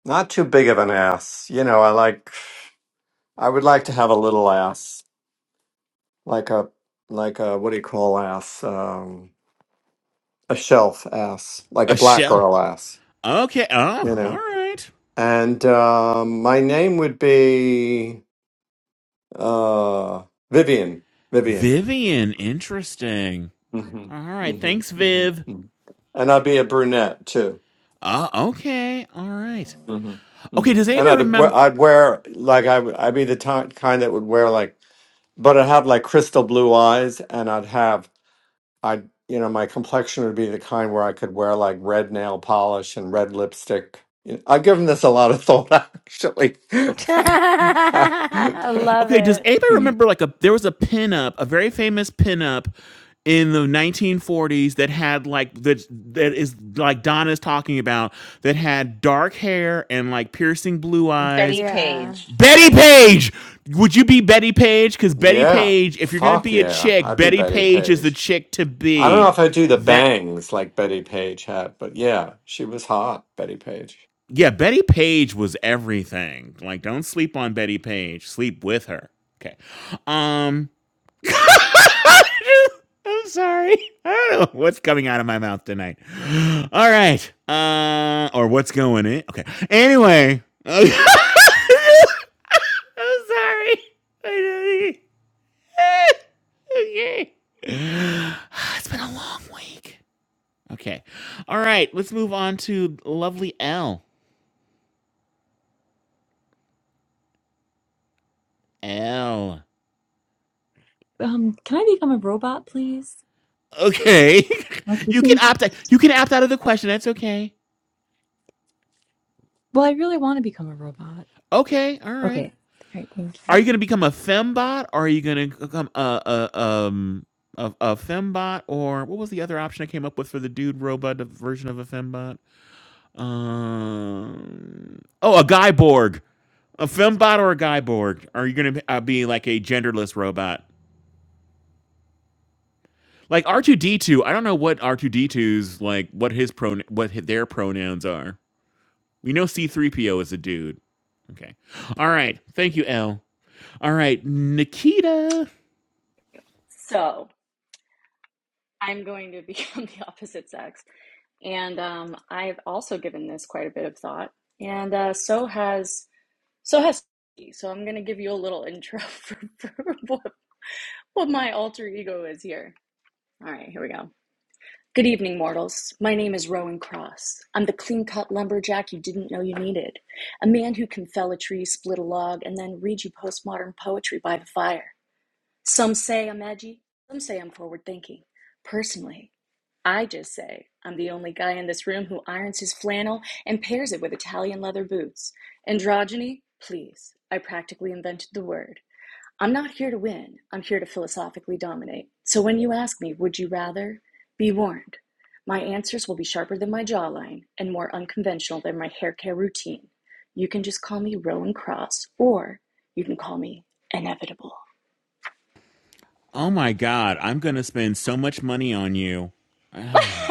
not too big of an ass. You know, I like I would like to have a little ass. Like a like a what do you call ass? Um, a shelf ass, like a
A
black
shell.
girl ass,
Okay. Oh,
you
all
know.
right.
And um, my name would be uh, Vivian. Vivian.
Vivian, interesting.
hmm
All right.
hmm
Thanks,
hmm
Viv.
hmm And I'd be a brunette too.
Ah, okay, all right.
hmm
Okay,
hmm
does
And
anybody
I'd we-
remember?
I'd wear like I would, I'd be the ti- kind that would wear like, but I'd have like crystal blue eyes, and I'd have I, you know, my complexion would be the kind where I could wear like red nail polish and red lipstick. You know, I've given this a lot of thought, actually.
I love
Okay, does
it.
anybody
Hmm.
remember like a there was a pinup, a very famous pinup in the 1940s that had like that that is like Donna's talking about that had dark hair and like piercing blue eyes.
Betty
Yeah.
Page,
Betty
right?
Page, would you be Betty Page? Because Betty
yeah,
Page, if you're gonna
fuck
be a
yeah,
chick,
I'd be
Betty
Betty
Page is the
Page.
chick to
I don't know
be.
if I'd do the
That
bangs like Betty Page had, but yeah, she was hot, Betty Page.
Yeah, Betty Page was everything. Like, don't sleep on Betty Page. Sleep with her. Okay. Um I'm sorry. I don't know what's coming out of my mouth tonight. All right. Uh or what's going in. Okay. Anyway. I'm sorry. I don't- okay. It's been a long week. Okay. All right. Let's move on to lovely L. L.
Um, can I become a robot, please?
Okay.
Okay,
you can
thank you.
opt out. You can opt out of the question. That's okay.
Well, I really want to become a robot.
Okay. All right.
Okay. All right, thank you.
Are you going to become a fembot or are you going to become a, a um a, a fembot or what was the other option I came up with for the dude robot version of a fembot? Um Oh, a guy borg. A fembot or a guy borg? Are you going to uh, be like a genderless robot? Like R2D2, I don't know what r 2 d two's like what his pron what hi- their pronouns are. We know C3PO is a dude. Okay. All right. Thank you, L. All right, Nikita.
So I'm going to become the opposite sex. And um, I've also given this quite a bit of thought. And uh, so has so has so I'm going to give you a little intro for, for what, what my alter ego is here. All right, here we go. Good evening, mortals. My name is Rowan Cross. I'm the clean cut lumberjack you didn't know you needed, a man who can fell a tree, split a log, and then read you postmodern poetry by the fire. Some say I'm edgy, some say I'm forward thinking. Personally, I just say I'm the only guy in this room who irons his flannel and pairs it with Italian leather boots. Androgyny, please, I practically invented the word. I'm not here to win, I'm here to philosophically dominate. So when you ask me, would you rather? Be warned. My answers will be sharper than my jawline and more unconventional than my hair care routine. You can just call me Rowan Cross, or you can call me Inevitable.
Oh my god, I'm going to spend so much money on you. Oh my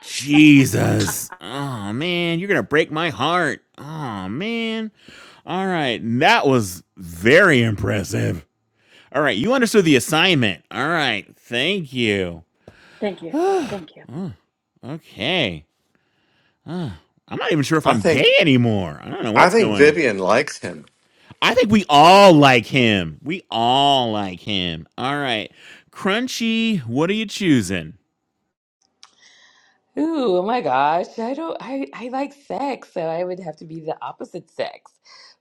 Jesus. Oh man, you're going to break my heart. Oh man. All right, that was very impressive. All right, you understood the assignment. All right, thank you.
Thank you. Thank you.
Okay. I'm not even sure if
I
I'm
think
gay anymore. I don't know
I
what's
think
going on.
Vivian likes him.
I think we all like him. We all like him. All right. Crunchy, what are you choosing?
Ooh, oh my gosh. I don't I I like sex, so I would have to be the opposite sex.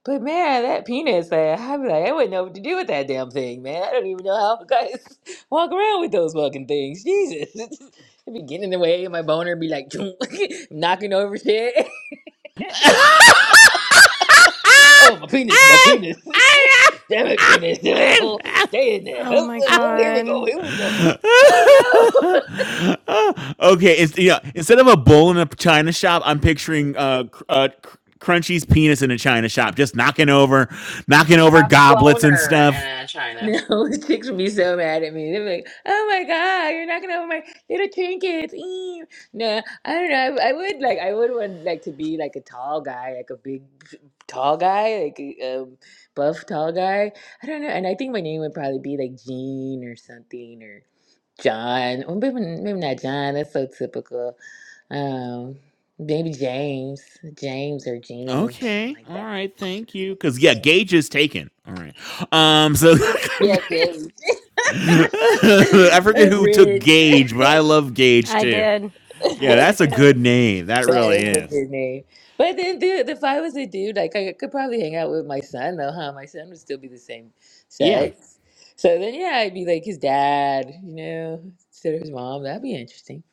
But man, that penis, I, I'd be like, I wouldn't know what to do with that damn thing, man. I don't even know how guys walk around with those fucking things. Jesus. It'd be getting in the way, and my boner be like knocking over shit. Oh, my penis, my penis. Damn it, penis. stay in there.
Oh
Oh, oh,
my
oh, here we go.
God.
Here we go. I don't know.
okay, it's, yeah, instead of a bowl in a china shop, I'm picturing uh, cr- uh, cr- Crunchy's penis in a china shop, just knocking over, knocking over
A
goblets and
boner
stuff.
and a China.
No, the chicks would be so mad at me. They'd be like, "Oh my God, you're not gonna have my little trinkets." Ew. No, I don't know. I, I would like, I would want like to be like a tall guy, like a big, tall guy, like a um, buff tall guy. I don't know. And I think my name would probably be like Jean or something or John. Or maybe maybe not John. That's so typical. Um, maybe James, James or Jean, something
Okay.
like
All
that.
right. Thank you. Cause yeah, Gage is taken. All right. Um. So
Yeah, James.
I forget who took
Rich.
Gage, but I love Gage
I
too.
did. I
Yeah, that's
took
a
it.
good name. That
That
That's
really
is
me.
a
is.
good name. But then, dude, if I was a dude, like I could probably hang out with my son, though, huh? My son would still be the same
Yeah.
sex. So then, yeah, I'd be like his dad, you know, instead of his mom. That'd be interesting.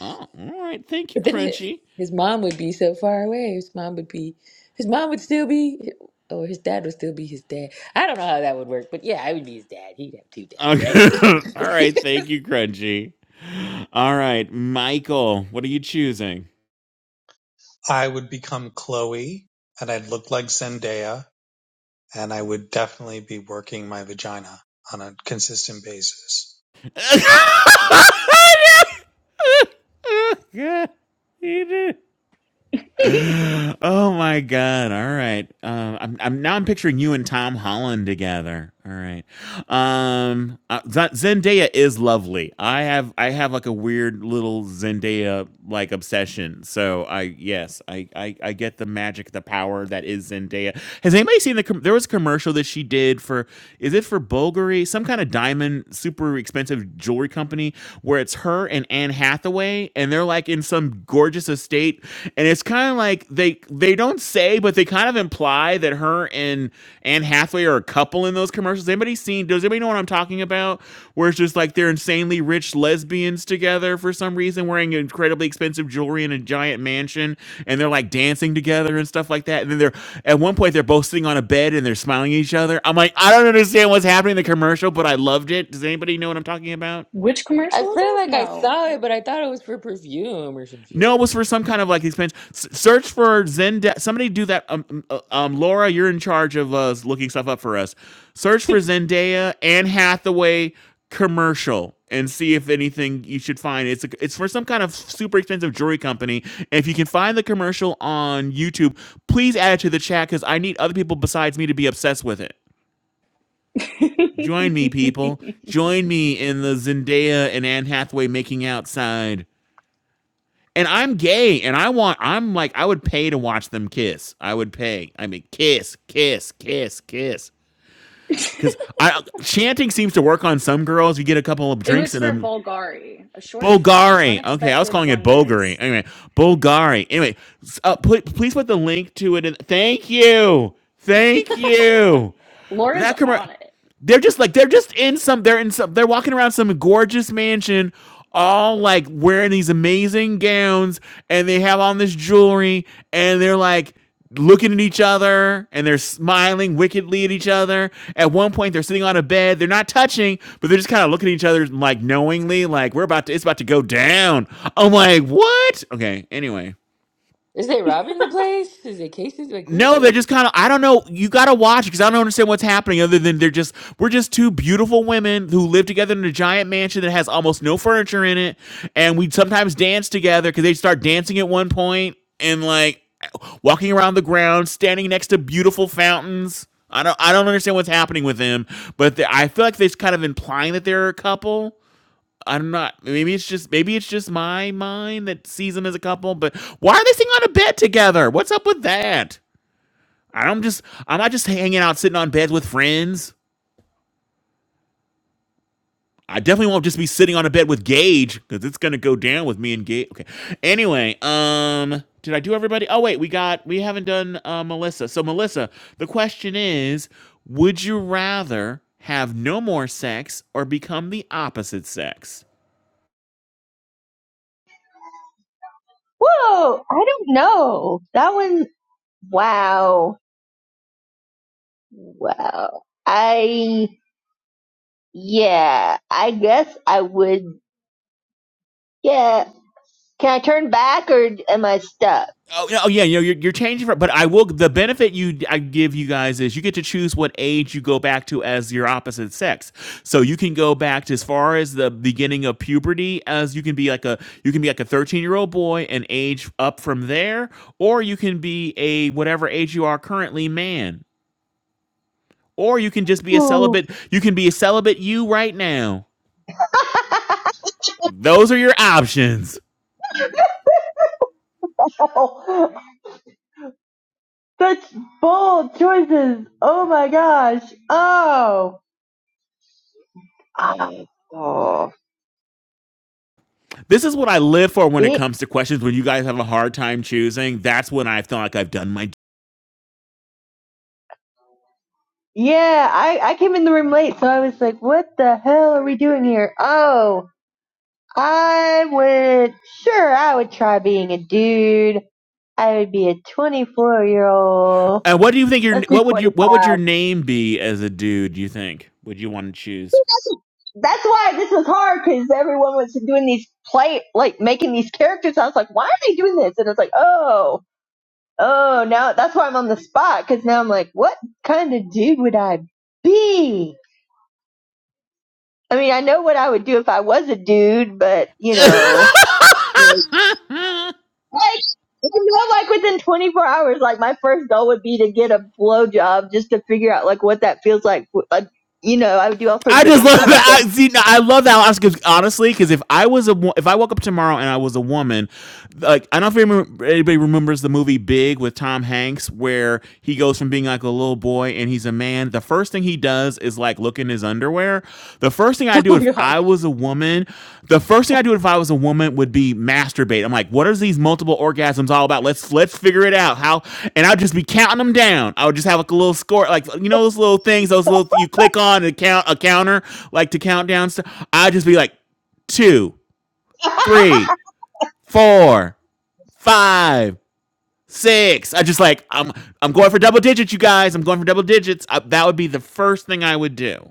Oh. All right. Thank you,
But then hi-
Crunchy.
his mom would be so far away. His mom would be, his mom would still be, or his dad would still be his dad. I don't know how that would work, but yeah, I would be his dad. He'd have two dads, right?
Okay. all right. Thank you, Crunchy. All right, Michael. What are you choosing?
I would become Chloe, and I'd look like Zendaya. and I would definitely be working my vagina on a consistent basis.
God, he did. oh my god! All right, um, I'm, I'm now I'm picturing you and Tom Holland together. All right, um, uh, Z- Zendaya is lovely. I have I have like a weird little Zendaya like obsession. So I yes I, I I get the magic, the power that is Zendaya. Has anybody seen the com- there was a commercial that she did for is it for Bulgari some kind of diamond super expensive jewelry company where it's her and Anne Hathaway and they're like like in some gorgeous estate, and it's kind of like they they don't say, but they kind of imply that her and Anne Hathaway are a couple in those commercials. Anybody seen? Does anybody know what I'm talking about? Where it's just like they're insanely rich lesbians together for some reason, wearing incredibly expensive jewelry in a giant mansion, and they're like dancing together and stuff like that. And then they're at one point they're both sitting on a bed and they're smiling at each other. I'm like, I don't understand what's happening in the commercial, but I loved it. Does anybody know what I'm talking about?
Which
I
commercial was
feel
this?
like I
No.
saw it, but I thought it was for perfume or some
No, it
shit.
was for some kind of like expansion. S- search for Zendesk. Somebody do that. Um, um, uh, um, Laura, you're in charge of uh, looking stuff up for us. Search for Zendaya and Hathaway commercial and see if anything you should find. It's a, it's for some kind of super expensive jewelry company. And if you can find the commercial on YouTube, please add it to the chat because I need other people besides me to be obsessed with it. Join me, people. Join me in the Zendaya and Anne Hathaway making out side and I'm gay and I want I'm like I would pay to watch them kiss. I would pay. I mean kiss, kiss, kiss, kiss. Cuz I chanting seems to work on some girls. You get a couple of
it
drinks
was
in
for
them.
Bulgari, a short film,
Bulgari. Okay, I was
Unexpected
calling it
Wonders.
Bulgari. Anyway, Bulgari. Anyway, uh, put, please put the link to it in. Thank you. Thank you.
Laura's
That commercial
on it.
they're just like they're just in some they're in some they're walking around some gorgeous mansion all like wearing these amazing gowns and they have on this jewelry and they're like looking at each other and they're smiling wickedly at each other at one point they're sitting on a bed they're not touching but they're just kind of looking at each other like knowingly like we're about to it's about to go down i'm like what okay anyway
Is they robbing the place? Is it cases? Like, what?
no, they're just kind of. I don't know. You gotta watch because I don't understand what's happening. Other than they're just we're just two beautiful women who live together in a giant mansion that has almost no furniture in it, and we sometimes dance together because they start dancing at one point and like walking around the ground, standing next to beautiful fountains. I don't I don't understand what's happening with them, but they, I feel like they're kind of implying that they're a couple. I'm not. Maybe it's just maybe it's just my mind that sees them as a couple. But why are they sitting on a bed together? What's up with that? I'm just I'm not just hanging out sitting on beds with friends. I definitely won't just be sitting on a bed with Gage because it's gonna go down with me and Gage. Okay. Anyway, um, did I do everybody? Oh wait, we got we haven't done uh, Melissa. So Melissa, the question is, would you rather have no more sex or become the opposite sex?
Whoa, I don't know. That one, wow. Wow. I, yeah, I guess I would, yeah. Can I turn back or am I stuck?
Oh, no, oh, yeah, you know, you're, you're changing from, but I will. The benefit you I give you guys is you get to choose what age you go back to as your opposite sex. So you can go back to as far as the beginning of puberty as you can be like a you can be like a 13 year old boy and age up from there, or you can be a whatever age you are currently man, or you can just be a
Ooh.
celibate. You can be a celibate you right now. Those are your options.
Oh, Such bold choices. Oh my gosh. Oh. I- Oh.
This is what I live for when it
It,
comes to questions. When you guys have a hard time choosing, that's when I feel like I've done my
yeah, I, I came in the room late, so I was like, what the hell are we doing here? Oh. I would, sure, I would try being a dude. I would be a 24 year old.
And what do you think your
Let's do
what would your
25.
what would your name be as a dude? You think would you want to choose?
That's, that's why this was hard because everyone was doing these play, like making these characters. I was like, why are they doing this? And it's like, oh, oh, now that's why I'm on the spot because now I'm like, what kind of dude would I be? I mean, I know what I would do if I was a dude, but you know. I. Like, you know, like within 24 hours, like my first goal would be to get a blowjob just to figure out like what that feels like. Like, you know, I would do all sorts
I
of that
just love
kind of
that.
thing.
I see. no, I love that. Oscar, honestly, because if I was a wo- if I woke up tomorrow and I was a woman, like I don't know if remember- anybody remembers the movie Big with Tom Hanks, where he goes from being like a little boy and he's a man. The first thing he does is like look in his underwear. The first thing I do
Oh my
if
god.
I was a woman, the first thing I do if I was a woman would be masturbate. I'm like, what are these multiple orgasms all about? Let's let's figure it out. How? And I'd just be counting them down. I would just have like a little score, like you know those little things, those little you click on and count a counter, like to count down stuff. I'd just be like two, three, four, five, six. I just like I'm I'm going for double digits, you guys. I'm going for double digits. I, that would be the first thing I would do.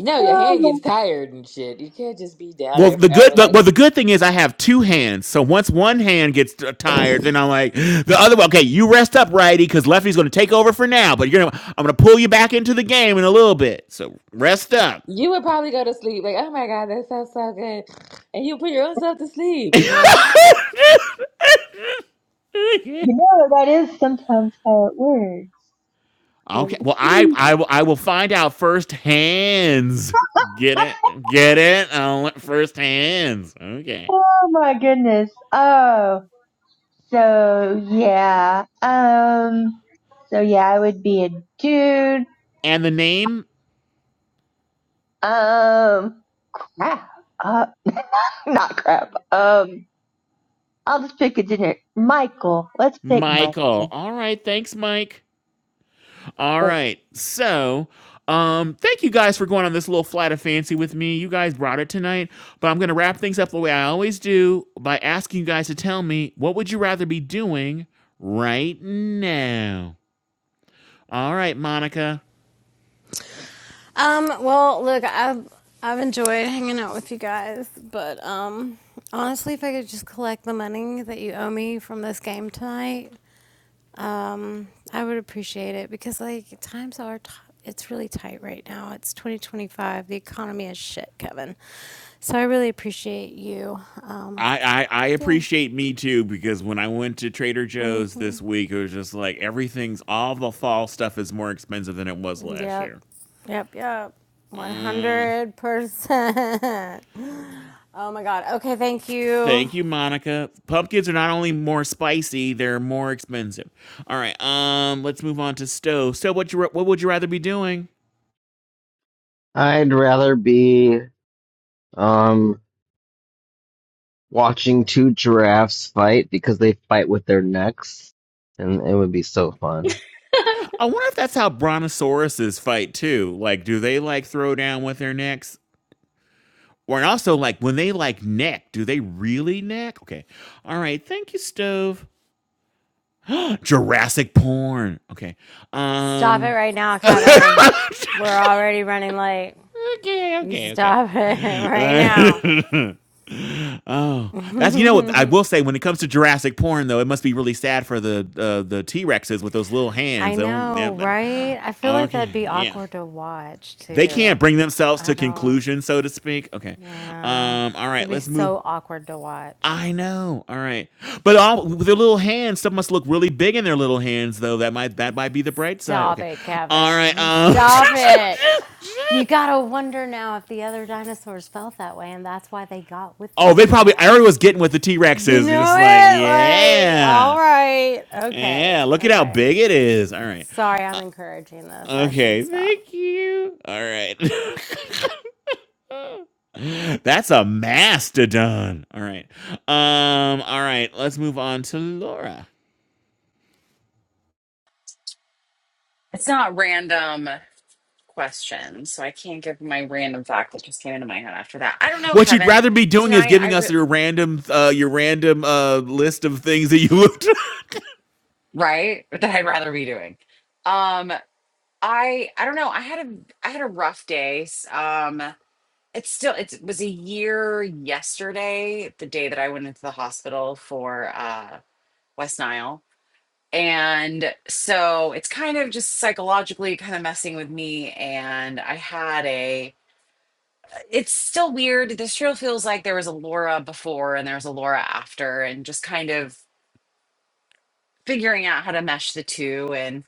know, your hand
Oh,
gets tired and shit. You can't just be down
Well,
there
the good
forever. Like,
well the good thing is I have two hands. So once one hand gets t- tired, then I'm like the other one. Okay, you rest up, righty, because lefty's going to take over for now. But you're gonna I'm going to pull you back into the game in a little bit. So rest up.
you would probably go to sleep. Like, oh my God, that sounds so good. And you put your own self to sleep, you know?
you know, that is sometimes how it works. Go
Okay.
to
Well, I
sleep.
I will I will find out first hands. Get it? Get it? I'll first hands. Okay.
Oh my goodness. Oh, so yeah. Um, so yeah, I would be a dude.
And the name
Um, crap. Uh, not crap. Um, I'll just pick a generic. Michael. Let's pick Michael.
Michael. All right. Thanks, Mike. All
The
right. So, um, thank you guys for going on this little flight of fancy with me. You guys brought it tonight, but I'm going to wrap things up the way I always do by asking you guys to tell me what would you rather be doing right now? All right, Monica.
Um, well, look, I've I've enjoyed hanging out with you guys, but um honestly if I could just collect the money that you owe me from this game tonight, Um, I would appreciate it because like times are t- it's really tight right now. It's 2025. The economy is shit, Kevin. So I really appreciate you. Um,
I, I, I
yeah.
appreciate me too because when I went to Trader Joe's this week, it was just like everything's all the fall stuff is more expensive than it was last
Yep.
year.
Yep, yep.
Mm.
100%. Oh my god. Okay, thank
Thank
you.
you, Monica. Pumpkins are not only more spicy, they're more expensive. All right, um, let's move on to Stove. Stowe, what you what would you rather be doing?
I'd rather be um watching two giraffes fight because they fight with their necks and it would be so fun.
I wonder if that's how brontosauruses fight too. Like, do they like throw down with their necks? Or and also like when they like neck, do they really neck? Okay. All right, thank you, Stove. Jurassic porn. Okay.
Stop it
Um
right now, Kevin. We're already running late.
okay,
You
okay, okay.
stop it right now.
Uh, oh, that's you know what I will say when it comes to Jurassic porn though, it must be really sad for the uh, the T Rexes with those little
I
hands. They don't- yeah,
know,
but-
right? I feel like
okay,
that'd be
yeah,
awkward to watch
they can't
too.
bring themselves
I
to
don't,
conclusion, so to speak. Okay,
yeah.
um, all right,
That'd be
let's move.
so awkward to watch.
I know. All right, but all with their little hands, stuff must look really big in their little hands, though. That might that might be the bright side.
Stop
Okay,
it,
all right.
Kevin.
Um,
Stop it. You gotta wonder now if the other dinosaurs felt that way and that's why they got with the
Oh, they
T
probably I already
Rex.
was getting what the T Rex
You
is. They're
know
just like,
it? Like, all
yeah,
right. Okay.
yeah. Look at how
Okay.
big it is. All right.
Sorry, I'm
Uh,
encouraging this. I should
okay.
stop.
Thank you. All right. That's a mastodon. All right. Um. All right. Let's move on to Laura.
It's not random questions, so I can't give my random fact that just came into my head after that. I don't know,
What you'd
Kevin.
rather be doing is
Tonight, I
giving us
re-
your random, uh, your random uh, list of things that you looked
right that I'd rather be doing. Um, I I don't know. I had a I had a rough day. S- Um, it's still it's- it was a year yesterday, the day that I went into the hospital for uh West Nile And so it's kind of just psychologically kind of messing with me. And I had a, it's still weird. This trail feels like there was a Laura before and there was a Laura after, and just kind of figuring out how to mesh the two and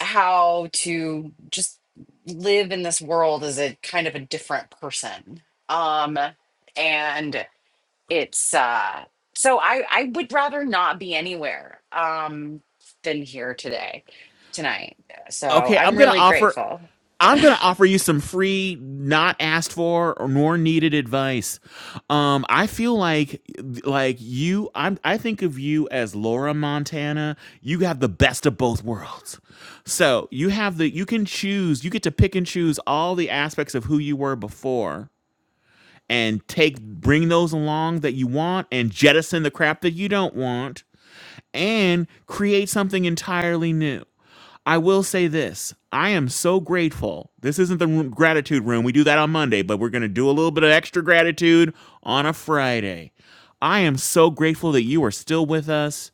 how to just live in this world as a kind of a different person. Um, and it's uh so i i would rather not be anywhere um than here today tonight so
okay, I'm
i'm
gonna
really
offer
grateful
I'm gonna offer you some free, not asked for or nor needed advice. Um, I feel like like you I'm I think of you as Laura Montana. You have the best of both worlds. So you have the you can choose, you get to pick and choose all the aspects of who you were before and take bring those along that you want and jettison the crap that you don't want and create something entirely new. I will say this. I am so grateful. This isn't the room, gratitude room. We do that on Monday, but we're going to do a little bit of extra gratitude on a Friday. I am so grateful that you are still with us.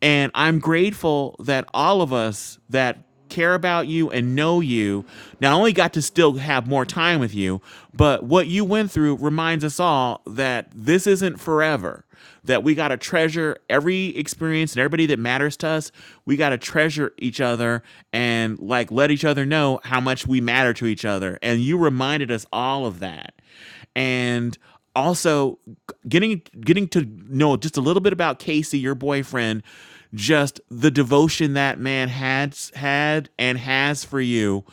And I'm grateful that all of us that care about you and know you not only got to still have more time with you, but what you went through reminds us all that this isn't forever. That we got to treasure every experience and everybody that matters to us. We got to treasure each other and like let each other know how much we matter to each other. And you reminded us all of that. And also getting getting to know just a little bit about Casey, your boyfriend, just the devotion that man had had and has for you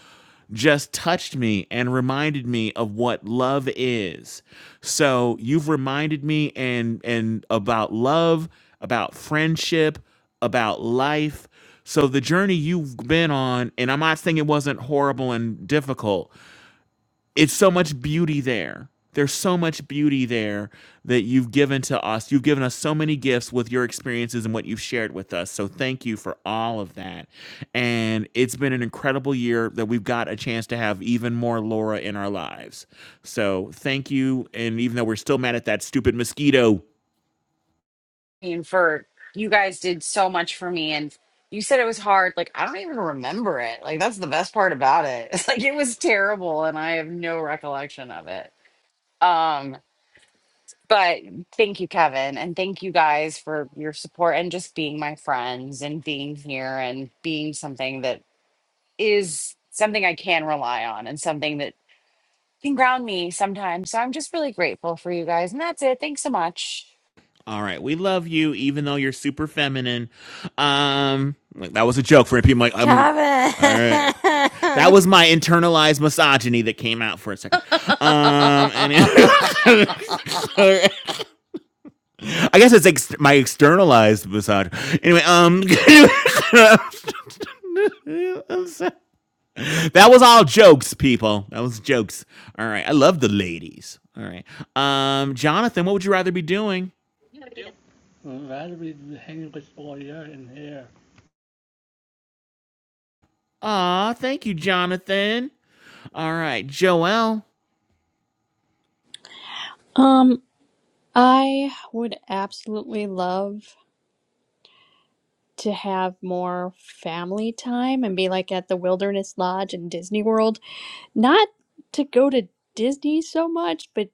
just touched me and reminded me of what love is. So you've reminded me and and about love, about friendship, about life. So the journey you've been on, and I'm not saying it wasn't horrible and difficult, it's so much beauty there. There's so much beauty there that you've given to us. You've given us so many gifts with your experiences and what you've shared with us. So thank you for all of that. And it's been an incredible year that we've got a chance to have even more Laura in our lives. So thank you. And even though we're still mad at that stupid mosquito,
I mean, for you guys did so much for me and you said it was hard like i don't even remember it like that's the best part about it it's like it was terrible and i have no recollection of it um but thank you kevin and thank you guys for your support and just being my friends and being here and being something that is something I can rely on and something that can ground me sometimes. So I'm just really grateful for you guys. And that's it. Thanks so much.
All right, we love you, even though you're super feminine. Um, like, that was a joke for people. Like, I'm
Kevin!
all right. That was my internalized misogyny that came out for a second. Um, and it- I guess it's ex- my externalized misogyny. Anyway, um, that was all jokes, people. That was jokes. All right, I love the ladies. All right, um, Jonathan, what would you rather be doing?
I'd Rather be hanging with all you in here
Aw, thank you, Jonathan. All right, Joelle.
Um, I would absolutely love to have more family time and be like at the Wilderness Lodge in Disney World. Not to go to Disney so much, but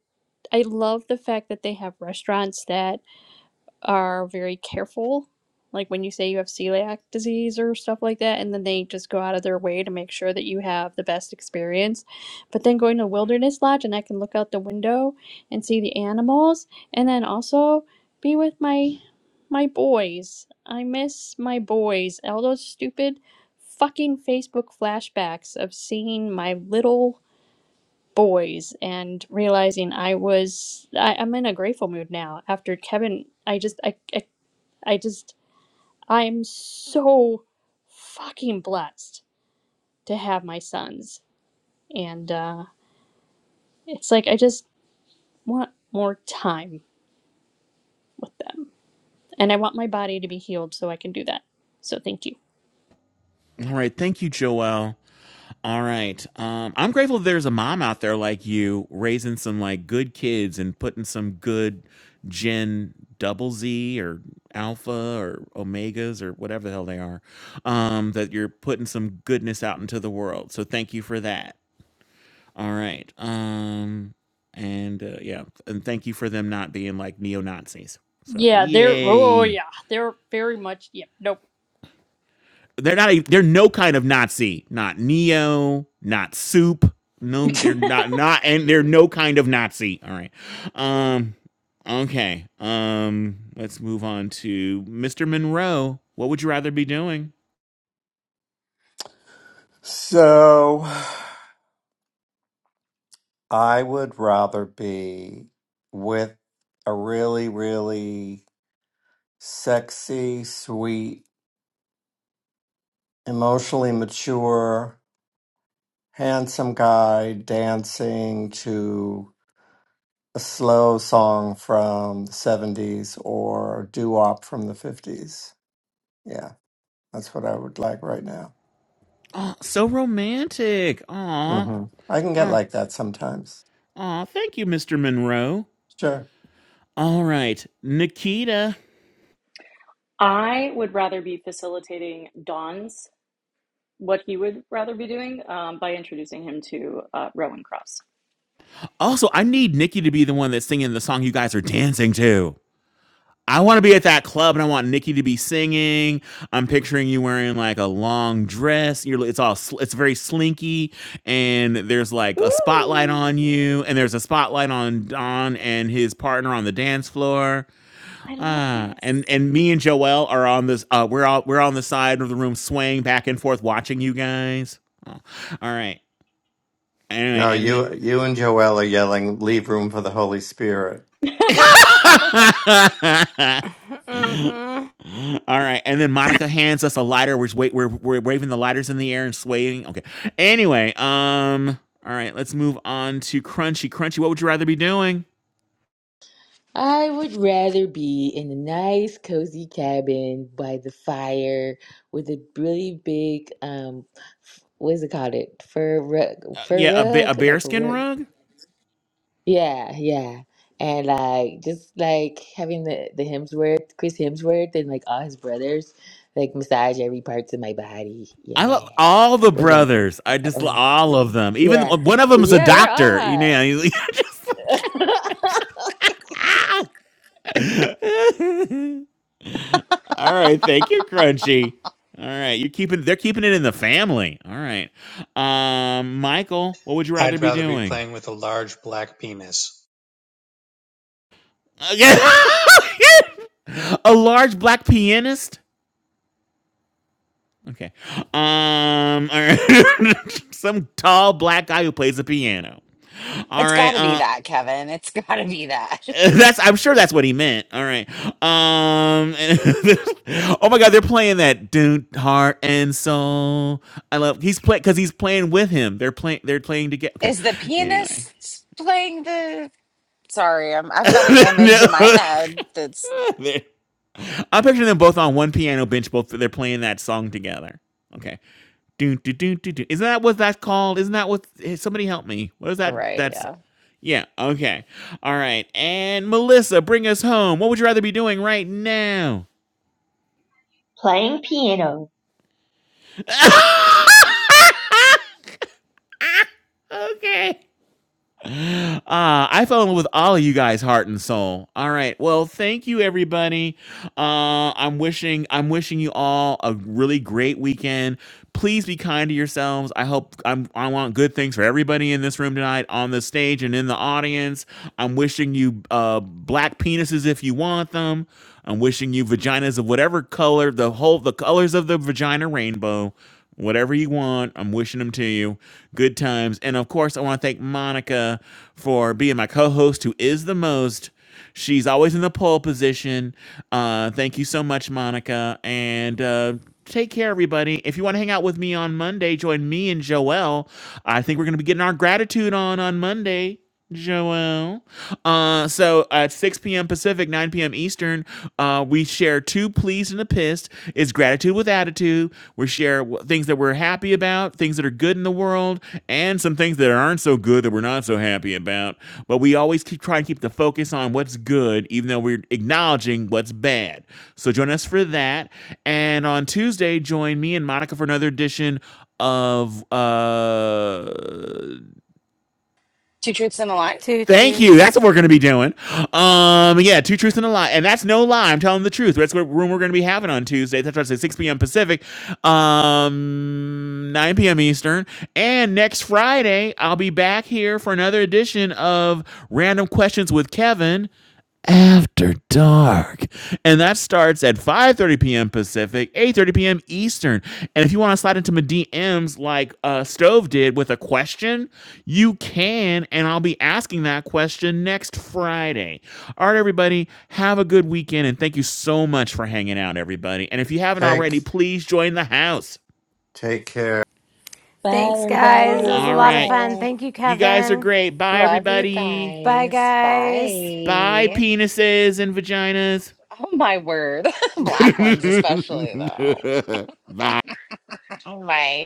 I love the fact that they have restaurants that are very careful. Like when you say you have celiac disease or stuff like that, and then they just go out of their way to make sure that you have the best experience. But then going to Wilderness Lodge and I can look out the window and see the animals, and then also be with my my boys. I miss my boys. All those stupid fucking Facebook flashbacks of seeing my little boys and realizing I was I, I'm in a grateful mood now after Kevin I just I, I I just, I'm so fucking blessed to have my sons. And uh, it's like, I just want more time with them. And I want my body to be healed so I can do that. So thank you.
All right. Thank you, Joelle. All right. Um, I'm grateful that there's a mom out there like you raising some like good kids and putting some good gen double Z or alpha or omegas or whatever the hell they are. Um, that you're putting some goodness out into the world. So thank you for that. All right. Um, and uh, yeah, and thank you for them not being like neo Nazis. So
Yeah, they're, oh
yay.
yeah, they're very much, yeah, nope.
They're not. A, they're no kind of Nazi. Not Neo. Not Soup. No, they're not. Not and they're no kind of Nazi. All right. Um. Okay. Um. Let's move on to Mr. Monroe. What would you rather be doing?
So I would rather be with a really, really sexy, sweet, emotionally mature, handsome guy dancing to a slow song from the 70s or doo wop from the 50s. Yeah, that's what I would like right now.
Oh, so romantic. Aw.
hmm I can get
Aw,
like that sometimes.
aw, thank you, Mr. Monroe.
Sure.
All right, Nikita.
I would rather be facilitating Don's what he would rather be doing um, by introducing him to uh, Rowan Cross.
Also, I need Nikki to be the one that's singing the song you guys are dancing to. I want to be at that club and I want Nikki to be singing. I'm picturing you wearing like a long dress. You're it's all sl- it's very slinky and there's like a spotlight
Ooh,
on you and there's a spotlight on Don and his partner on the dance floor.
I love
Ah,
this.
and and me and Joel are on this uh we're all we're on the side of the room swaying back and forth watching you guys. Oh, all right. Anyway,
No,
and
you you and Joelle are yelling, leave room for the Holy Spirit.
I
th-
Mm-mm.
All right, and then Monica hands us a lighter. We're, wait, we're we're waving the lighters in the air and swaying. Okay. Anyway, um, all right, let's move on to Crunchy. Crunchy, what would you rather be doing?
I would rather be in a nice, cozy cabin by the fire with a really big, um, what is it called? It fur rug,
Uh,
fur
yeah, a ba- a
rug, like a
bearskin
rug.
rug.
Yeah, yeah. And like just like having the the Hemsworth, Chris Hemsworth and like all his brothers like massage every parts of my body.
I love
Yeah.
all the
With like
brothers. I
the
just love
oil.
all of them. Even
Yeah.
one of them is a
Yeah, they're all
doctor. You
hot.
know. He's like, ah! all right, thank you, Crunchy. All right, you're keeping. They're keeping it in the family. All right, um, Michael, what would you rather
I'd
be
rather be
doing?
playing with a large black penis.
Okay. a large black pianist. Okay. Um. All right. Some tall black guy who plays the piano. All
It's got
right.
to be
Uh.
that, Kevin. It's got to be that.
That's. I'm sure that's what he meant. All right. Um. oh my God, they're playing that "Dude, Heart and Soul." I love. He's playing because he's playing with him. They're playing. They're playing together. Okay.
Is the
Anyway.
pianist playing the? Sorry, I'm. I've got an image
no.
in my head that's
I'm picturing them both on one piano bench. Both they're playing that song together. Okay. Do do do do do. Isn't that what that's called? Isn't that what? eh, Somebody help me. What is that?
right.
That's
Yeah,
yeah. Okay. All right. And Melissa, bring us home. What would you rather be doing right now?
Playing piano.
okay. Uh, I fell in love with all of you guys, heart and soul. All right. Well, thank you, everybody. Uh, I'm wishing I'm wishing you all a really great weekend. Please be kind to yourselves. I hope I'm I want good things for everybody in this room tonight, on the stage and in the audience. I'm wishing you uh, black penises if you want them. I'm wishing you vaginas of whatever color, the whole the colors of the vagina rainbow. Whatever you want, I'm wishing them to you. Good times. And of course, I want to thank Monica for being my co host, who is the most. She's always in the pole position. Uh, thank you so much, Monica. And uh, take care, everybody. If you want to hang out with me on Monday, join me and Joelle. I think we're going to be getting our gratitude on on Monday. Joel. Uh, so at 6 p.m. Pacific, 9 p.m. Eastern, uh, we share two pleased and a pissed. It's gratitude with attitude. We share w- things that we're happy about, things that are good in the world, and some things that aren't so good that we're not so happy about. But we always keep try to keep the focus on what's good, even though we're acknowledging what's bad. So join us for that. And on Tuesday, join me and Monica for another edition of uh
two truths and a lie.
Thank you. That's
Toochers.
what we're going to be doing. Um, yeah, two truths and a lie, and that's no lie. I'm telling the truth. That's what room we're going to be having on Tuesday. That's what I said, 6 p.m. Pacific, um, 9 p.m. Eastern, and next Friday I'll be back here for another edition of Random Questions with Kevin. After Dark. And that starts at 5:30 p.m. Pacific, 8:30 p.m. Eastern. And if you want to slide into my DMs like uh, Stove did with a question, you can. And I'll be asking that question next Friday. All right, everybody, have a good weekend. And thank you so much for hanging out, everybody. And if you haven't
Take
already, please join the house.
take care.
Bye
Thanks, guys. It
everybody.
was a
All
love
Bye
lot of
right.
fun.
guys.
Thank you,
You guys are
Kevin.
great. Bye,
Love you
everybody.
Bye,
guys.
guys.
Bye,
Bye.
penises and vaginas.
Oh my word, black ones especially though.
Bye.
Oh my.